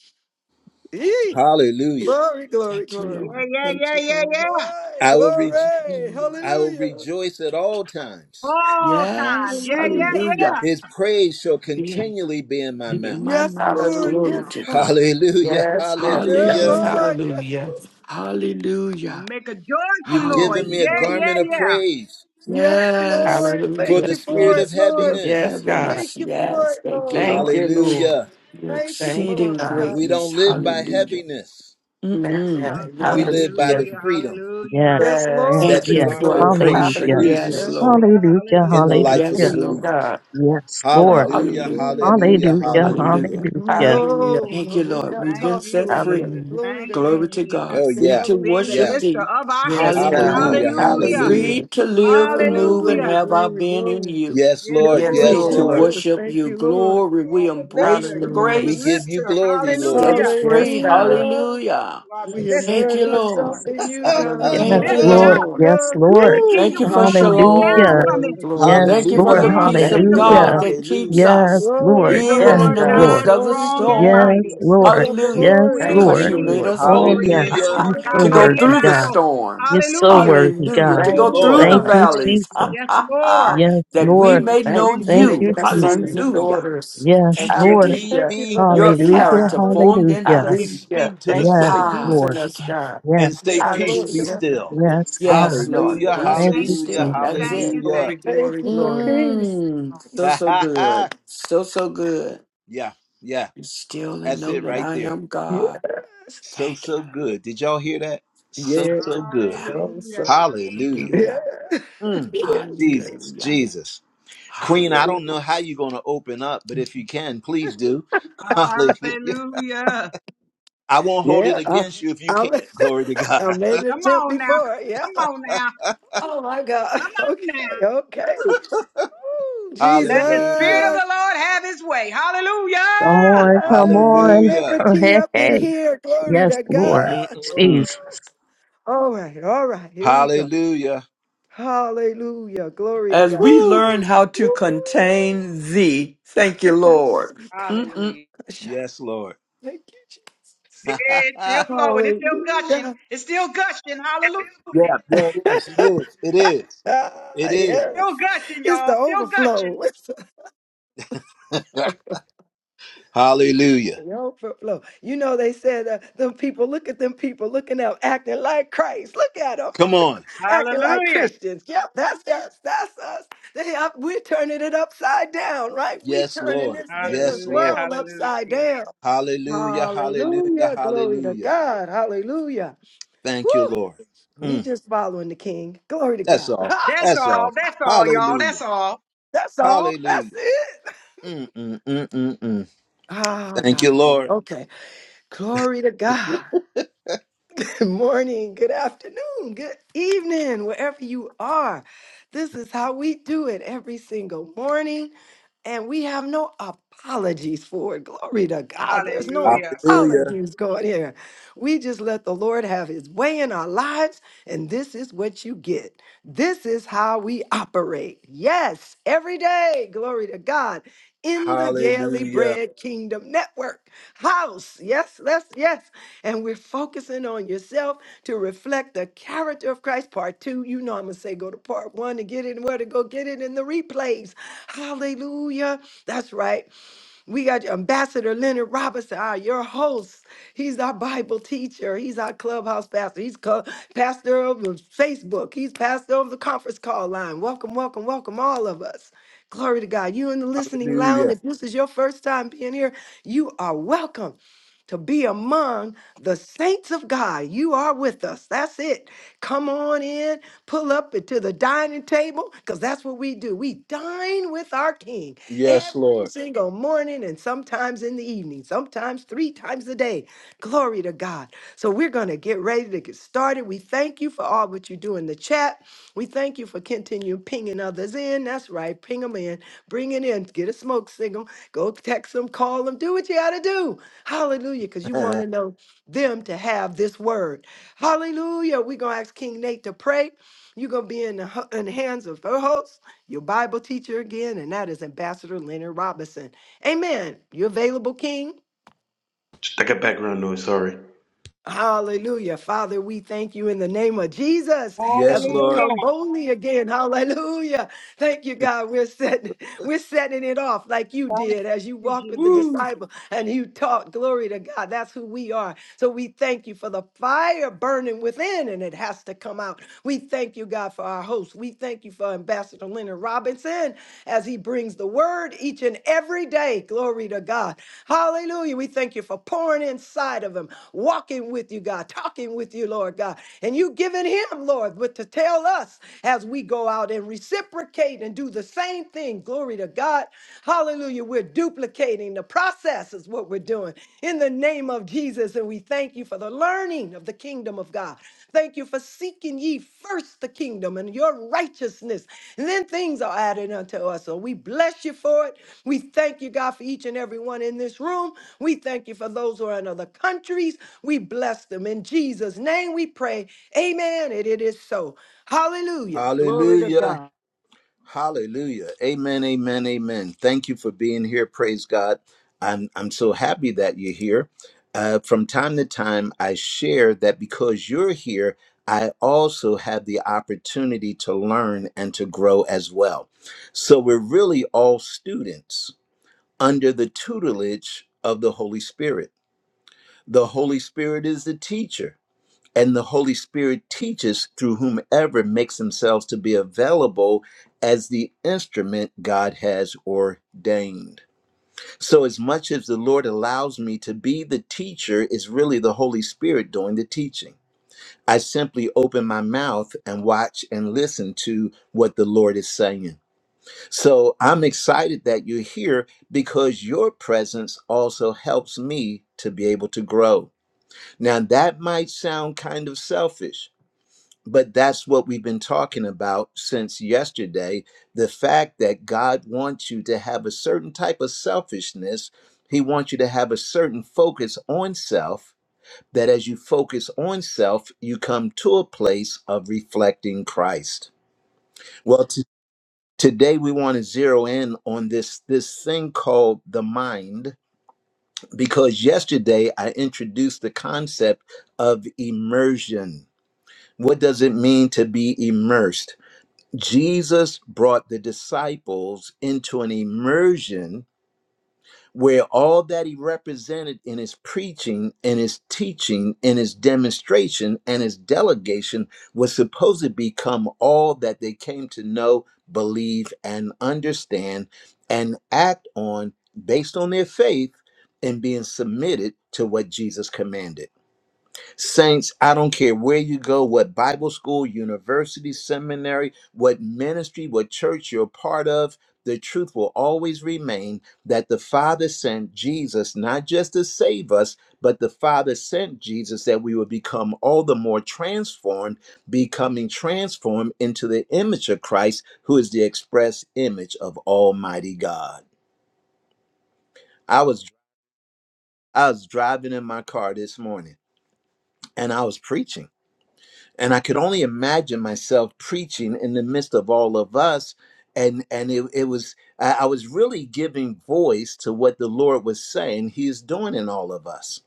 Speaker 11: Thank you.
Speaker 4: Yee.
Speaker 1: Hallelujah.
Speaker 4: Glory, glory,
Speaker 11: Thank you,
Speaker 4: glory.
Speaker 12: Yeah,
Speaker 11: Lord.
Speaker 12: yeah,
Speaker 11: Thank
Speaker 12: yeah,
Speaker 11: you,
Speaker 12: yeah,
Speaker 11: Lord.
Speaker 12: yeah.
Speaker 4: Glory,
Speaker 1: I will re-
Speaker 11: Thank you,
Speaker 4: glory.
Speaker 11: Lord.
Speaker 1: I will
Speaker 4: Hallelujah.
Speaker 1: rejoice at
Speaker 11: Thank you.
Speaker 1: all times.
Speaker 12: All times.
Speaker 11: Yes.
Speaker 12: Yeah, yeah,
Speaker 4: Hallelujah.
Speaker 11: Hallelujah.
Speaker 12: yeah.
Speaker 1: His praise shall
Speaker 11: Yeah.
Speaker 1: continually be in my
Speaker 11: Be in
Speaker 1: mouth.
Speaker 11: my
Speaker 4: Yes,
Speaker 11: mouth.
Speaker 4: Lord.
Speaker 11: Glory
Speaker 8: Hallelujah.
Speaker 4: Yes,
Speaker 11: to
Speaker 4: Lord.
Speaker 11: God.
Speaker 1: Hallelujah,
Speaker 8: Yes, yes,
Speaker 4: Yeah,
Speaker 8: yes.
Speaker 1: hallelujah.
Speaker 11: Hallelujah.
Speaker 4: Lord. Yes,
Speaker 8: Hallelujah.
Speaker 12: I'll
Speaker 11: Hallelujah.
Speaker 12: make a joyful
Speaker 1: You've
Speaker 12: noise.
Speaker 1: given
Speaker 11: Hallelujah.
Speaker 1: me
Speaker 4: Lord.
Speaker 1: a
Speaker 12: Yeah, yeah,
Speaker 4: Glory
Speaker 1: garment of
Speaker 4: to
Speaker 12: yeah.
Speaker 4: you.
Speaker 1: praise
Speaker 4: Yes,
Speaker 11: Yes.
Speaker 4: Lord.
Speaker 1: for
Speaker 4: Thank
Speaker 1: the
Speaker 4: you
Speaker 8: Hallelujah.
Speaker 4: for
Speaker 1: spirit
Speaker 4: it,
Speaker 1: of
Speaker 11: Yes, spirit
Speaker 4: Lord.
Speaker 11: of
Speaker 8: Yes,
Speaker 1: heaviness.
Speaker 8: God.
Speaker 11: heaviness.
Speaker 4: Thank you for
Speaker 11: Yes,
Speaker 4: it,
Speaker 11: thank you,
Speaker 4: Lord.
Speaker 8: Thank
Speaker 11: Lord.
Speaker 8: you, Lord.
Speaker 1: Hallelujah.
Speaker 11: Your
Speaker 4: Thank you
Speaker 8: Thank you,
Speaker 4: for
Speaker 11: exceeding
Speaker 4: it,
Speaker 8: God.
Speaker 1: We
Speaker 4: God.
Speaker 11: greatness.
Speaker 1: don't live by
Speaker 11: Hallelujah.
Speaker 1: heaviness.
Speaker 8: Amen.
Speaker 4: That's what
Speaker 11: Mm-mm.
Speaker 4: I
Speaker 11: Not
Speaker 1: We
Speaker 11: I.
Speaker 4: know.
Speaker 1: live by the
Speaker 8: Hallelujah.
Speaker 12: Hallelujah.
Speaker 1: freedom
Speaker 12: Hallelujah.
Speaker 2: Yes,
Speaker 4: Yes,
Speaker 2: yes,
Speaker 8: Yes. Thank
Speaker 1: that
Speaker 4: Lord.
Speaker 11: Thank
Speaker 1: the
Speaker 8: you,
Speaker 11: you
Speaker 2: yes.
Speaker 4: That's
Speaker 11: for
Speaker 1: garment
Speaker 4: it.
Speaker 11: our
Speaker 1: of
Speaker 8: Lord.
Speaker 1: praise
Speaker 11: portion.
Speaker 2: Hallelujah.
Speaker 11: Yes,
Speaker 8: Hallelujah.
Speaker 1: produces
Speaker 4: That's it.
Speaker 11: Lord.
Speaker 12: Hallelujah,
Speaker 2: Hallelujah.
Speaker 4: Yes,
Speaker 1: in the
Speaker 12: hallelujah.
Speaker 4: Lord.
Speaker 1: life of the
Speaker 11: Yes,
Speaker 2: Hallelujah.
Speaker 8: Thank you,
Speaker 11: Lord.
Speaker 1: believer.
Speaker 8: God.
Speaker 2: Yes, Lord.
Speaker 1: Hallelujah,
Speaker 11: Hallelujah.
Speaker 4: Hallelujah.
Speaker 8: Thank
Speaker 1: hallelujah,
Speaker 8: you,
Speaker 2: Hallelujah.
Speaker 8: Lord.
Speaker 1: hallelujah.
Speaker 11: Hallelujah.
Speaker 2: Hallelujah.
Speaker 12: Thank you,
Speaker 8: Hallelujah.
Speaker 4: No,
Speaker 11: Thank you,
Speaker 4: we
Speaker 12: Jesus.
Speaker 11: Lord.
Speaker 4: got
Speaker 11: We've
Speaker 12: Thank
Speaker 11: been
Speaker 4: tossed
Speaker 12: you,
Speaker 11: set
Speaker 4: to
Speaker 11: free.
Speaker 12: Jesus.
Speaker 4: it.
Speaker 8: Hallelujah.
Speaker 4: Glory
Speaker 12: Thank
Speaker 4: to
Speaker 12: you,
Speaker 11: Glory
Speaker 4: God.
Speaker 11: to
Speaker 12: Jesus,
Speaker 11: God.
Speaker 1: Oh,
Speaker 11: Free
Speaker 1: yeah,
Speaker 11: to
Speaker 12: for being the
Speaker 1: yeah.
Speaker 4: Hallelujah.
Speaker 11: worship
Speaker 12: lifter
Speaker 11: thee.
Speaker 12: of our
Speaker 8: Yes,
Speaker 12: heads.
Speaker 8: God.
Speaker 11: Hallelujah.
Speaker 1: Hallelujah,
Speaker 4: Hallelujah.
Speaker 12: Hallelujah,
Speaker 1: hallelujah.
Speaker 8: Hallelujah.
Speaker 11: Free to live and
Speaker 4: Yeah,
Speaker 11: move and
Speaker 12: hallelujah.
Speaker 4: glory,
Speaker 11: have our
Speaker 4: glory,
Speaker 11: being in
Speaker 4: glory.
Speaker 11: you.
Speaker 1: Yes,
Speaker 12: Yes,
Speaker 1: Lord,
Speaker 4: Yes,
Speaker 8: Yes,
Speaker 4: Lord
Speaker 11: Free
Speaker 1: yes,
Speaker 12: Lord.
Speaker 11: to
Speaker 1: Lord.
Speaker 8: Lord.
Speaker 4: Jesus.
Speaker 11: worship
Speaker 4: Thank
Speaker 11: you.
Speaker 4: you, Lord.
Speaker 12: You
Speaker 11: Glory. We
Speaker 12: are the
Speaker 11: embrace
Speaker 12: lifter.
Speaker 11: the
Speaker 12: You
Speaker 8: Hallelujah.
Speaker 12: are
Speaker 1: We
Speaker 12: the
Speaker 11: grace.
Speaker 1: give you
Speaker 12: lifter.
Speaker 1: glory,
Speaker 11: that
Speaker 1: Lord.
Speaker 11: set us
Speaker 12: Hallelujah.
Speaker 8: Yes,
Speaker 11: free.
Speaker 8: God.
Speaker 4: Hallelujah.
Speaker 11: Hallelujah.
Speaker 12: You are the
Speaker 4: We
Speaker 2: Jesus.
Speaker 11: Thank
Speaker 12: lifter.
Speaker 2: Thank
Speaker 4: immerse
Speaker 11: you,
Speaker 2: you,
Speaker 4: ourselves
Speaker 11: Lord.
Speaker 4: in
Speaker 2: Jesus.
Speaker 1: [LAUGHS]
Speaker 4: you,
Speaker 12: He
Speaker 4: God.
Speaker 12: he
Speaker 2: Yes,
Speaker 8: Hallelujah.
Speaker 11: Thank you,
Speaker 12: lifted
Speaker 2: Lord.
Speaker 12: up,
Speaker 11: Lord.
Speaker 2: Yes,
Speaker 4: Hallelujah.
Speaker 12: and
Speaker 2: Lord.
Speaker 12: the
Speaker 4: Glory
Speaker 1: Woo.
Speaker 12: King
Speaker 11: Thank
Speaker 12: of
Speaker 11: you for
Speaker 12: glory
Speaker 8: Glory,
Speaker 12: shall
Speaker 2: Hallelujah.
Speaker 11: shalom.
Speaker 12: come
Speaker 8: glory,
Speaker 12: in.
Speaker 8: glory.
Speaker 2: Yes,
Speaker 11: Thank you
Speaker 12: Who
Speaker 4: to
Speaker 11: for
Speaker 1: Hallelujah,
Speaker 2: Lord.
Speaker 11: the
Speaker 12: is the
Speaker 11: peace
Speaker 12: King
Speaker 8: Thank
Speaker 11: of
Speaker 8: you,
Speaker 12: of
Speaker 4: Jesus.
Speaker 1: hallelujah,
Speaker 11: God
Speaker 8: Lord.
Speaker 2: Hallelujah.
Speaker 12: glory?
Speaker 11: that keeps
Speaker 1: hallelujah,
Speaker 2: Yes,
Speaker 11: us
Speaker 12: He
Speaker 4: Glory,
Speaker 12: is
Speaker 2: Lord.
Speaker 12: the
Speaker 11: even
Speaker 4: glory,
Speaker 8: Yes,
Speaker 11: in
Speaker 2: Yes,
Speaker 12: Lord
Speaker 11: the
Speaker 4: glory,
Speaker 8: God.
Speaker 12: God,
Speaker 11: midst
Speaker 2: Lord.
Speaker 11: of the
Speaker 4: glory,
Speaker 12: strong
Speaker 4: glory.
Speaker 12: and
Speaker 4: The
Speaker 11: storm.
Speaker 2: Yes,
Speaker 12: mighty.
Speaker 4: blessings
Speaker 2: Lord.
Speaker 4: of the
Speaker 11: Hallelujah.
Speaker 12: who
Speaker 4: Lord.
Speaker 2: Yes,
Speaker 12: is
Speaker 8: Thank
Speaker 11: Because
Speaker 8: you,
Speaker 12: the
Speaker 2: Lord.
Speaker 11: you
Speaker 4: Hallelujah.
Speaker 12: King
Speaker 11: made
Speaker 8: Lord.
Speaker 12: of
Speaker 11: us
Speaker 2: Oh,
Speaker 12: glory.
Speaker 11: whole
Speaker 12: He is
Speaker 11: [LAUGHS]
Speaker 4: Thank
Speaker 12: the
Speaker 2: yes.
Speaker 1: hallelujah.
Speaker 4: you,
Speaker 2: You're
Speaker 12: Lord God,
Speaker 2: so
Speaker 11: to
Speaker 4: Lord.
Speaker 11: go
Speaker 12: mighty in
Speaker 2: worthy,
Speaker 11: through the
Speaker 2: God.
Speaker 12: battle.
Speaker 11: storm.
Speaker 2: You're so
Speaker 12: Hallelujah.
Speaker 2: worthy,
Speaker 4: Thank
Speaker 11: Hallelujah.
Speaker 4: you,
Speaker 1: Thank
Speaker 2: God.
Speaker 11: To
Speaker 1: you,
Speaker 11: go
Speaker 8: Thank you,
Speaker 4: Lord,
Speaker 11: through
Speaker 1: Lord.
Speaker 11: the
Speaker 2: Thank
Speaker 4: Lord
Speaker 8: God.
Speaker 2: you,
Speaker 4: God.
Speaker 11: valleys. [LAUGHS]
Speaker 2: Jesus.
Speaker 12: Yes, Lord.
Speaker 4: Thank
Speaker 2: Yes,
Speaker 11: that
Speaker 4: you,
Speaker 11: we
Speaker 2: Lord.
Speaker 4: Lord.
Speaker 11: may
Speaker 8: Thank
Speaker 11: know
Speaker 12: Thank
Speaker 8: you for
Speaker 12: you,
Speaker 2: Thank
Speaker 11: you.
Speaker 2: you,
Speaker 8: making us
Speaker 12: Jesus.
Speaker 8: sons
Speaker 2: Jesus.
Speaker 8: and
Speaker 11: Hallelujah.
Speaker 8: daughters.
Speaker 2: Yes,
Speaker 1: And
Speaker 11: Thank you.
Speaker 1: where
Speaker 11: dear.
Speaker 2: Lord.
Speaker 4: We
Speaker 1: need
Speaker 4: thank
Speaker 8: Hallelujah.
Speaker 4: you for
Speaker 1: be,
Speaker 4: the
Speaker 11: Your
Speaker 8: Yes,
Speaker 2: Hallelujah.
Speaker 4: peace.
Speaker 8: God.
Speaker 11: character formed in
Speaker 4: Hallelujah.
Speaker 2: Hallelujah.
Speaker 1: we
Speaker 11: us.
Speaker 8: Hallelujah.
Speaker 1: speak to the
Speaker 8: Thank you
Speaker 2: Yes,
Speaker 8: for
Speaker 1: storm
Speaker 11: Ah,
Speaker 8: using
Speaker 2: Lord.
Speaker 11: thank
Speaker 8: us,
Speaker 11: you, Lord.
Speaker 8: God.
Speaker 1: and
Speaker 2: Yes.
Speaker 1: say,
Speaker 4: Yes,
Speaker 1: Peace,
Speaker 4: Lord
Speaker 1: be
Speaker 11: Purchase.
Speaker 8: Hallelujah,
Speaker 4: God.
Speaker 1: still.
Speaker 2: Yes,
Speaker 4: Yes,
Speaker 2: God.
Speaker 11: Yes,
Speaker 4: yes
Speaker 11: Lord.
Speaker 1: Hallelujah,
Speaker 4: Lord
Speaker 8: God.
Speaker 11: Peace
Speaker 2: Thank
Speaker 11: be
Speaker 12: Thank
Speaker 2: you,
Speaker 4: Jesus.
Speaker 1: hallelujah,
Speaker 11: still.
Speaker 12: you,
Speaker 11: That's
Speaker 12: thank
Speaker 2: Jesus.
Speaker 11: it.
Speaker 12: you,
Speaker 1: hallelujah.
Speaker 8: Glory,
Speaker 12: thank
Speaker 1: [LAUGHS]
Speaker 12: you.
Speaker 4: Thank
Speaker 8: glory,
Speaker 4: you for
Speaker 8: glory.
Speaker 4: peace.
Speaker 11: Mmm. So,
Speaker 4: Peace.
Speaker 1: Ha
Speaker 11: so
Speaker 1: ha
Speaker 11: good.
Speaker 1: ha.
Speaker 11: So, so good.
Speaker 1: Yeah, yeah.
Speaker 11: Be still and
Speaker 1: That's
Speaker 11: know
Speaker 1: it
Speaker 11: that
Speaker 1: right
Speaker 11: I
Speaker 1: there.
Speaker 11: am
Speaker 4: Yeah,
Speaker 11: God.
Speaker 1: So,
Speaker 11: Thank
Speaker 1: so
Speaker 11: you.
Speaker 1: good. Did y'all hear that?
Speaker 11: So,
Speaker 1: So,
Speaker 11: so
Speaker 4: yeah.
Speaker 1: so
Speaker 11: good. Yeah.
Speaker 1: good.
Speaker 4: Also,
Speaker 12: Hallelujah.
Speaker 1: Hallelujah.
Speaker 4: yeah,
Speaker 11: Hallelujah.
Speaker 1: Mm.
Speaker 4: yes, good.
Speaker 1: Jesus,
Speaker 11: Hallelujah.
Speaker 1: Jesus.
Speaker 11: Hallelujah.
Speaker 1: Queen, I
Speaker 4: Lord.
Speaker 1: don't know how you're going to open up, but if you can, please do. [LAUGHS] Hallelujah.
Speaker 12: Hallelujah.
Speaker 1: I won't hold it
Speaker 4: Yeah, I,
Speaker 1: against you if you
Speaker 4: I,
Speaker 1: can't. Glory to
Speaker 4: [LAUGHS] I
Speaker 1: God.
Speaker 4: made an
Speaker 12: Come
Speaker 4: attempt
Speaker 12: on now.
Speaker 4: before. Yeah.
Speaker 12: Come on now.
Speaker 4: Oh, my God.
Speaker 12: Come
Speaker 4: [LAUGHS]
Speaker 12: on now.
Speaker 4: Okay, okay. Woo,
Speaker 1: [LAUGHS]
Speaker 12: Let the Spirit of
Speaker 1: Hallelujah.
Speaker 4: Jesus.
Speaker 12: the Lord have his way. Hallelujah.
Speaker 2: Come on, come
Speaker 4: Ah,
Speaker 2: on. [LAUGHS]
Speaker 1: Hallelujah.
Speaker 2: Go
Speaker 4: liberty up in
Speaker 2: ahead.
Speaker 4: here. Glory
Speaker 2: Yes,
Speaker 4: to
Speaker 2: Lord.
Speaker 4: God. Woo.
Speaker 1: Mm-mm-mm-mm.
Speaker 2: Jesus.
Speaker 4: All right, all right. Here we go.
Speaker 1: Hallelujah.
Speaker 4: Hallelujah. Glory to
Speaker 11: As
Speaker 4: God.
Speaker 11: we
Speaker 1: Woo.
Speaker 11: learn how to
Speaker 4: Ooh,
Speaker 11: contain thee, thank you, Lord.
Speaker 4: Yes. I got that
Speaker 11: Mm-mm.
Speaker 12: Hallelujah.
Speaker 4: good shot.
Speaker 1: Yes, Lord.
Speaker 4: Thank you,
Speaker 1: [LAUGHS]
Speaker 4: Jesus.
Speaker 12: Yeah, It's
Speaker 1: yeah,
Speaker 12: still flowing. It's still gushing.
Speaker 4: Hallelujah.
Speaker 12: It's still gushing. Hallelujah.
Speaker 1: yeah, it is. It is. It is. It
Speaker 4: [LAUGHS]
Speaker 1: is.
Speaker 4: yes.
Speaker 12: Still gushing,
Speaker 4: It's
Speaker 12: y'all.
Speaker 4: the
Speaker 12: Still gushing.
Speaker 4: overflow. [LAUGHS] It's the
Speaker 1: [LAUGHS]
Speaker 4: overflow.
Speaker 1: Hallelujah.
Speaker 4: the overflow. You know, they said, uh, them people, look at them people looking up, acting like Christ. Look at them,
Speaker 1: Come on.
Speaker 4: [LAUGHS] acting like
Speaker 12: Hallelujah.
Speaker 4: Christians. Yep, that's us. That's us. They up, we're turning it upside down, right? we
Speaker 1: Yes,
Speaker 4: turning
Speaker 1: Lord.
Speaker 4: this thing, this
Speaker 1: Yes,
Speaker 12: Hallelujah.
Speaker 1: Lord.
Speaker 4: world upside
Speaker 12: Hallelujah.
Speaker 4: down.
Speaker 1: Hallelujah. Hallelujah.
Speaker 4: Hallelujah. Glory to
Speaker 1: Hallelujah.
Speaker 4: God. Hallelujah.
Speaker 1: Thank you, Lord.
Speaker 4: Woo! We
Speaker 1: Mm,
Speaker 4: just following the king. Glory to
Speaker 1: that's
Speaker 4: God.
Speaker 1: all.
Speaker 12: That's
Speaker 1: That's
Speaker 12: all.
Speaker 1: all.
Speaker 12: That's all, y'all.
Speaker 1: Hallelujah.
Speaker 12: That's all.
Speaker 4: [LAUGHS] That's all. That's
Speaker 1: Hallelujah.
Speaker 4: it.
Speaker 1: Mm, mm, mm, mm, mm.
Speaker 4: Ah,
Speaker 1: Thank you,
Speaker 4: gospel.
Speaker 1: Lord.
Speaker 4: Okay. Glory to God. [LAUGHS] Good morning. Good afternoon. Good evening, wherever you are. This is how we do it every single morning. and we have no apologies for it. Glory to God. There's no
Speaker 12: Hallelujah.
Speaker 1: Hallelujah.
Speaker 4: apologies going here. We just let the Lord have his way in our lives, and this is what you get. This is how we operate. Yes, every day. Glory to God. In the Daily
Speaker 1: Hallelujah.
Speaker 4: Bread Kingdom Network house. Yes, let's, yes. And we're focusing on yourself to reflect the character of Christ. Part two, you know, I'm going to say go to part one and get it and where to go get it in the replays. Hallelujah. That's right. We got Ambassador Leonard Robinson, our, your host. He's our Bible teacher. He's our clubhouse pastor. He's co- pastor of the Facebook. He's pastor of the conference call line. Welcome, welcome, welcome, all of us. Glory to God. You in the listening lounge,
Speaker 1: Hallelujah.
Speaker 4: if this is your first time being here, you are welcome to be among the saints of God. You are with us. That's it. Come on in, pull up to the dining table, because that's what we do. We dine with our King
Speaker 1: Yes,
Speaker 4: every
Speaker 1: Lord.
Speaker 4: single morning and sometimes in the evening, sometimes three times a day. Glory to God. So we're going to get ready to get started. We thank you for all what you do in the chat. We thank you for continuing pinging others in. That's right. Ping them in. Bring it in. Get a smoke signal. Go text them, call them, do what you got to do. Hallelujah. Because
Speaker 1: [LAUGHS]
Speaker 4: you want to know them to have this word. Hallelujah. We're going to ask King Nate to pray. You're going to be in the, hu- in the hands of the host your Bible teacher again, and that is Ambassador Leonard Robinson. Amen. You available, King?
Speaker 3: got background noise, sorry.
Speaker 4: Hallelujah. Father, we thank you in the name of Jesus as
Speaker 1: yes,
Speaker 4: we
Speaker 1: Lord.
Speaker 12: Hallelujah.
Speaker 4: come boldly again. Hallelujah. Thank you, God. We're setting, we're setting it off like you
Speaker 12: Thank
Speaker 4: did as you
Speaker 12: you,
Speaker 4: walked with the
Speaker 12: Jesus.
Speaker 1: Woo.
Speaker 4: disciple and you taught. Glory to God. That's who we are. So we thank you for the fire burning within and it has to come out. We thank you, God, for our host. We thank you for Ambassador Leonard Robinson as he brings the word each and every day. Glory to God. Hallelujah. Hallelujah. We thank you for pouring inside of him, walking with you, God, talking with you, Lord God. And you giving him, Lord, what to tell us as we go out and reciprocate and do the same thing. Glory to God. Hallelujah. We're duplicating the process, is what we're doing in the name of Jesus. And we thank you for the learning of the kingdom of God. Thank you for seeking ye first the kingdom and your righteousness. And then things are added unto us. So we bless you for it. We thank you, God, for each and every one in this room. We thank you for those who are in other countries. We bless them. In Jesus' name we pray. Amen. And it is so. Hallelujah.
Speaker 1: Hallelujah. Hallelujah. Amen. Amen. Amen. Thank you for being here. Praise God. I'm I'm so happy that you're here. Uh, from time to time, I share that because you're here, I also have the opportunity to learn and to grow as well. So we're really all students under the tutelage of the Holy Spirit. The Holy Spirit is the teacher and the Holy Spirit teaches through whomever makes themselves to be available as the instrument God has ordained. So, as much as the Lord allows me to be the teacher, is really the Holy Spirit doing the teaching. I simply open my mouth and watch and listen to what the Lord is saying. So I'm excited that you're here because your presence also helps me to be able to grow. Now, that might sound kind of selfish, but that's what we've been talking about since yesterday the fact that God wants you to have a certain type of selfishness. He wants you to have a certain focus on self, that as you focus on self, you come to a place of reflecting Christ. Well, t- today we want to zero in on this, this thing called the mind, because yesterday I introduced the concept of immersion. What does it mean to be immersed? Jesus brought the disciples into an immersion where all that he represented in his preaching, in his teaching, in his demonstration, and his delegation was supposed to become all that they came to know, believe, and understand and act on based on their faith and being submitted to what Jesus commanded. Saints, I don't care where you go, what Bible school, university, seminary, what ministry, what church you're a part of, the truth will always remain that the Father sent Jesus not just to save us, but the Father sent Jesus that we would become all the more transformed, becoming transformed into the image of Christ, who is the express image of Almighty God. I was I was driving in my car this morning and I was preaching and I could only imagine myself preaching in the midst of all of us. And and it, it was I I was really giving voice to what the Lord was saying He is doing in all of us.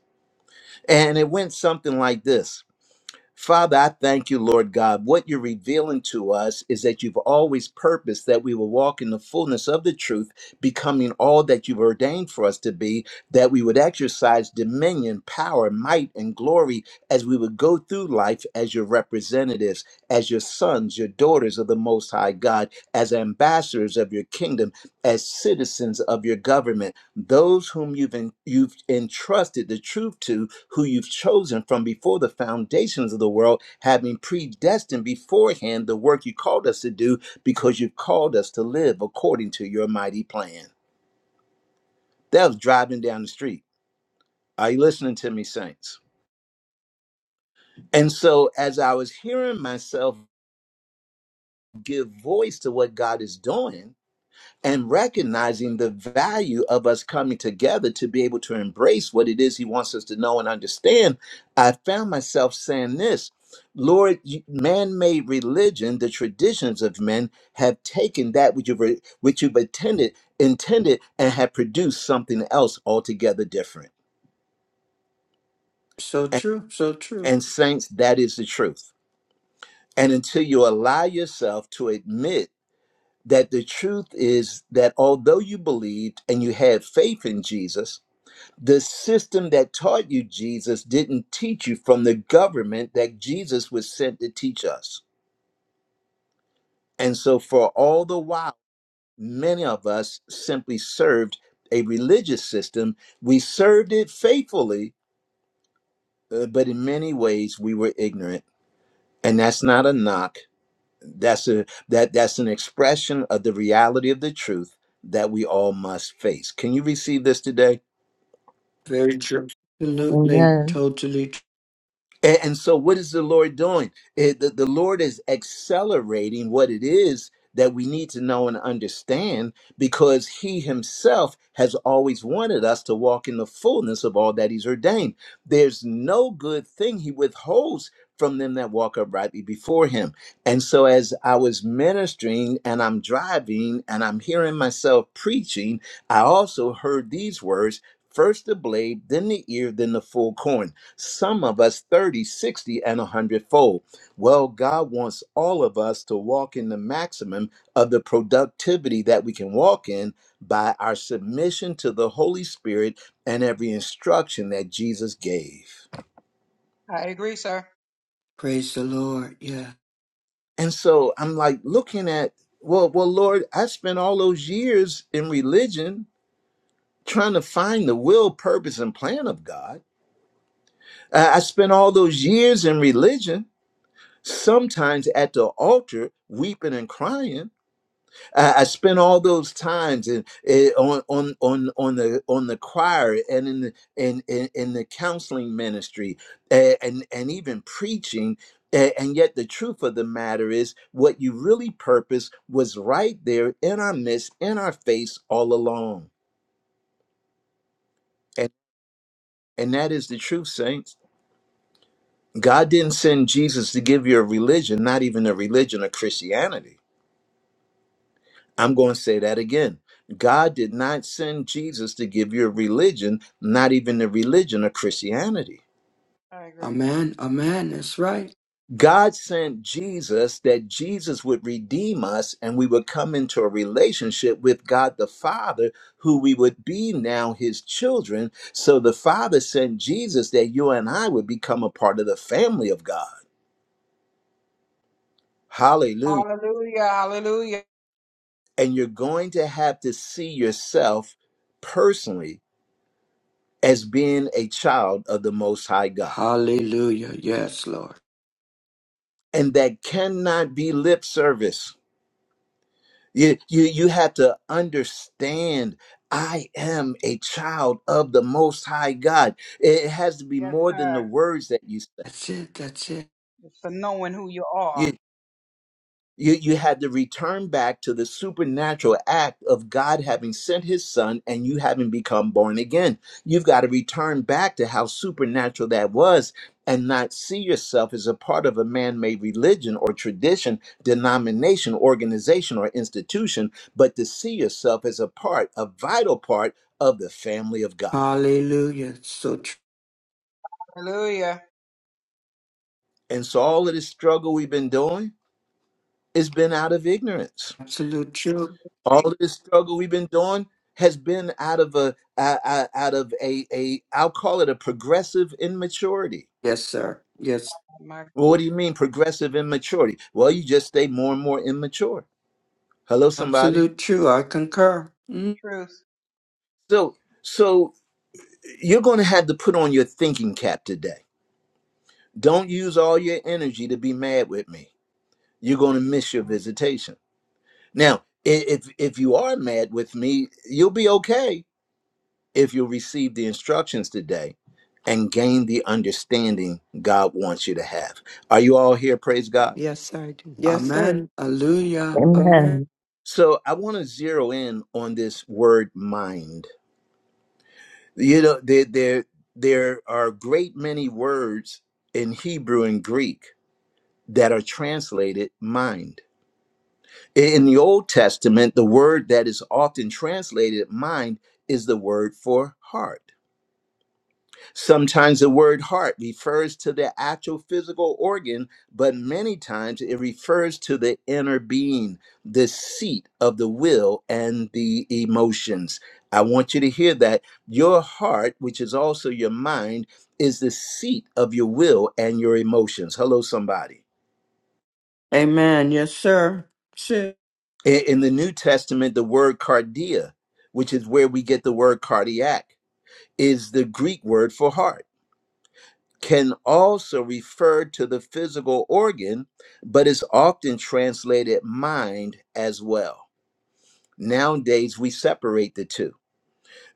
Speaker 1: And it went something like this. Father, I thank you, Lord God. What you're revealing to us is that you've always purposed that we will walk in the fullness of the truth, becoming all that you've ordained for us to be, that we would exercise dominion, power, might, and glory as we would go through life as your representatives, as your sons, your daughters of the Most High God, as ambassadors of your kingdom, as citizens of your government those whom you've en- you've entrusted the truth to who you've chosen from before the foundations of the world having predestined beforehand the work you called us to do because you've called us to live according to your mighty plan that was driving down the street are you listening to me saints and so as i was hearing myself give voice to what god is doing and recognizing the value of us coming together to be able to embrace what it is he wants us to know and understand, I found myself saying this Lord, you- man made religion, the traditions of men have taken that which you've, re- which you've attended, intended and have produced something else altogether different.
Speaker 11: So
Speaker 1: And,
Speaker 11: true, so true.
Speaker 1: and, saints, that is the truth. And until you allow yourself to admit that the truth is that although you believed and you had faith in Jesus, the system that taught you Jesus didn't teach you from the government that Jesus was sent to teach us. And so, for all the while, many of us simply served a religious system. We served it faithfully, uh, but in many ways, we were ignorant. And that's not a knock. That's a that that's an expression of the reality of the truth that we all must face. Can you receive this today?
Speaker 11: Very true. Absolutely.
Speaker 2: Amen.
Speaker 11: Totally.
Speaker 1: A- And so, what is the Lord doing? It- The the Lord is accelerating what it is that we need to know and understand because He Himself has always wanted us to walk in the fullness of all that He's ordained. There's no good thing He withholds from them that walk uprightly before Him. And so, as I was ministering and I'm driving and I'm hearing myself preaching, I also heard these words first the blade, then the ear, then the full corn some of us 30, 60, and a hundredfold. Well, God wants all of us to walk in the maximum of the productivity that we can walk in by our submission to the Holy Spirit and every instruction that Jesus gave.
Speaker 12: I agree, sir.
Speaker 11: Praise the Lord. Yeah.
Speaker 1: And so I'm like looking at, well, well, Lord, I spent all those years in religion trying to find the will, purpose, and plan of God. I I spent all those years in religion sometimes at the altar weeping and crying i, I spent all those times in, eh, on on on on the on the choir and in the in in, in the counseling ministry eh, and and even preaching Eh, and yet the truth of the matter is what you really purpose was right there in our midst in our face all along and and that is the truth saints god didn't send jesus to give you a religion not even a religion of christianity I'm going to say that again. God did not send Jesus to give you a religion, not even the religion of Christianity.
Speaker 12: I agree.
Speaker 11: Amen. Amen. That's right.
Speaker 1: God sent Jesus that Jesus would redeem us and we would come into a relationship with God the Father, who we would be now his children. So the Father sent Jesus that you and I would become a part of the family of God. Hallelujah.
Speaker 12: Hallelujah. Hallelujah.
Speaker 1: And you're going to have to see yourself personally as being a child of the Most High God.
Speaker 11: Hallelujah. Yes, Lord.
Speaker 1: and that cannot be lip service. You, you, you have to understand I am a child of the Most High God. It has to be
Speaker 12: Yes,
Speaker 1: more than the
Speaker 12: sir.
Speaker 1: words that you say.
Speaker 11: That's it. That's it.
Speaker 12: It's for knowing who you are.
Speaker 1: You, you had to return back to the supernatural act of God having sent his son and you having become born again. You've got to return back to how supernatural that was and not see yourself as a part of a man made religion or tradition, denomination, organization, or institution, but to see yourself as a part, a vital part of the family of God.
Speaker 11: Hallelujah. So tr-
Speaker 12: Hallelujah.
Speaker 1: And so all of this struggle we've been doing has been out of ignorance.
Speaker 11: absolute true.
Speaker 1: all this struggle we've been doing has been out of a uh, uh, out of a a I'll call it a progressive immaturity.
Speaker 11: Yes,
Speaker 12: My,
Speaker 11: sir. Yes.
Speaker 12: my
Speaker 1: Well, what do you mean progressive immaturity? Well, you just stay more and more immature. Hello, somebody.
Speaker 11: Absolute true. I concur. Mm.
Speaker 12: truth.
Speaker 1: So so you're going to have to put on your thinking cap today. Don't use all your energy to be mad with me. You're going to miss your visitation. Now, i- if if you are mad with me, you'll be okay if you receive the instructions today and gain the understanding God wants you to have. Are you all here? Praise God.
Speaker 4: Yes, sir. I do. Yes, sir.
Speaker 11: Amen. Hallelujah.
Speaker 9: Amen.
Speaker 11: Amen.
Speaker 2: Amen.
Speaker 1: So I want to zero in on this word mind. You know, there, there, there are a great many words in Hebrew and Greek that are translated mind. In the Old Testament, the word that is often translated mind is the word for heart. Sometimes the word heart refers to the actual physical organ, but many times it refers to the inner being, the seat of the will and the emotions. I want you to hear that. Your heart, which is also your mind, is the seat of your will and your emotions. Hello, somebody.
Speaker 11: Amen. Yes, sir. That's it.
Speaker 1: I- In the New Testament, the word cardia, which is where we get the word cardiac, is the Greek word for heart. can also refer to the physical organ, but is often translated mind as well. Nowadays, we separate the two.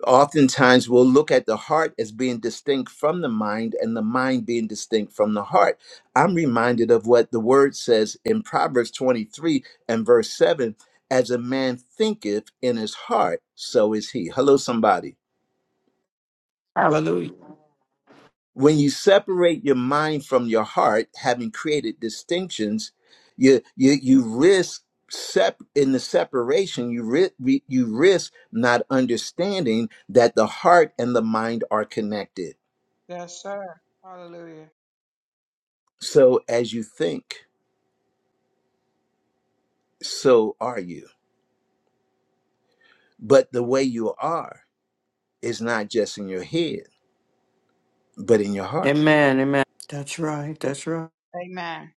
Speaker 1: Oftentimes, we'll look at the heart as being distinct from the mind and the mind being distinct from the heart. I'm reminded of what the word says in Proverbs 23 and verse 7 as a man thinketh in his heart, so is he. Hello, somebody.
Speaker 8: Hallelujah.
Speaker 1: when you separate your mind from your heart, having created distinctions, you you you risk sep in the separation. You ri- you risk not understanding that the heart and the mind are connected.
Speaker 12: Yes, sir. Hallelujah.
Speaker 1: So as you think, so are you. But the way you are is not just in your head, but in your heart.
Speaker 11: Amen. Amen. That's right. That's right.
Speaker 12: Amen.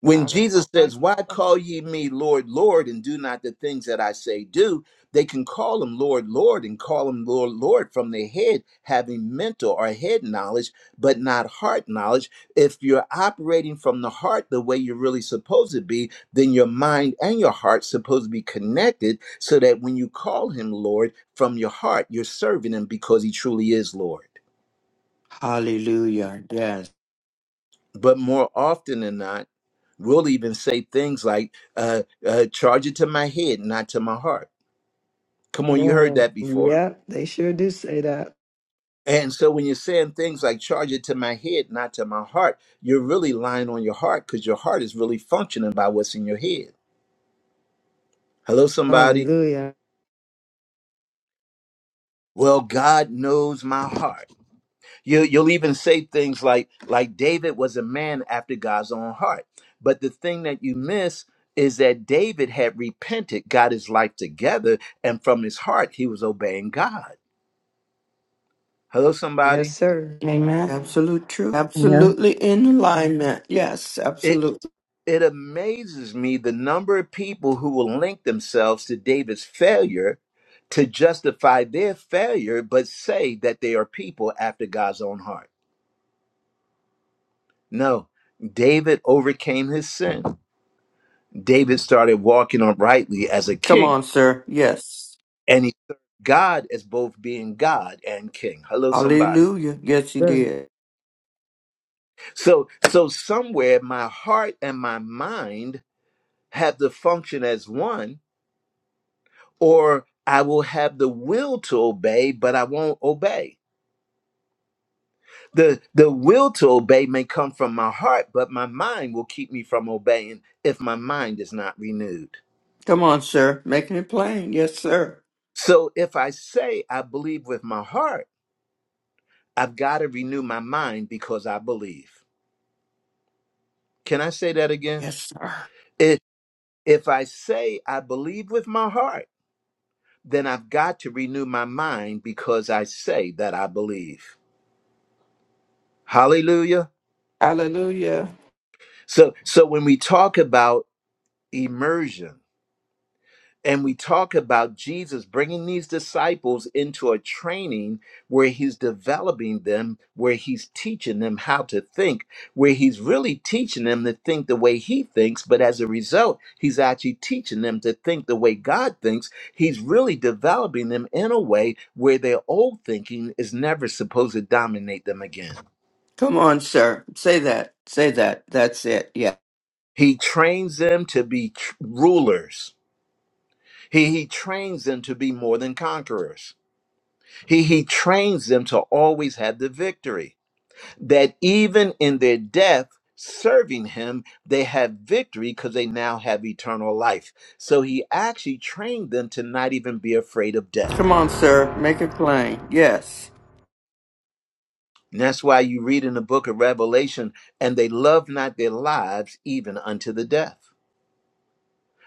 Speaker 1: When
Speaker 12: Out of
Speaker 1: Jesus
Speaker 12: abundance
Speaker 1: says, Why
Speaker 12: of the-
Speaker 1: call ye me Lord, Lord, and do not the things that I say do, they can call him Lord, Lord, and call him Lord, Lord from their head, having mental or head knowledge, but not heart knowledge. If you're operating from the heart the way you're really supposed to be, then your mind and your heart supposed to be connected so that when you call him Lord from your heart, you're serving him because he truly is Lord.
Speaker 11: Hallelujah. Yes.
Speaker 1: but more often than not, we'll even say things like, uh, uh, charge it to my head, not to my heart. Come on, you heard
Speaker 4: Amen.
Speaker 1: that before.
Speaker 4: Yep, they sure do say that.
Speaker 1: And so when you're saying things like, charge it to my head, not to my heart, you're really lying on your heart because your heart is really functioning by what's in your head. Hello, somebody.
Speaker 4: Hallelujah.
Speaker 1: Well, God knows my heart. You, you'll even say things like, like David was a man after God's own heart. But the thing that you miss is that David had repented, got his life together, and from his heart, he was obeying God. Hello,
Speaker 4: Yes,
Speaker 1: somebody.
Speaker 4: sir.
Speaker 8: Amen.
Speaker 11: Absolute true.
Speaker 2: Yeah.
Speaker 11: Absolutely in alignment. Yes,
Speaker 1: It
Speaker 11: absolutely.
Speaker 1: it amazes me the number of people who will link themselves to David's failure to justify their failure, but say that they are people after God's own heart. No, David overcame his sin. David started walking uprightly as a
Speaker 11: Come
Speaker 1: king,
Speaker 11: on, sir. Yes.
Speaker 1: and he served God as both being God and king. Hello, somebody.
Speaker 11: Hallelujah. Yes, he
Speaker 4: Sir.
Speaker 11: did.
Speaker 1: So, so somewhere my heart and my mind have to function as one, or I will have the will to obey, but I won't obey. The the will to obey may come from my heart, but my mind will keep me from obeying if my mind is not renewed.
Speaker 11: Come on, sir. Making it plain. Yes, sir.
Speaker 1: So if I say I believe with my heart I've got to renew my mind because I believe. Can I say that again?
Speaker 11: Yes, sir.
Speaker 1: If if I say I believe with my heart, then I've got to renew my mind because I say that I believe. Hallelujah.
Speaker 8: Hallelujah.
Speaker 1: So so when we talk about immersion and we talk about Jesus bringing these disciples into a training where he's developing them, where he's teaching them how to think, where he's really teaching them to think the way he thinks, but as a result, he's actually teaching them to think the way God thinks. He's really developing them in a way where their old thinking is never supposed to dominate them again.
Speaker 11: Come on, sir. Say that. Say that. That's it. Yeah.
Speaker 1: He trains them to be tr- rulers. He, he trains them to be more than conquerors He, he trains them to always have the victory, that even in their death, serving him, they have victory because they now have eternal life. So he actually trained them to not even be afraid of death.
Speaker 11: Come on, sir. Make it plain. Yes.
Speaker 1: And that's why you read in the book of Revelation, and they love not their lives even unto the death.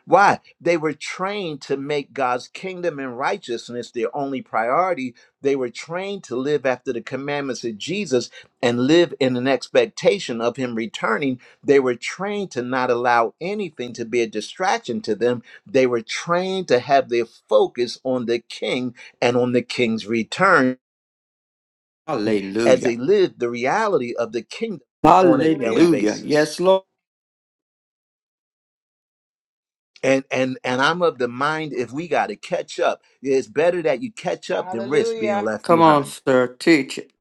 Speaker 1: Why? They were trained to make God's kingdom and righteousness their only priority. They were trained to live after the commandments of Jesus and live in an expectation of Him returning. They were trained to not allow anything to be a distraction to them. They were trained to have their focus on the King and on the King's return as they
Speaker 11: Hallelujah.
Speaker 1: lived the reality of the kingdom on a daily
Speaker 12: Hallelujah.
Speaker 11: Hallelujah.
Speaker 1: basis.
Speaker 11: Yes, Lord.
Speaker 1: and and and i'm of the mind if we got to catch up it's better that you catch up than risk being
Speaker 12: Hallelujah.
Speaker 1: left
Speaker 11: Come on,
Speaker 1: behind
Speaker 11: sir. Teach it.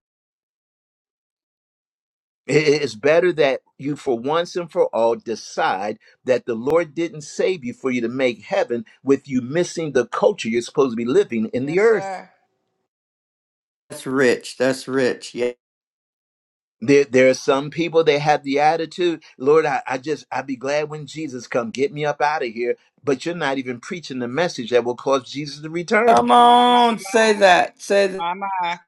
Speaker 1: I- i- it's better that you for once and for all decide that the lord didn't save you for you to make heaven with you missing the culture you're supposed to be living in the
Speaker 12: Yes,
Speaker 1: earth
Speaker 12: sir.
Speaker 11: That's rich. That's rich. Yeah.
Speaker 1: there, there are some people that have the attitude lord i, I just i'd be glad when jesus come get me up out of here but you're not even preaching the message that will cause jesus to return
Speaker 11: Come
Speaker 12: My, my,
Speaker 11: on. Say that. Say that.
Speaker 12: my, my.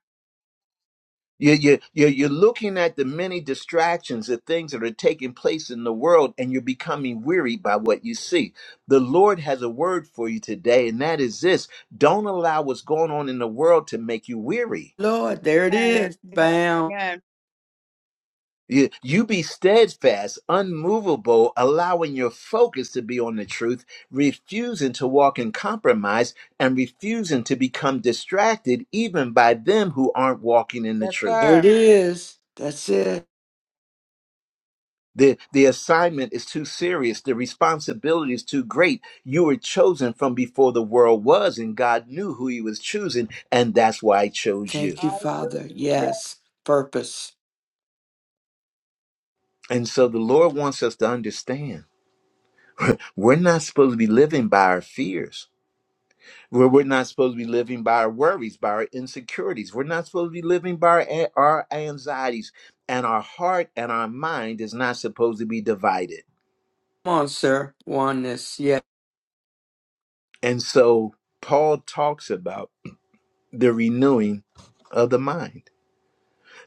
Speaker 1: You, you, you're, you're looking at the many distractions, the things that are taking place in the world, and you're becoming weary by what you see. The Lord has a word for you today, and that is this don't allow what's going on in the world to make you weary.
Speaker 11: Lord, there it
Speaker 12: Amen.
Speaker 11: is.
Speaker 12: Amen.
Speaker 11: Bam.
Speaker 12: Amen.
Speaker 1: You, you be steadfast, unmovable, allowing your focus to be on the truth, refusing to walk in compromise, and refusing to become distracted even by them who aren't walking in the
Speaker 12: Yes,
Speaker 1: truth.
Speaker 11: There it
Speaker 12: sir.
Speaker 11: is. That's it.
Speaker 1: The, the assignment is too serious. The responsibility is too great. You were chosen from before the world was, and God knew who He was choosing, and that's why He chose
Speaker 11: Thank
Speaker 1: you.
Speaker 12: I
Speaker 11: you, Father. Yes. Purpose.
Speaker 1: And so the Lord wants us to understand we're not supposed to be living by our fears. We're, we're not supposed to be living by our worries, by our insecurities. We're not supposed to be living by our, a- our anxieties. And our heart and our mind is not supposed to be divided.
Speaker 11: Come on, sir. Oneness. Yes.
Speaker 1: And so Paul talks about. the renewing of the mind.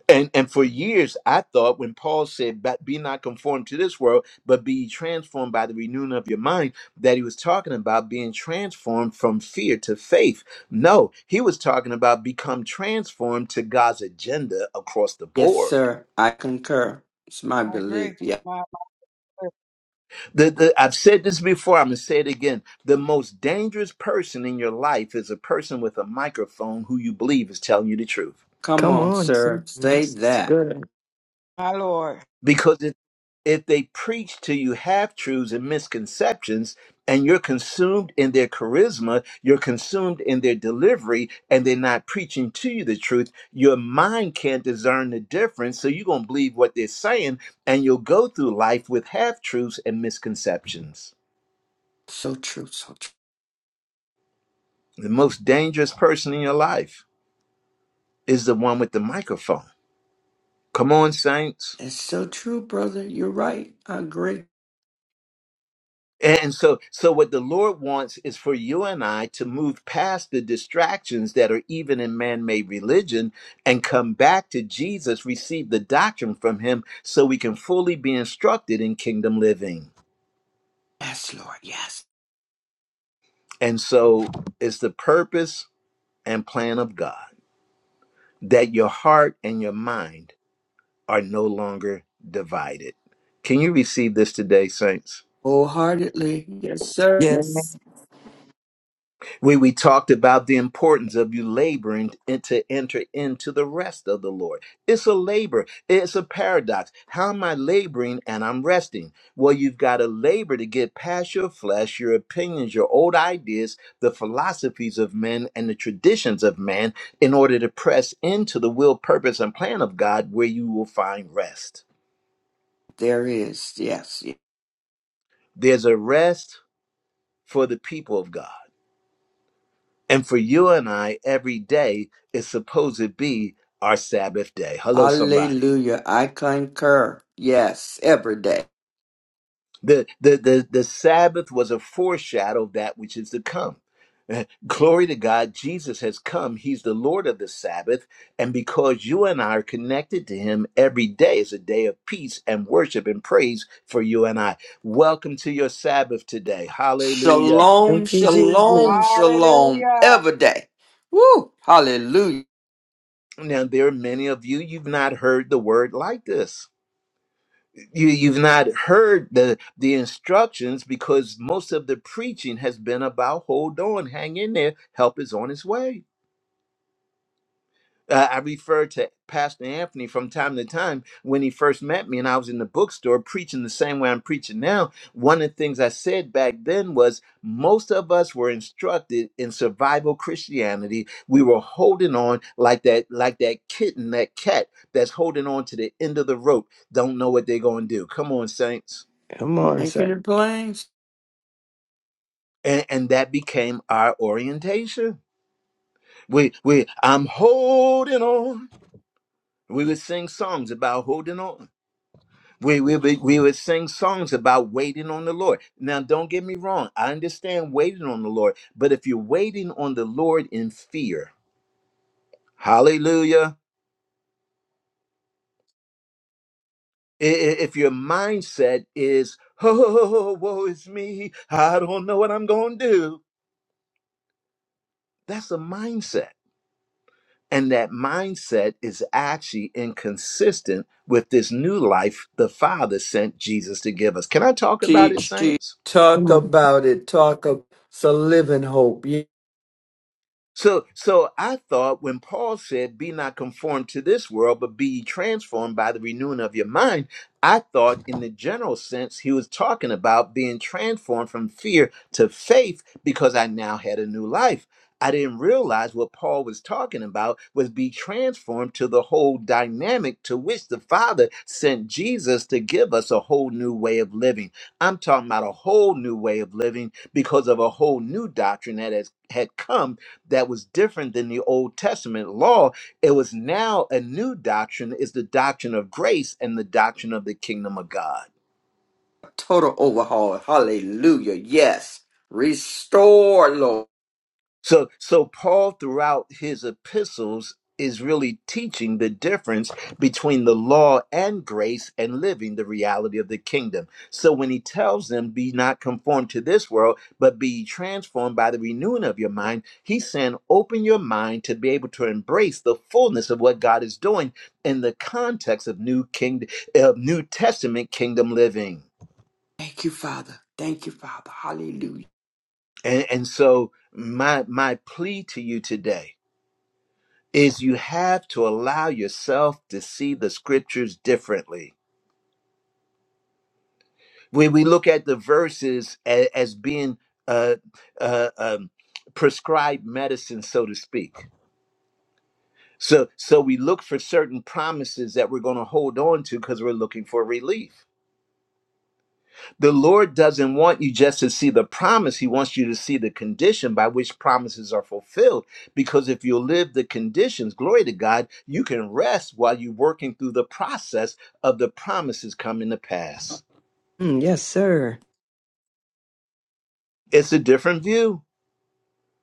Speaker 1: And and for years I thought when Paul said "But be not conformed to this world, but be transformed by the renewing of your mind, that he was talking about being transformed from fear to faith. No, he was talking about become transformed to God's agenda across the
Speaker 11: Yes,
Speaker 1: board.
Speaker 11: sir. I concur. It's my
Speaker 12: I agree.
Speaker 11: belief. Yeah.
Speaker 12: My,
Speaker 1: The, the, I've said this before, I'm gonna say it again. The most dangerous person in your life is a person with a microphone who you believe is telling you the truth.
Speaker 11: Come
Speaker 4: Come
Speaker 11: on,
Speaker 4: on, sir.
Speaker 11: sir. Say
Speaker 4: This is
Speaker 11: that.
Speaker 4: good.
Speaker 12: my Lord.
Speaker 1: because if, if they preach to you half truths and misconceptions and you're consumed in their charisma you're consumed in their delivery and they're not preaching to you the truth your mind can't discern the difference so you're going to believe what they're saying and you'll go through life with half truths and misconceptions
Speaker 11: So true. So true.
Speaker 1: the most dangerous person in your life is the one with the microphone come on saints
Speaker 11: It's so true, brother. You're right. I agree.
Speaker 1: And so, so what the Lord wants is for you and I to move past the distractions that are even in man-made religion and come back to Jesus, receive the doctrine from him so we can fully be instructed in kingdom living.
Speaker 11: Yes, Lord. Yes.
Speaker 1: And so it's the purpose and plan of God that your heart and your mind are no longer divided. Can you receive this today, saints?
Speaker 11: Wholeheartedly. Yes, sir.
Speaker 9: Amen.
Speaker 8: Yes.
Speaker 1: where we talked about the importance of you laboring and to enter into the rest of the Lord. It's a labor, it's a paradox. How am I laboring and I'm resting? Well, you've got to labor to get past your flesh, your opinions, your old ideas, the philosophies of men, and the traditions of man in order to press into the will, purpose, and plan of God where you will find rest.
Speaker 11: There is. Yes. yes.
Speaker 1: There's a rest for the people of God. And for you and I, every day is supposed to be our Sabbath day. Hello, somebody.
Speaker 11: Hallelujah. I concur. Yes. Every day.
Speaker 1: The, the, the, the Sabbath was a foreshadow of that which is to come. Eh, Glory to God, Jesus has come. He's the Lord of the Sabbath. And because you and I are connected to Him, every day is a day of peace and worship and praise for you and I. Welcome to your Sabbath today. Hallelujah.
Speaker 11: Shalom,
Speaker 4: Thank you, Jesus.
Speaker 11: shalom, shalom.
Speaker 12: Hallelujah.
Speaker 11: Every day. Woo. Hallelujah.
Speaker 1: Now, there are many of you, you've not heard the word like this you you've not heard the the instructions because most of the preaching has been about hold on hang in there help is on its way uh, i refer to pastor anthony from time to time when he first met me and i was in the bookstore preaching the same way i'm preaching now one of the things i said back then was most of us were instructed in survival christianity we were holding on like that like that kitten that cat that's holding on to the end of the rope don't know what they're going to do come on saints
Speaker 4: Come
Speaker 11: You
Speaker 4: on,
Speaker 11: making
Speaker 4: sir.
Speaker 11: it plain?
Speaker 1: and, and that became our orientation. We we I'm holding on. We would sing songs about holding on. We we we, we would sing songs about waiting on the Lord. Now, don't get me wrong. I understand waiting on the Lord, but if you're waiting on the Lord in fear, Hallelujah. i- i- If your mindset is oh woe is me, I don't know what I'm going to do. That's a mindset And that mindset is actually inconsistent with this new life the Father sent Jesus to give us. Can I talk about it,
Speaker 11: Teach, teach,
Speaker 1: Saints?
Speaker 11: talk
Speaker 4: Come on.
Speaker 11: about it. Talk of it's a living hope. Yeah.
Speaker 1: So so I thought when Paul said, Be not conformed to this world, but be ye transformed by the renewing of your mind, I thought in the general sense he was talking about being transformed from fear to faith because I now had a new life. I didn't realize what Paul was talking about was be transformed to the whole dynamic to which the Father sent Jesus to give us a whole new way of living. I'm talking about a whole new way of living because of a whole new doctrine that has had come that was different than the Old Testament law. It was now a new doctrine is the doctrine of grace and the doctrine of the kingdom of God.
Speaker 11: Total overhaul. Hallelujah. Yes. Restore, Lord.
Speaker 1: So so Paul throughout his epistles is really teaching the difference between the law and grace and living the reality of the kingdom. So when he tells them be not conformed to this world but be transformed by the renewing of your mind, he's saying open your mind to be able to embrace the fullness of what God is doing in the context of new kingdom uh, new testament kingdom living.
Speaker 11: Thank you, Father. Thank you, Father. Hallelujah.
Speaker 1: And and so my my plea to you today is you have to allow yourself to see the scriptures differently. When we look at the verses as, as being uh, uh, um, prescribed medicine, so to speak. So, so we look for certain promises that we're going to hold on to because we're looking for relief. The Lord doesn't want you just to see the promise. He wants you to see the condition by which promises are fulfilled. Because if you live the conditions, glory to God, you can rest while you're working through the process of the promises coming to pass.
Speaker 4: Mm, yes, sir.
Speaker 1: It's a different view.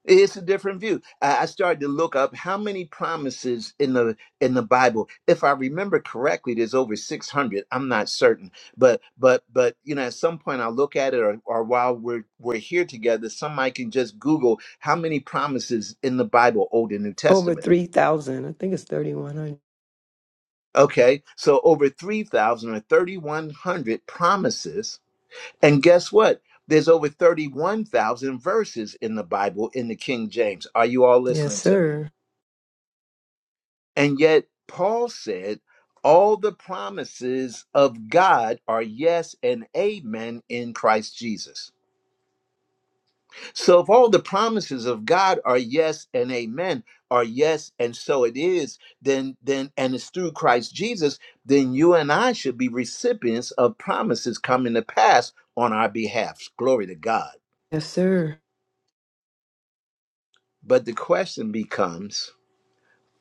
Speaker 1: It's a different view. I I started to look up how many promises in the in the Bible. If I remember correctly, there's over 600. I'm not certain, but but but you know, at some point I'll look at it, or, or while we're we're here together, somebody can just Google how many promises in the Bible, Old and New
Speaker 4: Over
Speaker 1: Testament.
Speaker 4: 3,000. I think it's 3,100.
Speaker 1: Okay, so over 3,000 or 3,100 promises, and guess what? There's over 31,000 verses in the Bible in the King James. Are you all
Speaker 4: Yes,
Speaker 1: listening to me?
Speaker 4: sir.
Speaker 1: And yet, Paul said, all the promises of God are yes and amen in Christ Jesus. So, if all the promises of God are yes and amen, are yes and so it is, then, then, and it's through Christ Jesus, then you and I should be recipients of promises coming to pass on our behalf. Glory to God.
Speaker 4: Yes, sir.
Speaker 1: But the question becomes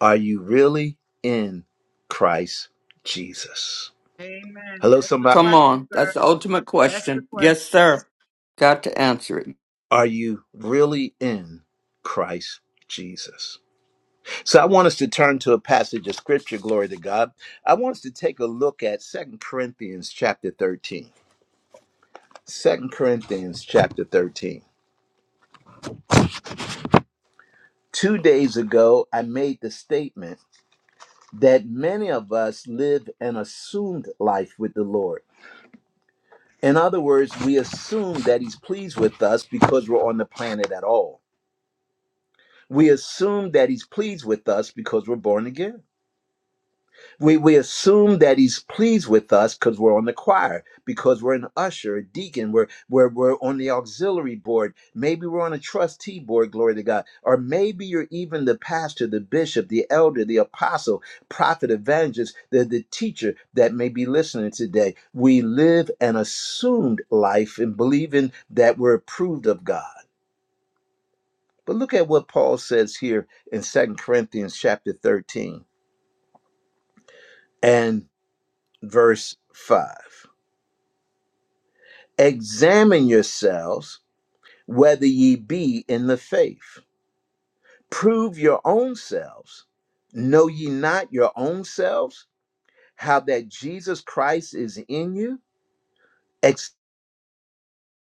Speaker 1: are you really in Christ Jesus?
Speaker 12: Amen.
Speaker 1: Hello,
Speaker 12: That's the
Speaker 1: somebody.
Speaker 11: Come
Speaker 12: question,
Speaker 11: on.
Speaker 12: sir.
Speaker 11: That's the ultimate
Speaker 12: That's the
Speaker 11: question.
Speaker 12: question.
Speaker 11: Yes, sir. Got to answer it.
Speaker 1: Are you really in Christ Jesus? So I want us to turn to a passage of scripture, glory to God. I want us to take a look at Second Corinthians chapter 13. Second Corinthians chapter 13. Two days ago, I made the statement that many of us live an assumed life with the Lord. In other words, we assume that He's pleased with us because we're on the planet at all. We assume that He's pleased with us because we're born again. we we assume that he's pleased with us because we're on the choir, because we're an usher, a deacon, we're we're we're on the auxiliary board, maybe we're on a trustee board, glory to God, or maybe you're even the pastor, the bishop, the elder, the apostle, prophet, evangelist, the, the teacher that may be listening today. We live an assumed life and believing that we're approved of God. But look at what Paul says here in Second Corinthians chapter 13 and verse 5. Examine yourselves whether ye be in the faith. Prove your own selves. Know ye not your own selves how that Jesus Christ is in you,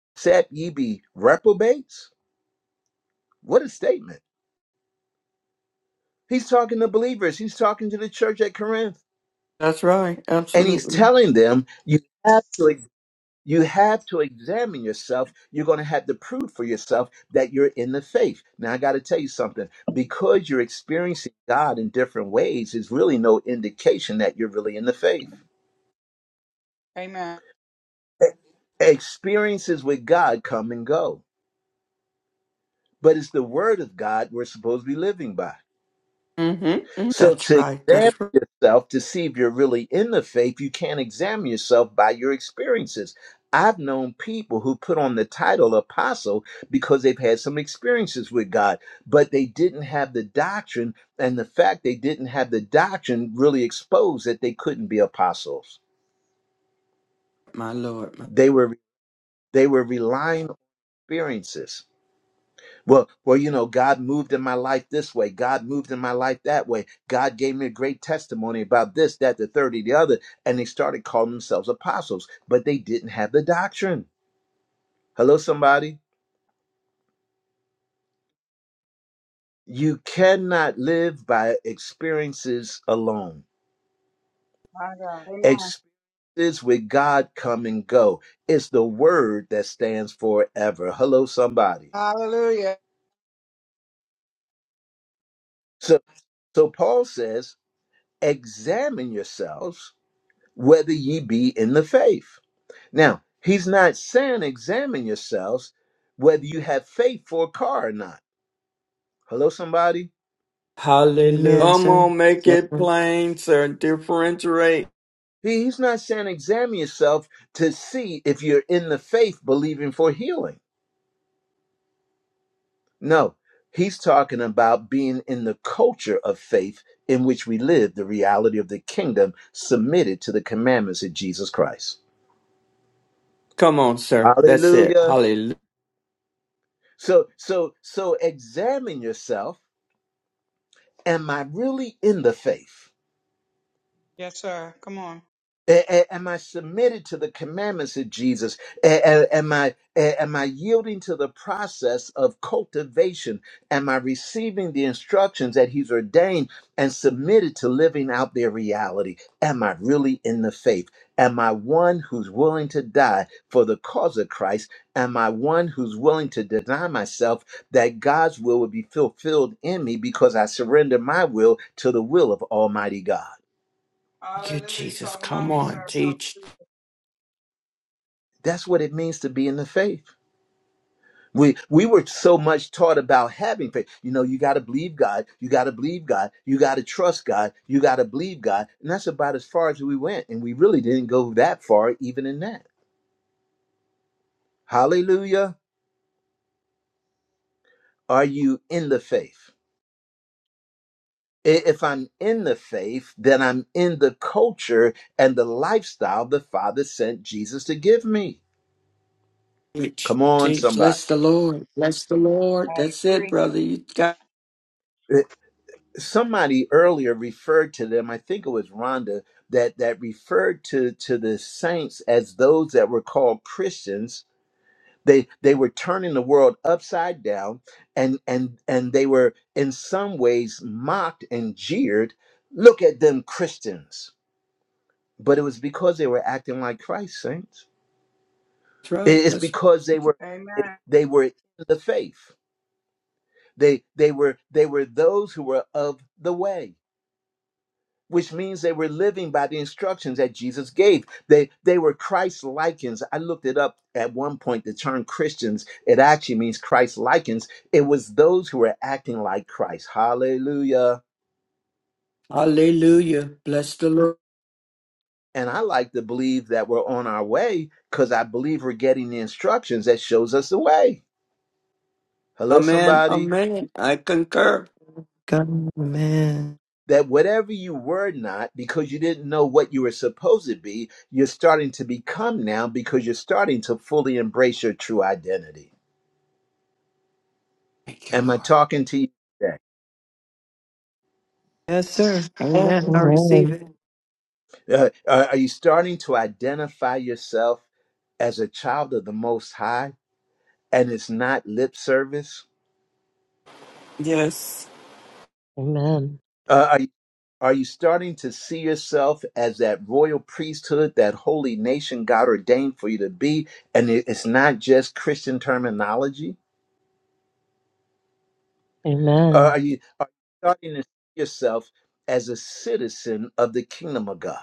Speaker 1: except ye be reprobates? What a statement. He's talking to believers, he's talking to the church at Corinth,
Speaker 11: That's right.
Speaker 1: and he's
Speaker 11: Absolutely.
Speaker 1: telling them, You have to You have to examine yourself. You're going to have to prove for yourself that you're in the faith. Now, I got to tell you something. Because you're experiencing God in different ways is really no indication that you're really in the faith.
Speaker 12: Amen.
Speaker 1: E- Experiences with God come and go, but it's the word of God we're supposed to be living by.
Speaker 11: Mm-hmm. Mm-hmm.
Speaker 1: So
Speaker 11: That's
Speaker 1: to
Speaker 11: right.
Speaker 1: examine
Speaker 11: That's right.
Speaker 1: yourself to see if you're really in the faith, you can't examine yourself by your experiences. I've known people who put on the title apostle because they've had some experiences with God, but they didn't have the doctrine, and the fact they didn't have the doctrine really exposed that they couldn't be apostles.
Speaker 11: My Lord. My-
Speaker 1: They were they were relying on experiences. Well, well, you know, God moved in my life this way. God moved in my life that way. God gave me a great testimony about this, that, the third, the other. And they started calling themselves apostles, but they didn't have the doctrine. Hello, somebody. You cannot live by experiences alone.
Speaker 12: My God. Amen.
Speaker 1: Experiences with God come and go. It's the word that stands forever. Hello, somebody.
Speaker 12: Hallelujah.
Speaker 1: So, so Paul says, examine yourselves whether ye be in the faith. Now, he's not saying examine yourselves whether you have faith for a car or not. Hello, somebody?
Speaker 11: Hallelujah.
Speaker 4: Amen,
Speaker 11: Come
Speaker 4: sir.
Speaker 11: on, make
Speaker 4: Yes,
Speaker 11: it
Speaker 4: Sir.
Speaker 11: plain, sir. Differentiate.
Speaker 1: He- He's not saying examine yourself to see if you're in the faith believing for healing. No, he's talking about being in the culture of faith in which we live, the reality of the kingdom submitted to the commandments of Jesus Christ.
Speaker 11: Come on, sir. That's
Speaker 1: Hallelujah.
Speaker 11: it.
Speaker 1: So so so examine yourself. Am I really in the faith?
Speaker 12: Yes, sir. Come on.
Speaker 1: A- a- Am I submitted to the commandments of Jesus? A- a- Am I a- am I yielding to the process of cultivation? Am I receiving the instructions that He's ordained and submitted to living out their reality? Am I really in the faith? Am I one who's willing to die for the cause of Christ? Am I one who's willing to deny myself that God's will would be fulfilled in me because I surrender my will to the will of Almighty God?
Speaker 11: Thank you,
Speaker 12: Hallelujah. You
Speaker 11: Jesus.
Speaker 12: talking
Speaker 11: Come
Speaker 12: about me, sir.
Speaker 11: on. Teach,
Speaker 1: That's what it means to be in the faith. We we were so much taught about having faith. You know, you got to believe God. You got to believe God. You got to trust God. You got to believe God. And that's about as far as we went. And we really didn't go that far, even in that. Hallelujah. Are you in the faith? I- If I'm in the faith, then I'm in the culture and the lifestyle the Father sent Jesus to give me.
Speaker 11: teach,
Speaker 1: Come on,
Speaker 11: teach.
Speaker 1: somebody.
Speaker 11: Bless the Lord. Bless the
Speaker 12: I
Speaker 11: Lord. That's it,
Speaker 12: agree.
Speaker 11: brother. You got
Speaker 1: somebody earlier referred to them i think it was rhonda that that referred to to the saints as those that were called christians they they were turning the world upside down and and and they were in some ways mocked and jeered look at them christians but it was because they were acting like christ saints
Speaker 11: that's right.
Speaker 1: It- it's
Speaker 11: That's
Speaker 1: because they were
Speaker 12: Amen.
Speaker 1: they were in the faith they they were they were those who were of the way which means they were living by the instructions that Jesus gave. They they were Christ likens. I looked it up at one point. The term Christians it actually means Christ likens. It was those who were acting like Christ. Hallelujah.
Speaker 11: hallelujah. Bless the Lord.
Speaker 1: And I like to believe that we're on our way because I believe we're getting the instructions that shows us the way. Hello,
Speaker 11: Amen.
Speaker 1: somebody.
Speaker 11: Amen. I concur.
Speaker 4: God, man.
Speaker 1: That whatever you were not because you didn't know what you were supposed to be, you're starting to become now because you're starting to fully embrace your true identity.
Speaker 11: Thank you,
Speaker 1: Am I
Speaker 11: Lord.
Speaker 1: talking to you today?
Speaker 4: Yes, sir. Amen. I receive
Speaker 2: Amen.
Speaker 4: it.
Speaker 1: Uh, are are you starting to identify yourself as a child of the Most High and it's not lip service?
Speaker 8: Yes.
Speaker 2: Amen.
Speaker 1: Uh, are, you, are you starting to see yourself as that royal priesthood, that holy nation God ordained for you to be, and it- it's not just Christian terminology? Uh,
Speaker 2: Amen.
Speaker 1: are, you, are you starting to see yourself as a citizen of the kingdom of God?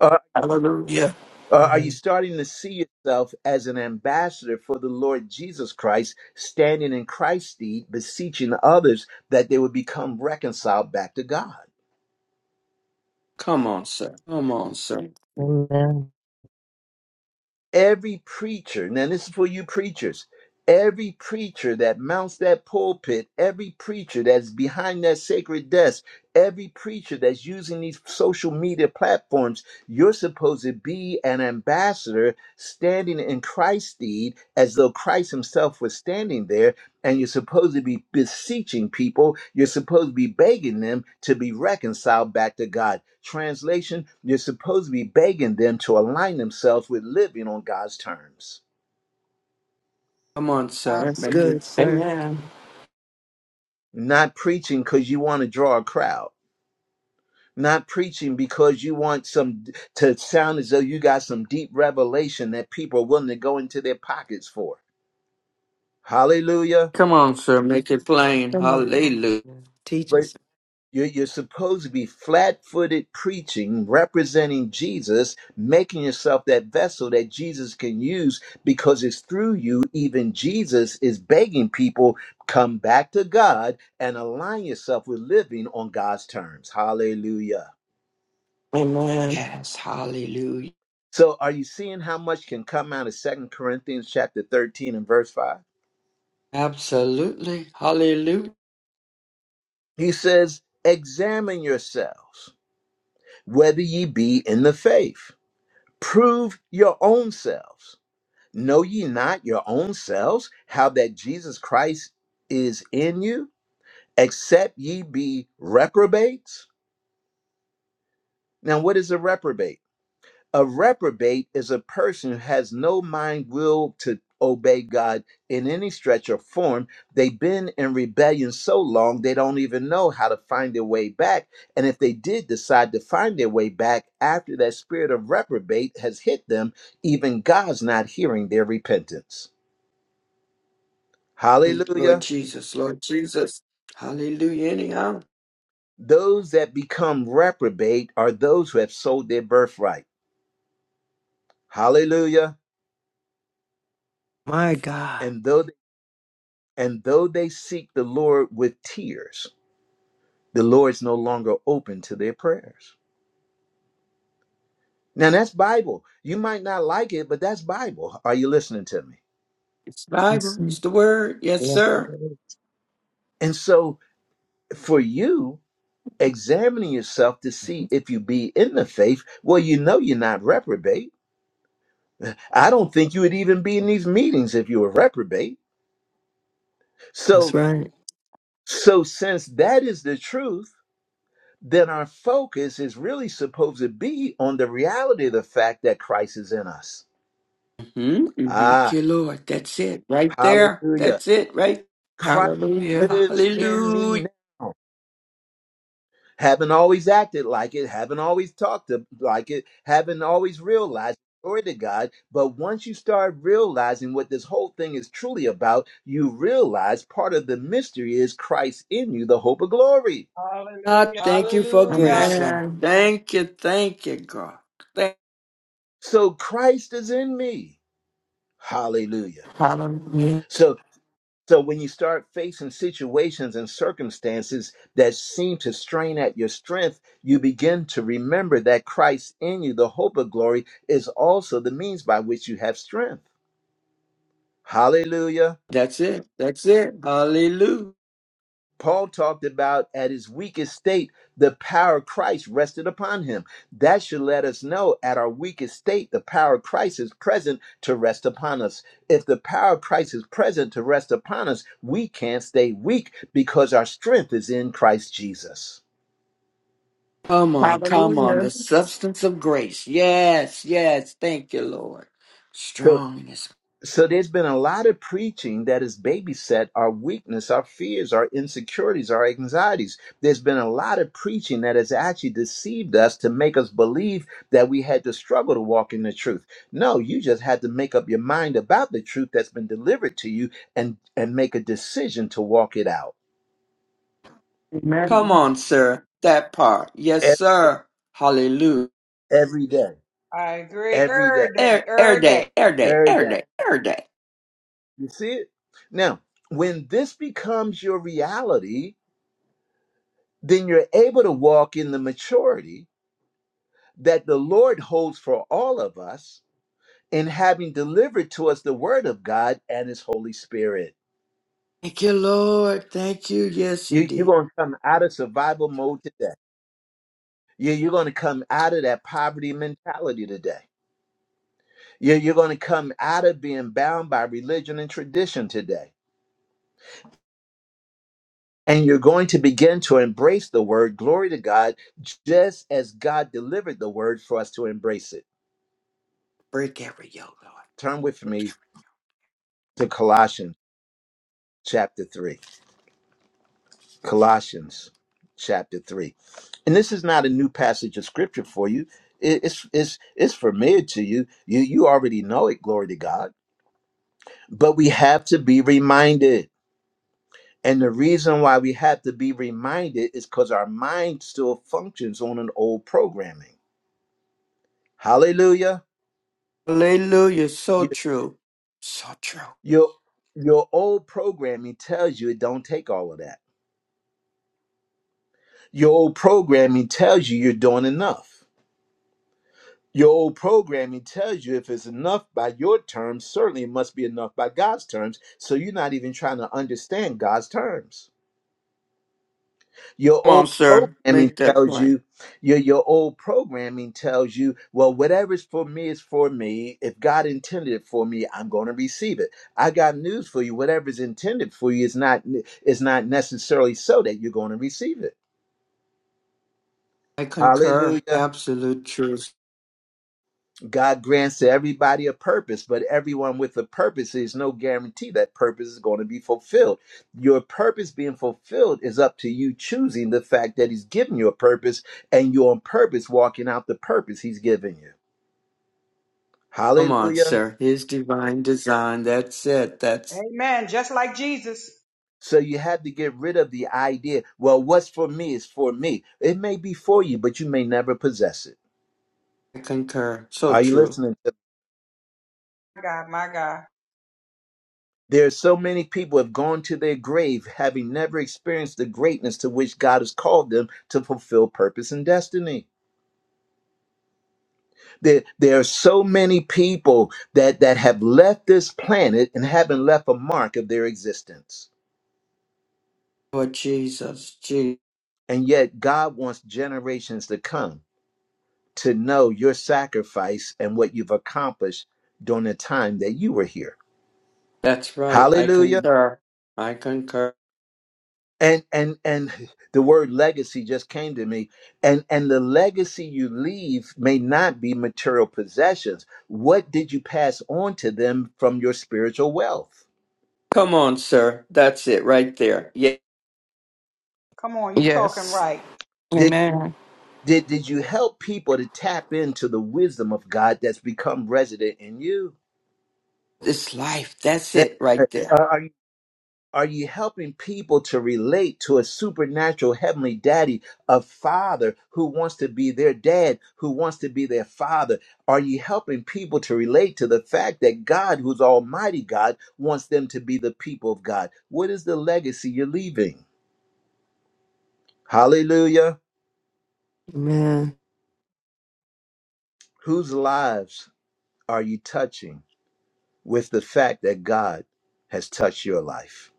Speaker 1: Uh,
Speaker 8: Hallelujah.
Speaker 1: Uh, are you
Speaker 2: Amen.
Speaker 1: starting to see yourself as an ambassador for the Lord Jesus Christ, standing in Christ's deed, beseeching others that they would become reconciled back to God?
Speaker 11: Come on, sir. Come on, sir.
Speaker 2: Amen.
Speaker 1: Every preacher, now this is for you preachers, every preacher that mounts that pulpit, every preacher that's behind that sacred desk, every preacher that's using these social media platforms, you're supposed to be an ambassador standing in Christ's deed as though Christ himself was standing there and you're supposed to be beseeching people. You're supposed to be begging them to be reconciled back to God. Translation, you're supposed to be begging them to align themselves with living on God's terms.
Speaker 11: Come on,
Speaker 12: I
Speaker 11: sir.
Speaker 4: That's
Speaker 12: agree.
Speaker 11: Make it
Speaker 4: good, sir.
Speaker 8: Amen.
Speaker 1: Not preaching because you want to draw a crowd. Not preaching because you want some to sound as though you got some deep revelation that people are willing to go into their pockets for. Hallelujah.
Speaker 11: come on, sir. Make it plain.
Speaker 4: Come on.
Speaker 11: Hallelujah.
Speaker 4: Teaching,
Speaker 1: But.
Speaker 4: sir.
Speaker 1: You're, you're supposed to be flat footed preaching, representing Jesus, making yourself that vessel that Jesus can use because it's through you, even Jesus is begging people, come back to God and align yourself with living on God's terms. Hallelujah.
Speaker 8: Amen.
Speaker 11: Yes, hallelujah.
Speaker 1: So, are you seeing how much can come out of Second Corinthians chapter 13 and verse 5?
Speaker 11: Absolutely. Hallelujah.
Speaker 1: He says, Examine yourselves, whether ye be in the faith, prove your own selves. Know ye not your own selves how that Jesus Christ is in you, except ye be reprobates? Now, what is a reprobate? A reprobate is a person who has no mind will to obey God in any stretch or form. They've been in rebellion so long they don't even know how to find their way back. And if they did decide to find their way back after that spirit of reprobate has hit them, even God's not hearing their repentance. Hallelujah.
Speaker 11: Lord Jesus. Lord Jesus. Hallelujah. Anyhow.
Speaker 1: Those that become reprobate are those who have sold their birthright. Hallelujah.
Speaker 4: My God.
Speaker 1: And though and though they seek the Lord with tears, the Lord is no longer open to their prayers. Now that's Bible. You might not like it, but that's Bible. Are you listening to me?
Speaker 11: It's
Speaker 4: Yes,
Speaker 11: Bible.
Speaker 4: sir.
Speaker 11: It's the word. Yes,
Speaker 2: Yes, it
Speaker 11: sir.
Speaker 2: is.
Speaker 1: And so for you, examining yourself to see if you be in the faith, well, you know you're not reprobate. I don't think you would even be in these meetings if you were reprobate.
Speaker 4: That's
Speaker 1: So
Speaker 4: right.
Speaker 1: so since that is the truth, then our focus is really supposed to be on the reality of the fact that Christ is in us.
Speaker 11: hmm hmm Thank
Speaker 1: Ah,
Speaker 11: you, Lord. That's it. Right there.
Speaker 1: hallelujah.
Speaker 11: That's it. Right.
Speaker 1: Christ
Speaker 8: Hallelujah.
Speaker 1: lives in me
Speaker 11: Hallelujah.
Speaker 1: now. Haven't always acted like it, haven't always talked like it, haven't always realized. Glory to God. But once you start realizing what this whole thing is truly about, you realize part of the mystery is Christ in you, the hope of glory.
Speaker 11: Ah,
Speaker 12: Hallelujah.
Speaker 11: Thank you for
Speaker 12: Hallelujah.
Speaker 11: grace, Lord.
Speaker 8: Amen.
Speaker 11: Thank you. Thank you, God. Thank
Speaker 1: So Christ is in me. Hallelujah.
Speaker 8: Hallelujah.
Speaker 1: So. So when you start facing situations and circumstances that seem to strain at your strength, you begin to remember that Christ in you, the hope of glory, is also the means by which you have strength. Hallelujah.
Speaker 11: That's it. That's it. Hallelujah.
Speaker 1: Paul talked about at his weakest state, the power of Christ rested upon him. That should let us know at our weakest state, the power of Christ is present to rest upon us. If the power of Christ is present to rest upon us, we can't stay weak because our strength is in Christ Jesus.
Speaker 11: Come on. Come on.
Speaker 8: Hallelujah.
Speaker 11: The substance of grace. Yes. Yes. Thank you, Lord.
Speaker 1: So,
Speaker 11: Strongness.
Speaker 1: So there's been a lot of preaching that has babysat our weakness, our fears, our insecurities, our anxieties. There's been a lot of preaching that has actually deceived us to make us believe that we had to struggle to walk in the truth. No, you just had to make up your mind about the truth that's been delivered to you and and make a decision to walk it out
Speaker 11: Come
Speaker 8: Amen.
Speaker 11: on, sir. That part. Yes,
Speaker 1: E-
Speaker 11: sir. Hallelujah.
Speaker 1: every day,
Speaker 12: I agree.
Speaker 1: every day,
Speaker 12: Every day.
Speaker 11: Air, air
Speaker 12: Every day.
Speaker 11: day, air day,
Speaker 1: every
Speaker 11: air
Speaker 1: day.
Speaker 11: day, air day.
Speaker 1: You see it? Now, when this becomes your reality, then you're able to walk in the maturity that the Lord holds for all of us in having delivered to us the Word of God and His Holy Spirit.
Speaker 11: Thank you, Lord. Thank you. Yes, you
Speaker 1: You, you're
Speaker 11: did.
Speaker 1: going to come out of survival mode today. You, you're going to come out of that poverty mentality today. You, you're going to come out of being bound by religion and tradition today. And you're going to begin to embrace the Word, glory to God, just as God delivered the Word for us to embrace it.
Speaker 11: Break every yoke,
Speaker 1: Turn with
Speaker 11: Lord.
Speaker 1: me to Colossians chapter 3. Colossians chapter 3. And this is not a new passage of scripture for you. It- It's it's it's familiar to you. You you already know it, glory to God. But we have to be reminded. And the reason why we have to be reminded is because our mind still functions on an old programming. Hallelujah.
Speaker 11: Hallelujah. So
Speaker 1: Your,
Speaker 11: true. So true.
Speaker 1: your, your old programming tells you it don't take all of that. Your old programming tells you you're doing enough. Your old programming tells you if it's enough by your terms, certainly it must be enough by God's terms. So you're not even trying to understand God's terms. Your
Speaker 11: Come on,
Speaker 1: old
Speaker 11: sir.
Speaker 1: programming
Speaker 11: Make that
Speaker 1: tells
Speaker 11: plain.
Speaker 1: you, your, your old programming tells you, well, whatever's for me is for me. If God intended it for me, I'm going to receive it. I got news for you. Whatever's intended for you is not is not necessarily so that you're going to receive it.
Speaker 11: I concur.
Speaker 1: Hallelujah.
Speaker 11: Absolute truth.
Speaker 1: God grants to everybody a purpose, but everyone with a purpose is no guarantee that purpose is going to be fulfilled. Your purpose being fulfilled is up to you choosing the fact that He's given you a purpose and you're on purpose walking out the purpose He's given you.
Speaker 11: Come on,
Speaker 1: Hallelujah.
Speaker 11: sir. His divine design. That's it. That's
Speaker 12: Amen. Just like Jesus.
Speaker 1: So you have to get rid of the idea, well, what's for me is for me. It may be for you, but you may never possess it.
Speaker 11: I concur. So
Speaker 1: Are you
Speaker 11: true.
Speaker 1: listening? to
Speaker 12: My God. My God.
Speaker 1: There are so many people have gone to their grave having never experienced the greatness to which God has called them to fulfill purpose and destiny. There, there are so many people that, that have left this planet and haven't left a mark of their existence.
Speaker 11: Lord Jesus. Jesus.
Speaker 1: And yet God wants generations to come to know your sacrifice and what you've accomplished during the time that you were here.
Speaker 11: That's right. I
Speaker 1: Hallelujah.
Speaker 11: concur. I concur.
Speaker 1: and and and the word legacy just came to me and and the legacy you leave may not be material possessions what did you pass on to them from your spiritual wealth
Speaker 11: Come on, sir. That's it right there. Yeah.
Speaker 12: Come on. You talking
Speaker 8: Yes.
Speaker 12: right.
Speaker 1: did
Speaker 8: Amen.
Speaker 1: did, did you help people to tap into the wisdom of god that's become resident in you
Speaker 11: This life. That's
Speaker 1: Hey,
Speaker 11: it
Speaker 1: hey,
Speaker 11: right there.
Speaker 1: Uh, Are, Are you helping people to relate to a supernatural heavenly daddy, a father who wants to be their dad, who wants to be their father? Are you helping people to relate to the fact that God, who's Almighty God, wants them to be the people of God? What is the legacy you're leaving? Hallelujah.
Speaker 4: Amen.
Speaker 1: Whose lives are you touching with the fact that God has touched your life?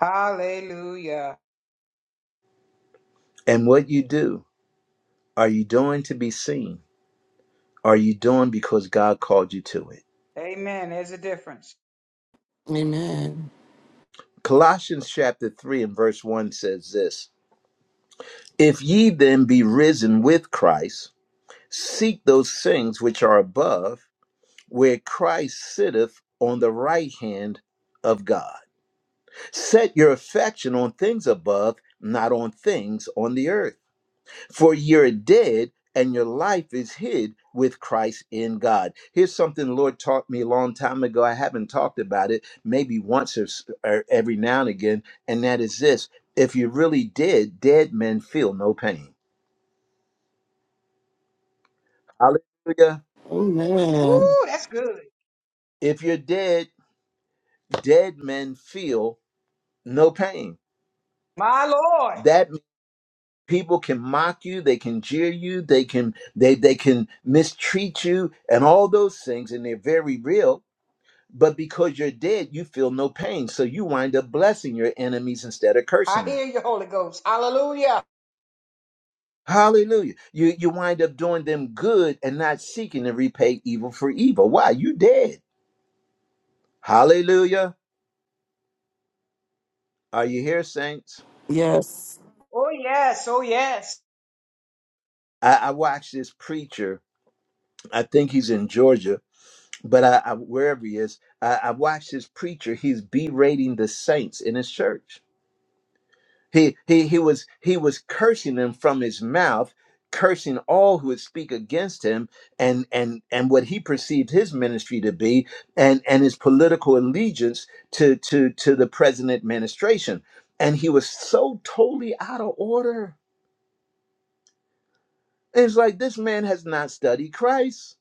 Speaker 12: Hallelujah.
Speaker 1: And what you do, are you doing to be seen? Are you doing because God called you to it?
Speaker 12: Amen. There's a difference.
Speaker 8: Amen.
Speaker 1: Colossians chapter 3 and verse 1 says this If ye then be risen with Christ, seek those things which are above, where Christ sitteth on the right hand of God. Set your affection on things above, not on things on the earth. For you're dead, and your life is hid with Christ in God. Here's something the Lord taught me a long time ago. I haven't talked about it maybe once or, s- or every now and again, and that is this if you're really dead, dead men feel no pain. Hallelujah.
Speaker 12: Woo,
Speaker 8: Amen.
Speaker 12: that's good.
Speaker 1: If you're dead, dead men feel no pain.
Speaker 12: My Lord.
Speaker 1: That means people can mock you they can jeer you they can they they can mistreat you and all those things and they're very real But because you're dead, you feel no pain. So you wind up blessing your enemies instead of
Speaker 12: I
Speaker 1: cursing them.
Speaker 12: hear you, Holy Ghost. Hallelujah.
Speaker 1: Hallelujah. You you wind up doing them good and not seeking to repay evil for evil. Why? You dead. Hallelujah. Are you here, saints?
Speaker 8: Yes.
Speaker 12: Oh, yes. Oh, yes.
Speaker 1: I, I watched this preacher. I think he's in Georgia, but I, I wherever he is, I, I watched this preacher. He's berating the saints in his church. He he he was he was cursing them from his mouth, cursing all who would speak against him, and and and what he perceived his ministry to be, and and his political allegiance to to to the present administration. And he was so totally out of order. It's like this man has not studied Christ.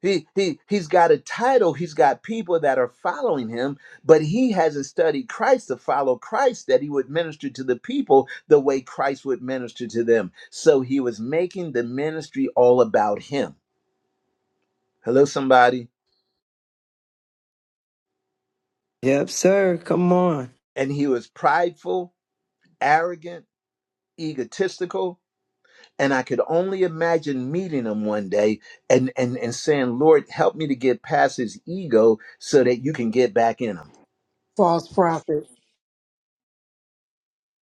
Speaker 1: He he he's got a title, he's got people that are following him, but he hasn't studied Christ to follow Christ that he would minister to the people the way Christ would minister to them. So he was making the ministry all about him. Hello somebody.
Speaker 4: Yep, sir. Come on.
Speaker 1: And he was prideful, arrogant, egotistical, and I could only imagine meeting him one day and and and saying, "Lord, help me to get past his ego so that you can get back in him."
Speaker 13: false prophet.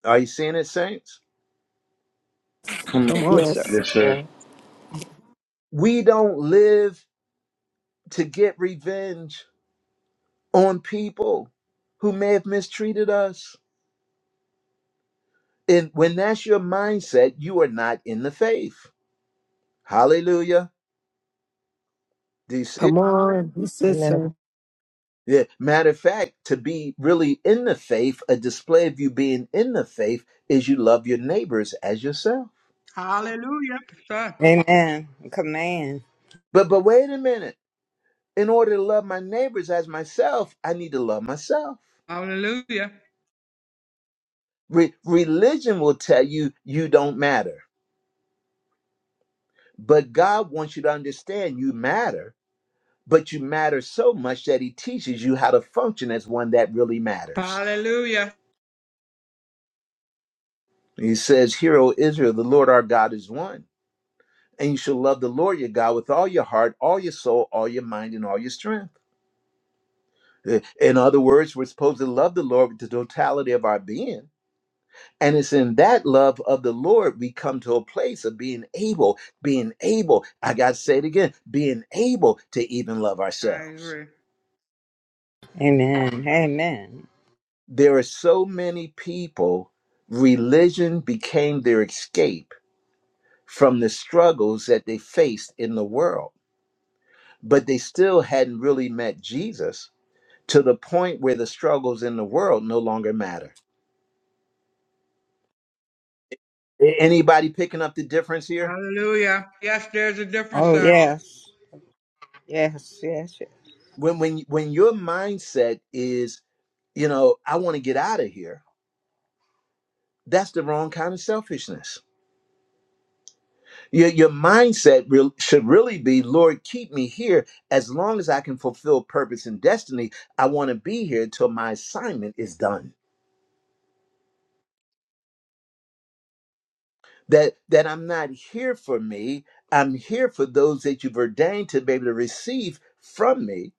Speaker 1: Are you seeing it, saints?
Speaker 3: Come
Speaker 4: Come
Speaker 3: on.
Speaker 4: on, sir.
Speaker 8: Yes.
Speaker 3: Yes, sir.
Speaker 2: Yes.
Speaker 1: We don't live to get revenge on people who may have mistreated us. And when that's your mindset, you are not in the faith. Hallelujah. Do you see it?
Speaker 4: Come on. That's it,
Speaker 2: Amen.
Speaker 4: sir.
Speaker 1: Yeah. Matter of fact, to be really in the faith, a display of you being in the faith is you love your neighbors as yourself.
Speaker 12: Hallelujah. Sir.
Speaker 10: Amen. Command.
Speaker 1: But but wait a minute. In order to love my neighbors as myself, I need to love myself.
Speaker 12: Hallelujah.
Speaker 1: Re- religion will tell you you don't matter, but God wants you to understand you matter but you matter so much that he teaches you how to function as one that really matters.
Speaker 12: Hallelujah.
Speaker 1: He says, Hear, O Israel, the Lord our God is one. And you shall love the Lord your God with all your heart, all your soul, all your mind, and all your strength. Eh, In other words, we're supposed to love the Lord with the totality of our being. And it's in that love of the Lord we come to a place of being able, being able, I got to say it again, being able to even love
Speaker 12: I
Speaker 1: ourselves.
Speaker 12: agree.
Speaker 10: Amen. Amen.
Speaker 1: there are so many people, religion became their escape from the struggles that they faced in the world. But they still hadn't really met Jesus to the point where the struggles in the world no longer matter. A- Anybody picking up the difference here?
Speaker 12: Hallelujah. Yes, there's a difference,
Speaker 10: Oh,
Speaker 12: sir.
Speaker 10: yes. Yes, yes, yes.
Speaker 1: When when when your mindset is, you know, I want to get out of here, that's the wrong kind of selfishness Your, your mindset real, should really be Lord, keep me here as long as I can fulfill purpose and destiny. I want to be here till my assignment is done. That, that I'm not here for me, I'm here for those that you've ordained to be able to receive from me.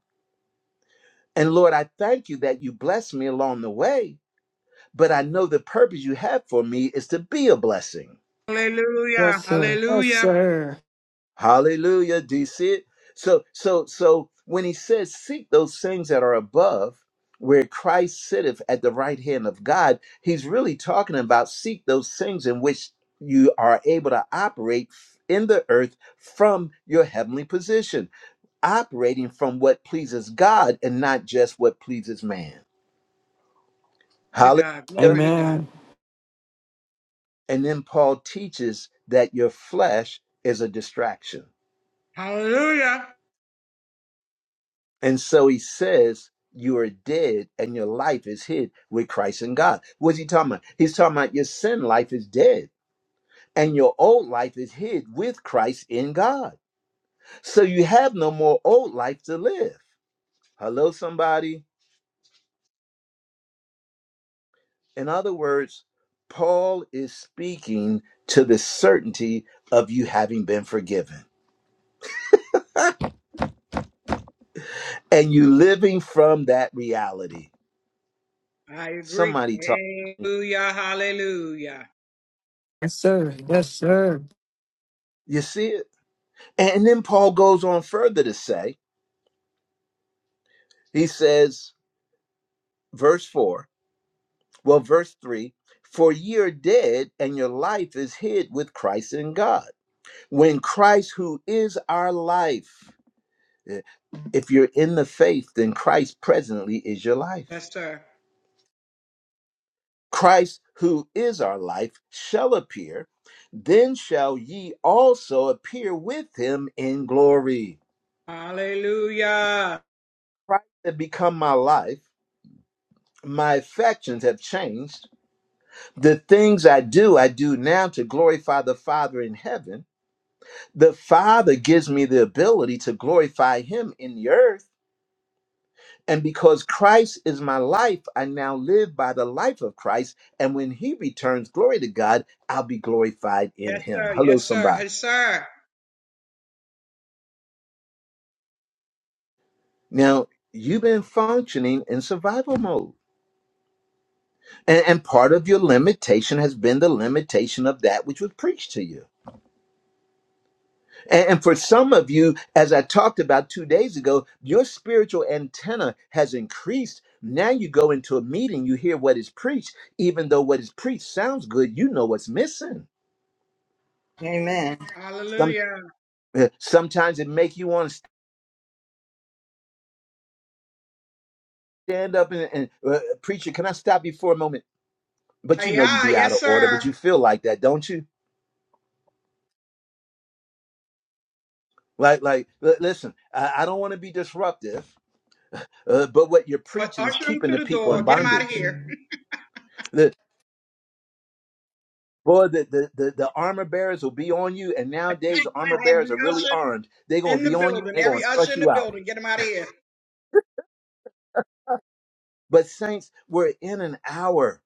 Speaker 1: And Lord, I thank you that you blessed me along the way, but I know the purpose you have for me is to be a blessing.
Speaker 12: Hallelujah.
Speaker 4: Yes, sir. Yes,
Speaker 12: Hallelujah.
Speaker 4: sir.
Speaker 1: Hallelujah. Do you see it? So, so, so when he says, seek those things that are above, where Christ sitteth at the right hand of God, he's really talking about seek those things in which you are able to operate in the earth from your heavenly position, operating from what pleases God and not just what pleases man.
Speaker 12: To God.
Speaker 1: Hallelujah.
Speaker 12: Glory to God.
Speaker 8: Amen.
Speaker 1: And then Paul teaches that your flesh is a distraction.
Speaker 12: Hallelujah.
Speaker 1: And so he says, You are dead and your life is hid with Christ in God. What's he talking about? He's talking about your sin life is dead and your old life is hid with Christ in God. So you have no more old life to live. Hello, somebody. In other words, Paul is speaking to the certainty of you having been forgiven and you living from that reality.
Speaker 12: I agree.
Speaker 1: Somebody talk.
Speaker 12: Hallelujah. Hallelujah.
Speaker 4: Yes, sir. Yes, sir.
Speaker 1: You see it? And then Paul goes on further to say, He says, verse 4, well, verse 3 For ye are dead, and your life is hid with Christ in God. When Christ, who is our life, eh, if you're in the faith, then Christ presently is your life.
Speaker 12: Yes, sir.
Speaker 1: Christ, who is our life, shall appear, then shall ye also appear with him in glory.
Speaker 12: Hallelujah.
Speaker 1: Christ had become my life. My affections have changed The things I do, I do now to glorify the Father in heaven. The Father gives me the ability to glorify Him in the earth. And because Christ is my life, I now live by the life of Christ. And when He returns, glory to God, I'll be glorified in
Speaker 12: Yes,
Speaker 1: Him.
Speaker 12: sir.
Speaker 1: Hello,
Speaker 12: Yes, sir.
Speaker 1: somebody.
Speaker 12: Yes, sir.
Speaker 1: Now, you've been functioning in survival mode. And, and part of your limitation has been the limitation of that which was preached to you And, and for some of you, as I talked about two days ago, your spiritual antenna has increased. Now you go into a meeting, you hear what is preached, even though what is preached sounds good, you know what's missing.
Speaker 10: Amen.
Speaker 1: Some
Speaker 12: Hallelujah.
Speaker 1: uh, sometimes it make you want to stand up and, and uh, preacher. Can I stop you for a moment?
Speaker 12: Uh,
Speaker 1: But you know you
Speaker 12: yeah,
Speaker 1: be out of
Speaker 12: yes,
Speaker 1: order, but
Speaker 12: sir.
Speaker 1: you feel like that, don't you? Like, like, li- listen, I, I don't want to be disruptive, uh, but what you're
Speaker 12: Uh,
Speaker 1: preaching is
Speaker 12: Usher him
Speaker 1: keeping
Speaker 12: to
Speaker 1: the
Speaker 12: the
Speaker 1: people in
Speaker 12: door. Get him out of
Speaker 1: bondage.
Speaker 12: here.
Speaker 1: Boy, the, the, the, the armor bearers will be on you, and nowadays
Speaker 12: [LAUGHS]
Speaker 1: armor bearers
Speaker 12: every
Speaker 1: are really
Speaker 12: usher
Speaker 1: armed. They're gonna
Speaker 12: in the
Speaker 1: be on you,
Speaker 12: building.
Speaker 1: they're
Speaker 12: Every
Speaker 1: gonna
Speaker 12: usher
Speaker 1: thrust
Speaker 12: in the
Speaker 1: you out.
Speaker 12: building. Get him out of here.
Speaker 1: But saints, we're in an hour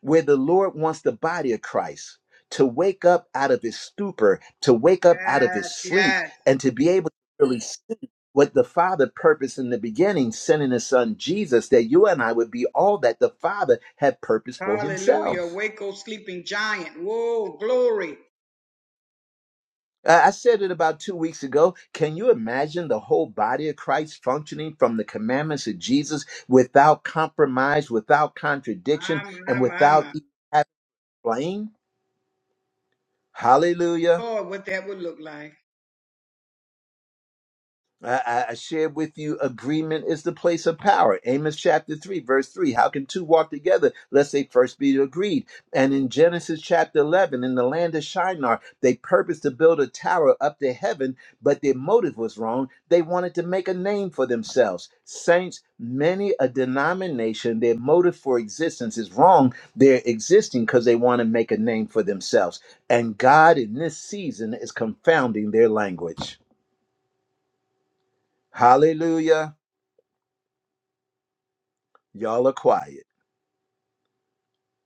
Speaker 1: where the Lord wants the body of Christ to wake up out of his stupor, to wake up out of his
Speaker 12: Yes,
Speaker 1: sleep,
Speaker 12: yes.
Speaker 1: and to be able to really see what the Father purposed in the beginning, sending his son Jesus, that you and I would be all that the Father had purposed for
Speaker 12: Hallelujah.
Speaker 1: himself.
Speaker 12: Waco sleeping giant. Whoa, glory.
Speaker 1: I I said it about two weeks ago. Can you imagine the whole body of Christ functioning from the commandments of Jesus without compromise, without
Speaker 12: My,
Speaker 1: contradiction, and
Speaker 12: my, my,
Speaker 1: without
Speaker 12: my.
Speaker 1: even having blame? Hallelujah.
Speaker 12: Lord, what that would look like.
Speaker 1: I, I shared with you agreement is the place of power. Amos chapter 3, verse 3. How can two walk together lest they first be agreed? And in Genesis chapter 11, in the land of Shinar, they purposed to build a tower up to heaven, but their motive was wrong. They wanted to make a name for themselves. Saints, many a denomination, their motive for existence is wrong. They're existing because they want to make a name for themselves. And God in this season is confounding their language. Hallelujah. y'all are quiet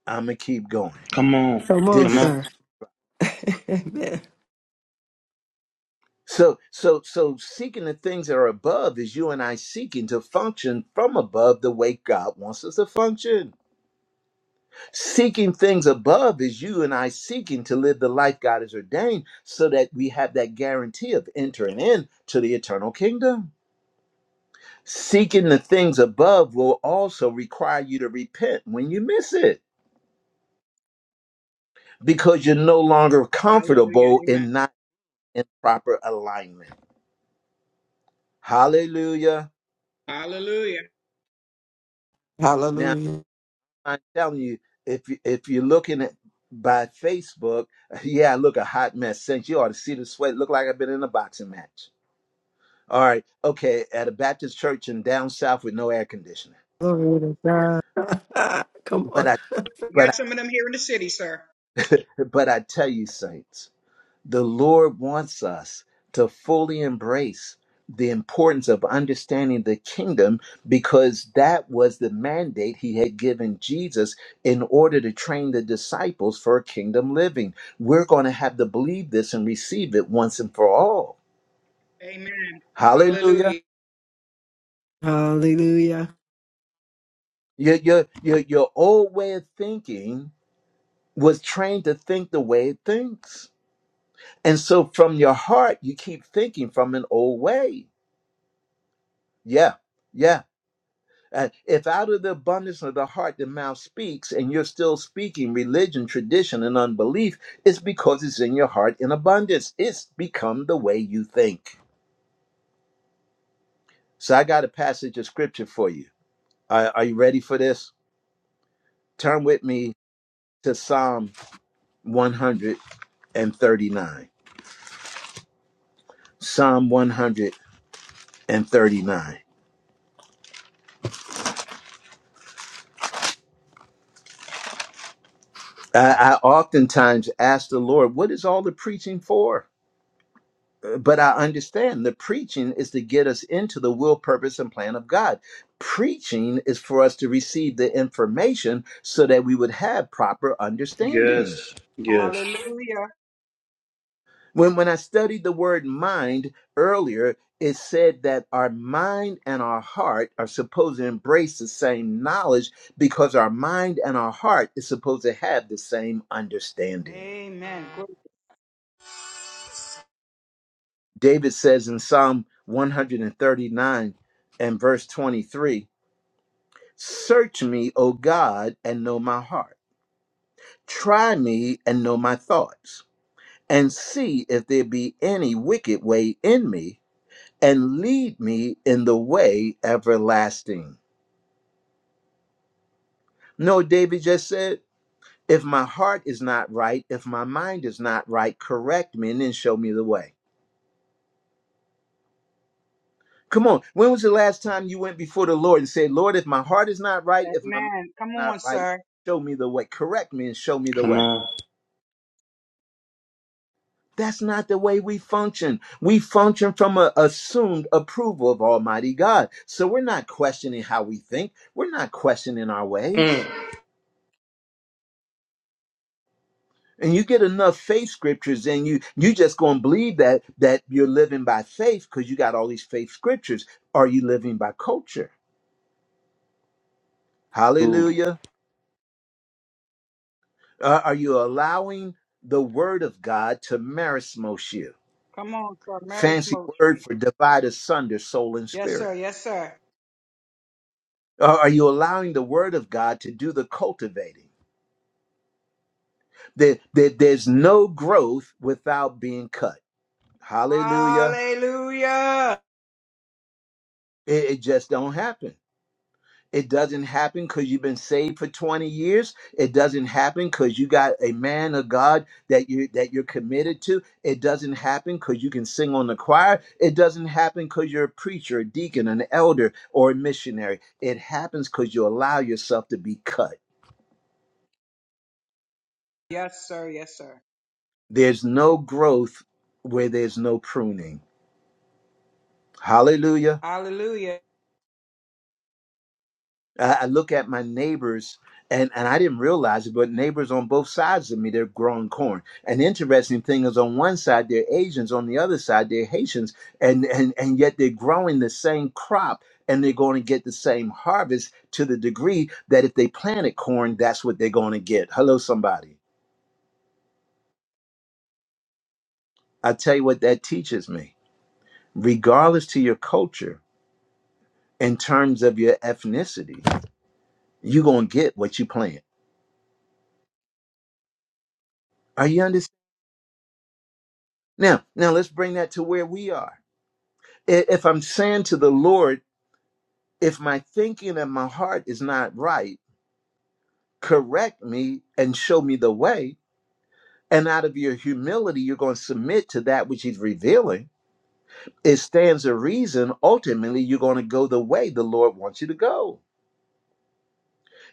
Speaker 1: i'ma keep going
Speaker 3: Come on.
Speaker 4: Come on,
Speaker 1: did
Speaker 3: Come
Speaker 1: this
Speaker 3: on.
Speaker 4: sir. [LAUGHS] Amen.
Speaker 1: so so so seeking the things that are above is you and i seeking to function from above the way god wants us to function seeking things above is you and i seeking to live the life god has ordained so that we have that guarantee of entering in to the eternal kingdom seeking the things above will also require you to repent when you miss it because you're no longer
Speaker 12: Hallelujah.
Speaker 1: comfortable
Speaker 12: Amen.
Speaker 1: in not in proper alignment Hallelujah.
Speaker 12: Hallelujah.
Speaker 1: Now
Speaker 8: Hallelujah.
Speaker 1: I'm telling you, if you if you're looking at by Facebook, [LAUGHS] yeah, I look a hot mess. Since you ought to see the sweat, look like I've been in a boxing match. All right, okay, at a Baptist church in down south with no air conditioning.
Speaker 4: Glory to God. [LAUGHS] Come
Speaker 1: But
Speaker 4: on.
Speaker 1: I
Speaker 12: We
Speaker 1: but
Speaker 12: got some of them here in the city, sir.
Speaker 1: I but I tell you, saints. The Lord wants us to fully embrace the importance of understanding the kingdom because that was the mandate he had given Jesus in order to train the disciples for kingdom living. We're going to have to believe this and receive it once and for all.
Speaker 12: Amen.
Speaker 1: Hallelujah.
Speaker 12: Hallelujah.
Speaker 4: Hallelujah.
Speaker 1: Your, your, your, your old way of thinking was trained to think the way it thinks. And so from your heart, you keep thinking from an old way. Yeah, yeah. Uh, if out of the abundance of the heart the mouth speaks, and you're still speaking religion, tradition, and unbelief, it's because it's in your heart in abundance. It's become the way you think. So I got a passage of scripture for you. Uh, are you ready for this? Turn with me to Psalm 139. Psalm 139. I, I oftentimes ask the Lord, what is all the preaching for? Uh, but I understand the preaching is to get us into the will, purpose, and plan of God. Preaching is for us to receive the information so that we would have proper understanding.
Speaker 3: Yes. Yes.
Speaker 12: Hallelujah.
Speaker 1: When, when I studied the word mind earlier, it said that our mind and our heart are supposed to embrace the same knowledge because our mind and our heart is supposed to have the same understanding.
Speaker 12: Amen. Glory.
Speaker 1: David says in Psalm 139 and verse 23 Search me, O God, and know my heart. Try me and know my thoughts, and see if there be any wicked way in me, and lead me in the way everlasting. No, David just said, if my heart is not right, if my mind is not right, correct me and then show me the way. Come on, when was the last time you went before the Lord and said, Lord, if my heart is not right, if my mind
Speaker 12: Amen. Come
Speaker 1: is not
Speaker 12: on,
Speaker 1: right,
Speaker 12: sir.
Speaker 1: show me the way, correct me and show me the
Speaker 3: Come
Speaker 1: way?
Speaker 3: on.
Speaker 1: That's not the way we function. We function from an assumed approval of Almighty God. So we're not questioning how we think. We're not questioning our
Speaker 3: Mm.
Speaker 1: ways. And you get enough faith scriptures and you you just gonna believe that that you're living by faith because you got all these faith scriptures. Are you living by culture?
Speaker 3: Ooh.
Speaker 1: Hallelujah. Uh, are you allowing the word of God to marismos you?
Speaker 12: Come on, sir. Marriage
Speaker 1: Fancy word
Speaker 12: me.
Speaker 1: for divide asunder soul and
Speaker 12: Yes,
Speaker 1: spirit.
Speaker 12: sir. Yes, sir.
Speaker 1: Are are you allowing the word of God to do the cultivating? There, there- there's no growth without being cut. Hallelujah.
Speaker 12: Hallelujah.
Speaker 1: It, it just don't happen. It doesn't happen because you've been saved for 20 years. It doesn't happen because you got a man of God that you that you're committed to. It doesn't happen because you can sing on the choir. It doesn't happen because you're a preacher, a deacon, an elder, or a missionary. It happens because you allow yourself to be cut.
Speaker 12: Yes, sir. Yes, sir.
Speaker 1: There's no growth where there's no pruning. Hallelujah.
Speaker 12: Hallelujah.
Speaker 1: I, I look at my neighbors and, and I didn't realize it, but neighbors on both sides of me, they're growing corn. An interesting thing is on one side, they're Asians, on the other side, they're Haitians, and, and, and yet they're growing the same crop and they're going to get the same harvest to the degree that if they planted corn, that's what they're going to get. Hello, somebody. I tell you what that teaches me. Regardless to your culture, in terms of your ethnicity, you're gonna get what you plant. Are you understand? Now, now let's bring that to where we are. I- If I'm saying to the Lord, if my thinking and my heart is not right, correct me and show me the way. And out of your humility, you're going to submit to that which He's revealing. It stands a reason. Ultimately, you're going to go the way the Lord wants you to go.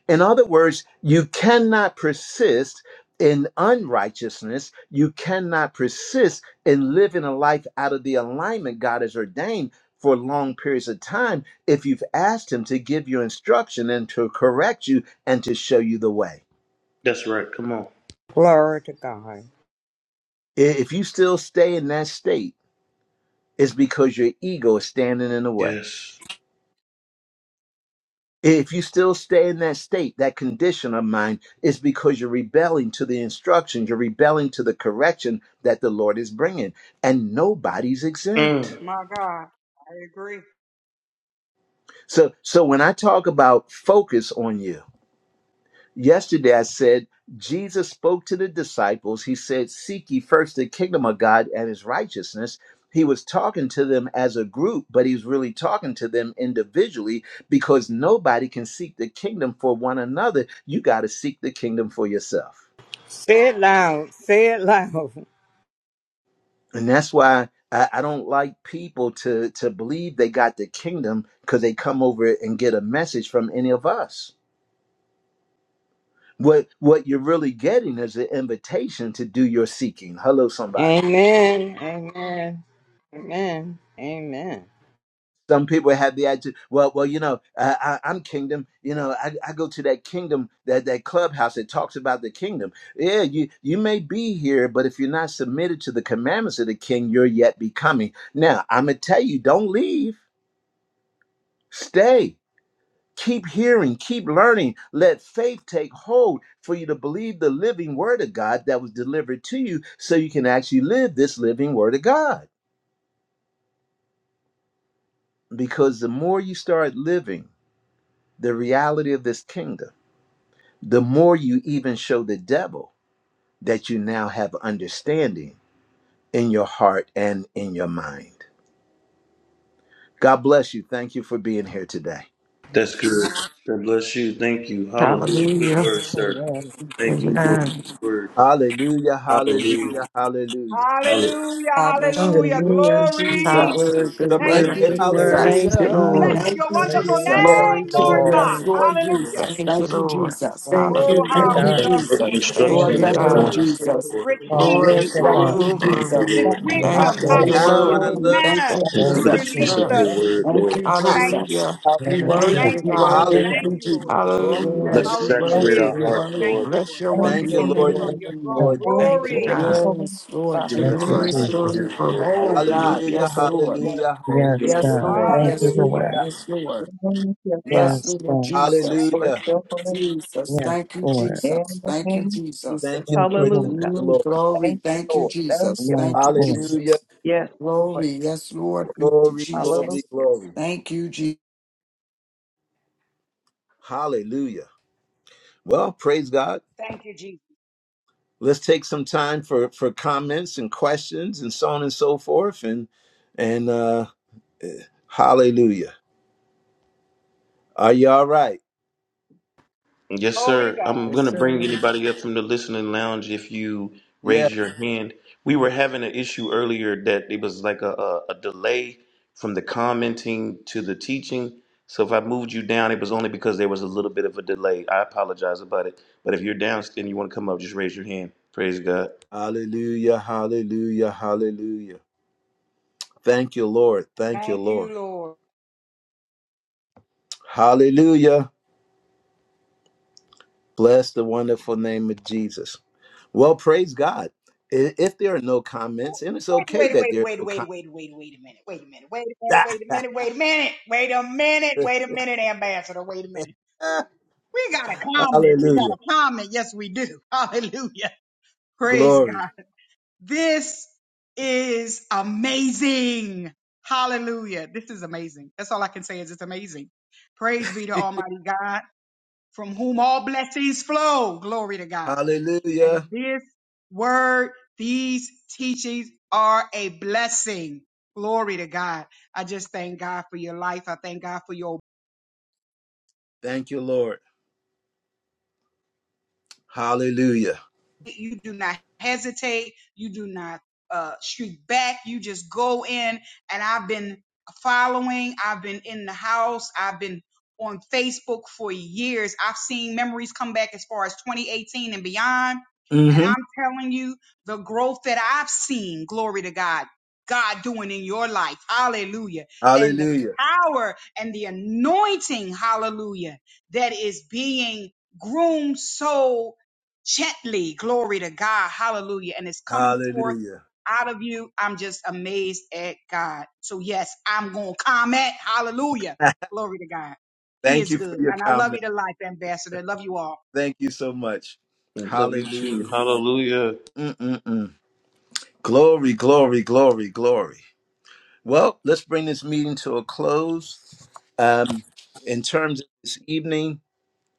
Speaker 1: In other words, you cannot persist in unrighteousness. You cannot persist in living a life out of the alignment God has ordained for long periods of time if you've asked Him to give you instruction and to correct you and to show you the way.
Speaker 3: That's right. Come on.
Speaker 10: Glory to God.
Speaker 1: I- If you still stay in that state, it's because your ego is standing in the way.
Speaker 3: Yes.
Speaker 1: If you still stay in that state, that condition of mind, it's because you're rebelling to the instruction, you're rebelling to the correction that the Lord is bringing, and nobody's exempt.
Speaker 3: Mm.
Speaker 12: My God. I agree.
Speaker 1: So, so when I talk about focus on you, Yesterday, I said Jesus spoke to the disciples. He said, Seek ye first the kingdom of God and his righteousness. He was talking to them as a group, but he's really talking to them individually because nobody can seek the kingdom for one another. You got to seek the kingdom for yourself.
Speaker 10: Say it loud. Say it loud.
Speaker 1: And that's why I, I don't like people to, to believe they got the kingdom because they come over and get a message from any of us. What, what you're really getting is an invitation to do your seeking. Hello, somebody.
Speaker 10: Amen. Amen. Amen. Amen.
Speaker 1: Some people have the attitude, well, well, you know, I, I, I'm kingdom. You know, I, I go to that kingdom, that that clubhouse that talks about the kingdom. Yeah, you you may be here, but if you're not submitted to the commandments of the king, you're yet becoming. Now, I'm gonna tell you, don't leave. Stay. Keep hearing. Keep learning. Let faith take hold for you to believe the living word of God that was delivered to you, so you can actually live this living word of God. Because the more you start living the reality of this kingdom the more you even show the devil that you now have understanding in your heart and in your mind. God bless you. Thank you for being here today.
Speaker 3: That's good. God bless you. Thank you. Hallelujah. Good
Speaker 8: Hallelujah.
Speaker 3: word, sir.
Speaker 2: Amen.
Speaker 3: Thank you, Lord, for
Speaker 8: Amen.
Speaker 3: this word.
Speaker 1: Hallelujah,
Speaker 3: Hallelujah.
Speaker 1: hallelujah, hallelujah.
Speaker 3: Hallelujah.
Speaker 12: Hallelujah.
Speaker 5: God bless you.
Speaker 12: Hallelujah.
Speaker 5: Thank you,
Speaker 4: Hallelujah. It's good
Speaker 8: Hallelujah.
Speaker 12: Glory.
Speaker 5: Jesus.
Speaker 4: word,
Speaker 1: [LAUGHS]
Speaker 4: good
Speaker 12: Thank
Speaker 1: Somebody
Speaker 12: you,
Speaker 5: Thank
Speaker 2: Thank
Speaker 4: word,
Speaker 1: say
Speaker 5: you,
Speaker 2: you,
Speaker 4: good
Speaker 12: Jesus.
Speaker 4: word.
Speaker 5: Jesus.
Speaker 8: Thank
Speaker 2: Jesus.
Speaker 8: you,
Speaker 1: hallelujah.
Speaker 12: Bless
Speaker 8: Lord.
Speaker 4: Mm,
Speaker 5: Thank
Speaker 12: your
Speaker 5: you,
Speaker 12: wonderful
Speaker 2: Hallelujah,
Speaker 5: Jesus.
Speaker 12: name,
Speaker 8: Glory to your
Speaker 12: Lord
Speaker 2: Lord.
Speaker 12: God.
Speaker 5: Yes,
Speaker 8: name.
Speaker 5: Lord
Speaker 12: Hallelujah.
Speaker 5: Jesus.
Speaker 8: Thank you,
Speaker 5: Thank you,
Speaker 8: Lord.
Speaker 4: thank
Speaker 5: Jesus.
Speaker 12: Oh,
Speaker 4: you,
Speaker 12: how
Speaker 2: Hallelujah,
Speaker 5: Thank
Speaker 8: Hallelujah.
Speaker 5: you,
Speaker 12: we
Speaker 4: thank
Speaker 2: God.
Speaker 3: Thank
Speaker 12: love
Speaker 3: you
Speaker 4: you.
Speaker 12: you,
Speaker 3: for the
Speaker 12: Lord, for
Speaker 5: Jesus.
Speaker 12: this
Speaker 4: Thank
Speaker 2: Yes,
Speaker 8: Thank
Speaker 5: Lord,
Speaker 3: instruction
Speaker 12: rich
Speaker 8: you,
Speaker 4: you,
Speaker 3: that's
Speaker 5: thank
Speaker 9: Hallelujah.
Speaker 5: you,
Speaker 2: Lord.
Speaker 3: going
Speaker 8: God.
Speaker 4: Lord.
Speaker 12: word,
Speaker 3: us up,
Speaker 12: this
Speaker 5: Jesus.
Speaker 9: Glory
Speaker 3: Lord.
Speaker 12: rich
Speaker 9: to God.
Speaker 8: Glory,
Speaker 12: teaching,
Speaker 5: Yes,
Speaker 2: Hallelujah,
Speaker 12: God,
Speaker 5: thank
Speaker 2: God.
Speaker 8: glory,
Speaker 5: you,
Speaker 1: Oh,
Speaker 3: Thank
Speaker 8: glory.
Speaker 3: you,
Speaker 5: Jesus.
Speaker 12: this
Speaker 3: Lord.
Speaker 2: Yes,
Speaker 3: Thank you.
Speaker 5: I
Speaker 8: Thank
Speaker 12: wisdom.
Speaker 8: you for
Speaker 4: Welcome.
Speaker 9: Hallelujah.
Speaker 2: Lord.
Speaker 8: your
Speaker 5: praise your
Speaker 4: Thank you,
Speaker 1: how
Speaker 12: Hallelujah. This
Speaker 8: word.
Speaker 1: I
Speaker 5: name.
Speaker 1: love
Speaker 4: Lord.
Speaker 5: Thank
Speaker 12: manner
Speaker 8: Thank
Speaker 5: you,
Speaker 9: Thank
Speaker 8: you
Speaker 3: Thank you
Speaker 2: Thank
Speaker 8: for
Speaker 1: Jesus.
Speaker 12: you
Speaker 3: for
Speaker 8: your
Speaker 3: the
Speaker 2: you,
Speaker 5: Jesus.
Speaker 3: peace
Speaker 9: you,
Speaker 12: released
Speaker 3: of
Speaker 9: Lord.
Speaker 2: Jesus.
Speaker 3: your
Speaker 12: us
Speaker 8: strength.
Speaker 9: Thank
Speaker 12: this
Speaker 9: you,
Speaker 3: word,
Speaker 5: Thank
Speaker 9: Jesus.
Speaker 12: morning,
Speaker 5: you,
Speaker 3: Lord.
Speaker 12: Lord.
Speaker 1: Ah,
Speaker 12: Thank you.
Speaker 5: Jesus.
Speaker 8: Hallelujah.
Speaker 5: You
Speaker 2: Yes,
Speaker 5: worthy,
Speaker 9: Hallelujah,
Speaker 8: Thank you,
Speaker 12: Thank
Speaker 5: you
Speaker 12: you,
Speaker 8: God.
Speaker 12: Lord.
Speaker 5: worthy,
Speaker 4: Thank
Speaker 1: hallelujah.
Speaker 9: hallelujah.
Speaker 12: Thank
Speaker 5: Lord.
Speaker 4: you,
Speaker 12: you, Lord.
Speaker 4: Jesus.
Speaker 9: Glory to
Speaker 3: Let
Speaker 8: Hallelujah.
Speaker 5: Yes,
Speaker 3: it
Speaker 9: God.
Speaker 12: How
Speaker 5: she
Speaker 12: rich it
Speaker 5: worthy,
Speaker 9: Thank
Speaker 3: saturate
Speaker 5: you
Speaker 12: is,
Speaker 3: our
Speaker 2: Lord.
Speaker 3: hearts,
Speaker 12: Lord. Thank
Speaker 5: worthy.
Speaker 3: Lord,
Speaker 12: you,
Speaker 8: Bless
Speaker 12: Lord,
Speaker 8: your
Speaker 12: to
Speaker 9: thank
Speaker 1: Thank you,
Speaker 9: you,
Speaker 8: wonderful
Speaker 12: receive
Speaker 1: Lord.
Speaker 12: from
Speaker 9: Lord.
Speaker 8: name.
Speaker 2: Thank
Speaker 12: your
Speaker 1: Thank you,
Speaker 5: Mm.
Speaker 12: throne
Speaker 1: Lord.
Speaker 2: you,
Speaker 1: Thank
Speaker 9: Oh, bless
Speaker 8: Thank you,
Speaker 1: you,
Speaker 12: glory.
Speaker 1: Lord.
Speaker 9: the
Speaker 8: God.
Speaker 9: Holy
Speaker 5: Yes, Lord
Speaker 9: Father.
Speaker 3: giving
Speaker 2: thank
Speaker 3: us
Speaker 2: you,
Speaker 9: Thank
Speaker 3: the
Speaker 8: Glory,
Speaker 5: Jesus.
Speaker 9: you
Speaker 3: mind to
Speaker 2: Jesus.
Speaker 8: glory,
Speaker 3: do,
Speaker 8: glory.
Speaker 3: Lord.
Speaker 5: Oh
Speaker 3: Hallelujah.
Speaker 5: God,
Speaker 1: Hallelujah,
Speaker 5: yes,
Speaker 9: for this
Speaker 5: Lord.
Speaker 9: word.
Speaker 1: hallelujah,
Speaker 3: Thank you,
Speaker 2: Yes,
Speaker 1: hallelujah.
Speaker 5: Yes,
Speaker 3: Lord.
Speaker 2: God.
Speaker 3: Thank
Speaker 5: Lord.
Speaker 2: Thank
Speaker 3: you,
Speaker 2: you,
Speaker 5: Yes,
Speaker 3: Lord.
Speaker 5: Lord.
Speaker 12: Hallelujah.
Speaker 3: Thank
Speaker 2: Lord.
Speaker 9: Hallelujah.
Speaker 3: you.
Speaker 5: Yes, Lord.
Speaker 9: Thank you,
Speaker 12: Thank
Speaker 9: Father.
Speaker 12: you,
Speaker 5: Yes,
Speaker 2: Yes,
Speaker 5: Lord
Speaker 2: Lord.
Speaker 12: Jesus.
Speaker 5: Jesus.
Speaker 12: Thank you,
Speaker 9: Bless
Speaker 1: Hallelujah.
Speaker 9: your
Speaker 12: Jesus.
Speaker 9: holy
Speaker 5: Jesus,
Speaker 2: Yes,
Speaker 5: thank you,
Speaker 2: Lord.
Speaker 9: name
Speaker 5: Jesus.
Speaker 9: in the
Speaker 5: Thank you,
Speaker 9: name of
Speaker 5: Jesus.
Speaker 9: Jesus.
Speaker 1: Thank you,
Speaker 2: Thank you,
Speaker 1: Lord. Thank
Speaker 2: Lord.
Speaker 9: Hallelujah.
Speaker 1: you,
Speaker 5: Mm,
Speaker 1: Lord.
Speaker 5: glory,
Speaker 9: Thank you,
Speaker 5: thank you,
Speaker 9: Lord. Thank
Speaker 5: Jesus.
Speaker 9: you,
Speaker 5: Thank
Speaker 2: Yes,
Speaker 5: you,
Speaker 9: Father.
Speaker 2: Lord.
Speaker 1: Hallelujah.
Speaker 5: Jesus.
Speaker 9: Yes, Lord.
Speaker 5: Glory, yes, Lord. Thank you,
Speaker 1: Glory, glory,
Speaker 5: Jesus.
Speaker 9: Hallelujah.
Speaker 1: glory.
Speaker 5: Thank you, Jesus.
Speaker 1: Hallelujah. Well, praise God.
Speaker 12: Thank you, Jesus.
Speaker 1: Let's take some time for for comments and questions and so on and so forth and and uh hallelujah. Are you all right?
Speaker 3: Yes,
Speaker 12: Glory to
Speaker 3: sir.
Speaker 12: God.
Speaker 3: I'm
Speaker 4: Yes,
Speaker 3: going to bring
Speaker 4: sir.
Speaker 3: anybody up from the listening lounge if you
Speaker 1: Yeah.
Speaker 3: raise your hand. We were having an issue earlier that it was like a, a, a delay from the commenting to the teaching. So if I moved you down, it was only because there was a little bit of a delay. I apologize about it. But if you're down and you want to come up, just raise your hand. Praise God.
Speaker 1: Hallelujah, hallelujah, hallelujah. Thank you, Lord. Thank you,
Speaker 12: Thank
Speaker 1: Lord.
Speaker 12: you, Lord.
Speaker 1: Hallelujah. Bless the wonderful name of Jesus. Well, praise God. I- If there are no comments, and it's okay
Speaker 12: Wait, wait,
Speaker 1: that there are
Speaker 12: wait, wait,
Speaker 1: no
Speaker 12: wait,
Speaker 1: comments.
Speaker 12: wait, wait, wait a minute. Wait a minute. Wait a minute. Wait a minute. Wait a minute. Wait a minute. Wait a minute, Ambassador. Wait a minute. We got a
Speaker 1: [LAUGHS]
Speaker 12: comment. We got
Speaker 1: Hallelujah.
Speaker 12: a comment. Yes, we do. [LAUGHS] Hallelujah. Praise
Speaker 1: Glory.
Speaker 12: God. This is amazing. Hallelujah. This is amazing. That's all I can say is it's amazing. Praise be to Almighty God, from whom all blessings flow. Glory to God. And
Speaker 1: Hallelujah.
Speaker 12: this word, these teachings are a blessing. Glory to God. I just thank God for your life. I thank God for your
Speaker 1: Thank you, Lord. Hallelujah.
Speaker 12: you do not hesitate you do not uh streak back you just go in and i've been following i've been in the house i've been on facebook for years i've seen memories come back as far as 2018 and beyond and
Speaker 1: hmm
Speaker 12: i'm telling you the growth that i've seen glory to god god doing in your life hallelujah and the
Speaker 1: Hallelujah.
Speaker 12: power and the anointing hallelujah that is being groomed so gently. Glory to God. Hallelujah. And it's coming forth
Speaker 1: Hallelujah.
Speaker 12: out of you. I'm just amazed at God. So, yes, I'm going to comment. Hallelujah.
Speaker 1: [LAUGHS]
Speaker 12: Glory to God. He
Speaker 1: Thank
Speaker 12: is
Speaker 1: you for
Speaker 12: good.
Speaker 1: your
Speaker 12: And I love you
Speaker 1: comment.
Speaker 12: to life, Ambassador. I Love you all.
Speaker 1: Thank you so much.
Speaker 3: Love you
Speaker 1: Hallelujah.
Speaker 3: too. Hallelujah.
Speaker 1: Mm-mm-mm. Glory, glory, glory, glory. Well, let's bring this meeting to a close. Um, in terms of this evening,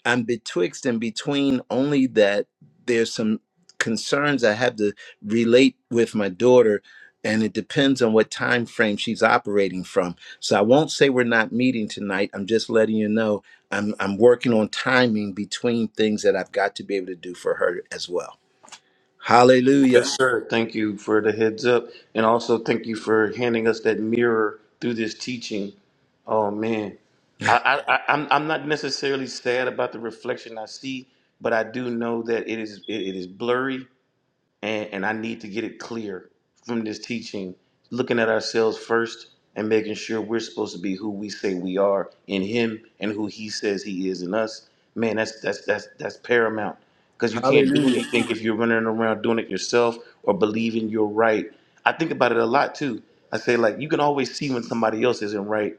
Speaker 1: I'm betwixt and between only that there's some concerns I have to relate with my daughter and it depends on what time frame she's operating from. So I won't say we're not meeting tonight. I'm just letting you know I'm I'm working on timing between things that I've got to be able to do for her as well.
Speaker 3: Yes,
Speaker 1: Hallelujah.
Speaker 3: sir. Thank you for the heads up. And also thank you for handing us that mirror through this teaching. Oh man. I, I, I I'm I'm not necessarily sad about the reflection I see, but I do know that it is it, it is blurry and, and I need to get it clear from this teaching, looking at ourselves first and making sure we're supposed to be who we say we are in Him and who He says He is in us. Man, that's that's that's that's paramount because you can't do
Speaker 1: Hallelujah.
Speaker 3: anything if you're running around doing it yourself or believing you're right. I think about it a lot too. I say like you can always see when somebody else isn't right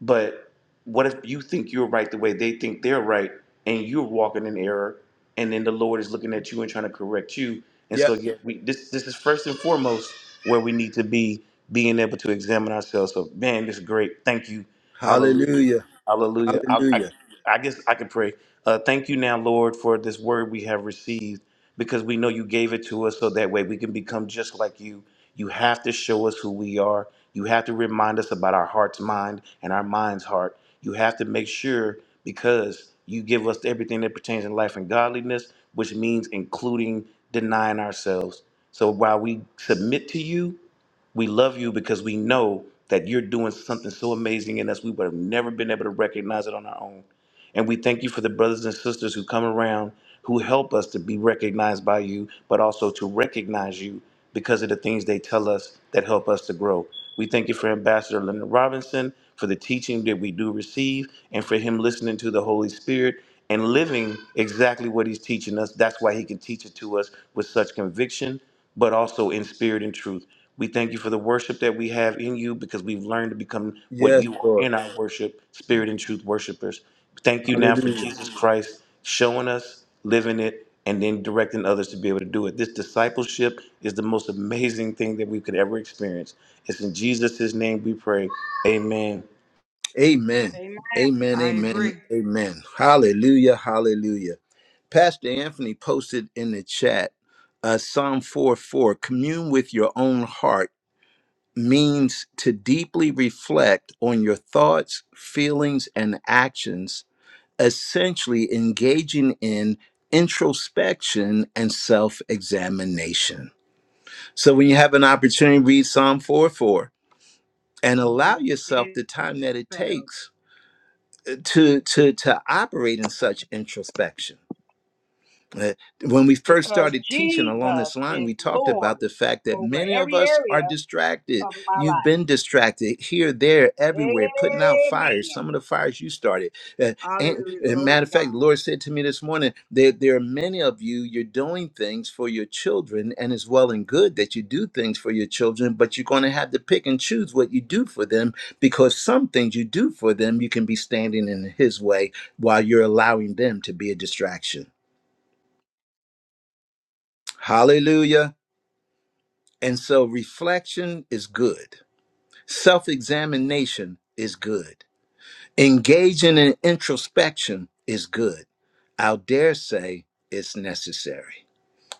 Speaker 3: but what if you think you're right the way they think they're right, and you're walking in error, and then the Lord is looking at you and trying to correct you? And
Speaker 1: Yep.
Speaker 3: so, yeah, we, this this is first and foremost where we need to be being able to examine ourselves. So, man, this is great. Thank you, Hallelujah,
Speaker 1: Hallelujah.
Speaker 3: Hallelujah. I, I,
Speaker 1: Hallelujah.
Speaker 3: I guess I could pray. Uh, thank you now, Lord, for this word we have received, because we know you gave it to us so that way we can become just like you. You have to show us who we are you have to remind us about our heart's mind and our mind's heart. You have to make sure because you give us everything that pertains in life and godliness, which means including denying ourselves. So while we submit to you, we love you because we know that you're doing something so amazing in us, we would have never been able to recognize it on our own. And we thank you for the brothers and sisters who come around who help us to be recognized by you, but also to recognize you because of the things they tell us that help us to grow. We thank you for Ambassador Leonard Robinson, for the teaching that we do receive, and for him listening to the Holy Spirit and living exactly what he's teaching us. That's why he can teach it to us with such conviction, but also in spirit and truth. We thank you for the worship that we have in you because we've learned to become what
Speaker 1: Yes,
Speaker 3: you are
Speaker 1: Lord.
Speaker 3: in our worship, spirit and truth worshipers. Thank you now for
Speaker 1: Hallelujah.
Speaker 3: Jesus Christ showing us, living it, and then directing others to be able to do it. This discipleship is the most amazing thing that we could ever experience. It's in Jesus' name we pray. Amen.
Speaker 1: Amen.
Speaker 12: Amen.
Speaker 1: Amen.
Speaker 12: I
Speaker 1: Amen.
Speaker 12: agree.
Speaker 1: Amen. Hallelujah. Hallelujah. Pastor Anthony posted in the chat uh, Psalm 4 4 commune with your own heart means to deeply reflect on your thoughts, feelings, and actions, essentially engaging in introspection and self examination. So when you have an opportunity, read Psalm 4 4 and
Speaker 12: It
Speaker 1: allow yourself
Speaker 12: is
Speaker 1: the time that it
Speaker 12: dispelled
Speaker 1: takes to to to operate in such introspection uh, when we first
Speaker 12: because
Speaker 1: started teaching along
Speaker 12: Jesus
Speaker 1: this line,
Speaker 12: is
Speaker 1: we talked
Speaker 12: Lord
Speaker 1: about the fact that
Speaker 12: over
Speaker 1: many of
Speaker 12: every
Speaker 1: us
Speaker 12: area
Speaker 1: are distracted.
Speaker 12: of my
Speaker 1: You've
Speaker 12: life.
Speaker 1: been distracted here, there,
Speaker 12: Amen.
Speaker 1: everywhere, putting out fires, some of the fires you started. Uh, and,
Speaker 12: Hallelujah.
Speaker 1: and
Speaker 12: Glory
Speaker 1: matter
Speaker 12: to
Speaker 1: of fact, the
Speaker 12: God.
Speaker 1: Lord said to me this morning that there are many of you, you're doing things for your children, and it's well and good that you do things for your children, but you're going to have to pick and choose what you do for them because some things you do for them, you can be standing in His way while you're allowing them to be a distraction. Hallelujah. And so reflection is good. Self examination is good. Engaging in introspection is good. I'll dare say it's necessary.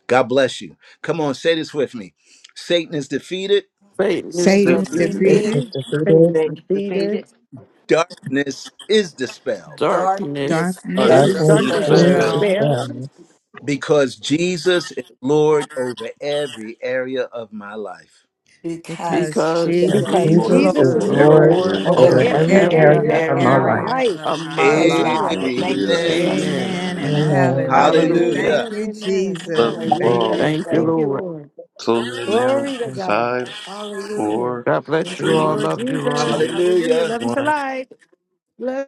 Speaker 1: God bless you. Come on, say this with me Satan is defeated,
Speaker 8: Satan is
Speaker 5: It's
Speaker 3: Satan,
Speaker 10: Satan's
Speaker 2: Satan
Speaker 8: defeated.
Speaker 5: defeated.
Speaker 2: is
Speaker 10: defeated,
Speaker 4: Hate
Speaker 2: defeated.
Speaker 4: is
Speaker 9: Thank you
Speaker 4: defeated.
Speaker 9: defeated.
Speaker 1: darkness is dispelled
Speaker 8: Darkness
Speaker 5: Darkness
Speaker 3: uh,
Speaker 10: darkness
Speaker 9: That
Speaker 5: is
Speaker 8: is
Speaker 5: the
Speaker 10: is
Speaker 3: just
Speaker 2: Darkness
Speaker 9: you
Speaker 3: use
Speaker 4: Darkness
Speaker 5: spell.
Speaker 4: is
Speaker 3: this
Speaker 2: is
Speaker 3: bell
Speaker 8: dispelled
Speaker 10: dispelled
Speaker 4: dispelled
Speaker 2: dispelled.
Speaker 1: because Jesus is Lord over every area of my life.
Speaker 5: because
Speaker 10: because
Speaker 8: because
Speaker 2: As
Speaker 10: Jesus
Speaker 5: Jesus
Speaker 4: because
Speaker 10: is
Speaker 5: is
Speaker 2: Jesus
Speaker 8: Jesus
Speaker 4: Jesus
Speaker 2: is
Speaker 3: for
Speaker 4: is
Speaker 8: is
Speaker 10: Lord
Speaker 5: Lord
Speaker 3: every
Speaker 2: Lord
Speaker 4: Lord
Speaker 8: Lord
Speaker 5: over
Speaker 3: area
Speaker 4: over
Speaker 3: of
Speaker 2: over
Speaker 10: over
Speaker 3: it.
Speaker 5: every
Speaker 8: over
Speaker 4: every
Speaker 2: every
Speaker 8: every
Speaker 5: area
Speaker 10: every
Speaker 2: area
Speaker 4: area
Speaker 5: of
Speaker 2: of
Speaker 4: of
Speaker 2: my
Speaker 5: my
Speaker 8: area
Speaker 4: my
Speaker 5: life.
Speaker 2: life.
Speaker 10: area
Speaker 4: life.
Speaker 10: of
Speaker 8: of
Speaker 10: my
Speaker 8: my
Speaker 10: life.
Speaker 5: Praise
Speaker 8: life.
Speaker 5: God.
Speaker 4: Hallelujah.
Speaker 5: Thank you,
Speaker 3: Hallelujah.
Speaker 1: Amen.
Speaker 3: Hallelujah.
Speaker 5: Jesus.
Speaker 8: Amen.
Speaker 10: Amen and
Speaker 2: Amen.
Speaker 4: Amen,
Speaker 10: hallelujah.
Speaker 8: Hallelujah.
Speaker 10: Thank
Speaker 1: Hallelujah.
Speaker 4: amen,
Speaker 10: you,
Speaker 4: amen.
Speaker 3: Love
Speaker 10: Jesus.
Speaker 3: you
Speaker 10: Thank
Speaker 2: Amen.
Speaker 3: all.
Speaker 4: Hallelujah.
Speaker 10: you,
Speaker 8: Thank you,
Speaker 10: Lord.
Speaker 4: Thank you,
Speaker 8: Lord.
Speaker 9: defeated.
Speaker 4: Lord.
Speaker 3: Closing now.
Speaker 4: Glory to God.
Speaker 3: Five,
Speaker 4: Hallelujah.
Speaker 3: four,
Speaker 8: God bless
Speaker 4: Thank
Speaker 8: you
Speaker 4: you,
Speaker 8: all.
Speaker 3: three,
Speaker 4: Lord
Speaker 8: Love you
Speaker 4: Jesus.
Speaker 8: all.
Speaker 3: two,
Speaker 4: Hallelujah.
Speaker 1: Hallelujah.
Speaker 4: Love you to
Speaker 3: one.
Speaker 4: life. Love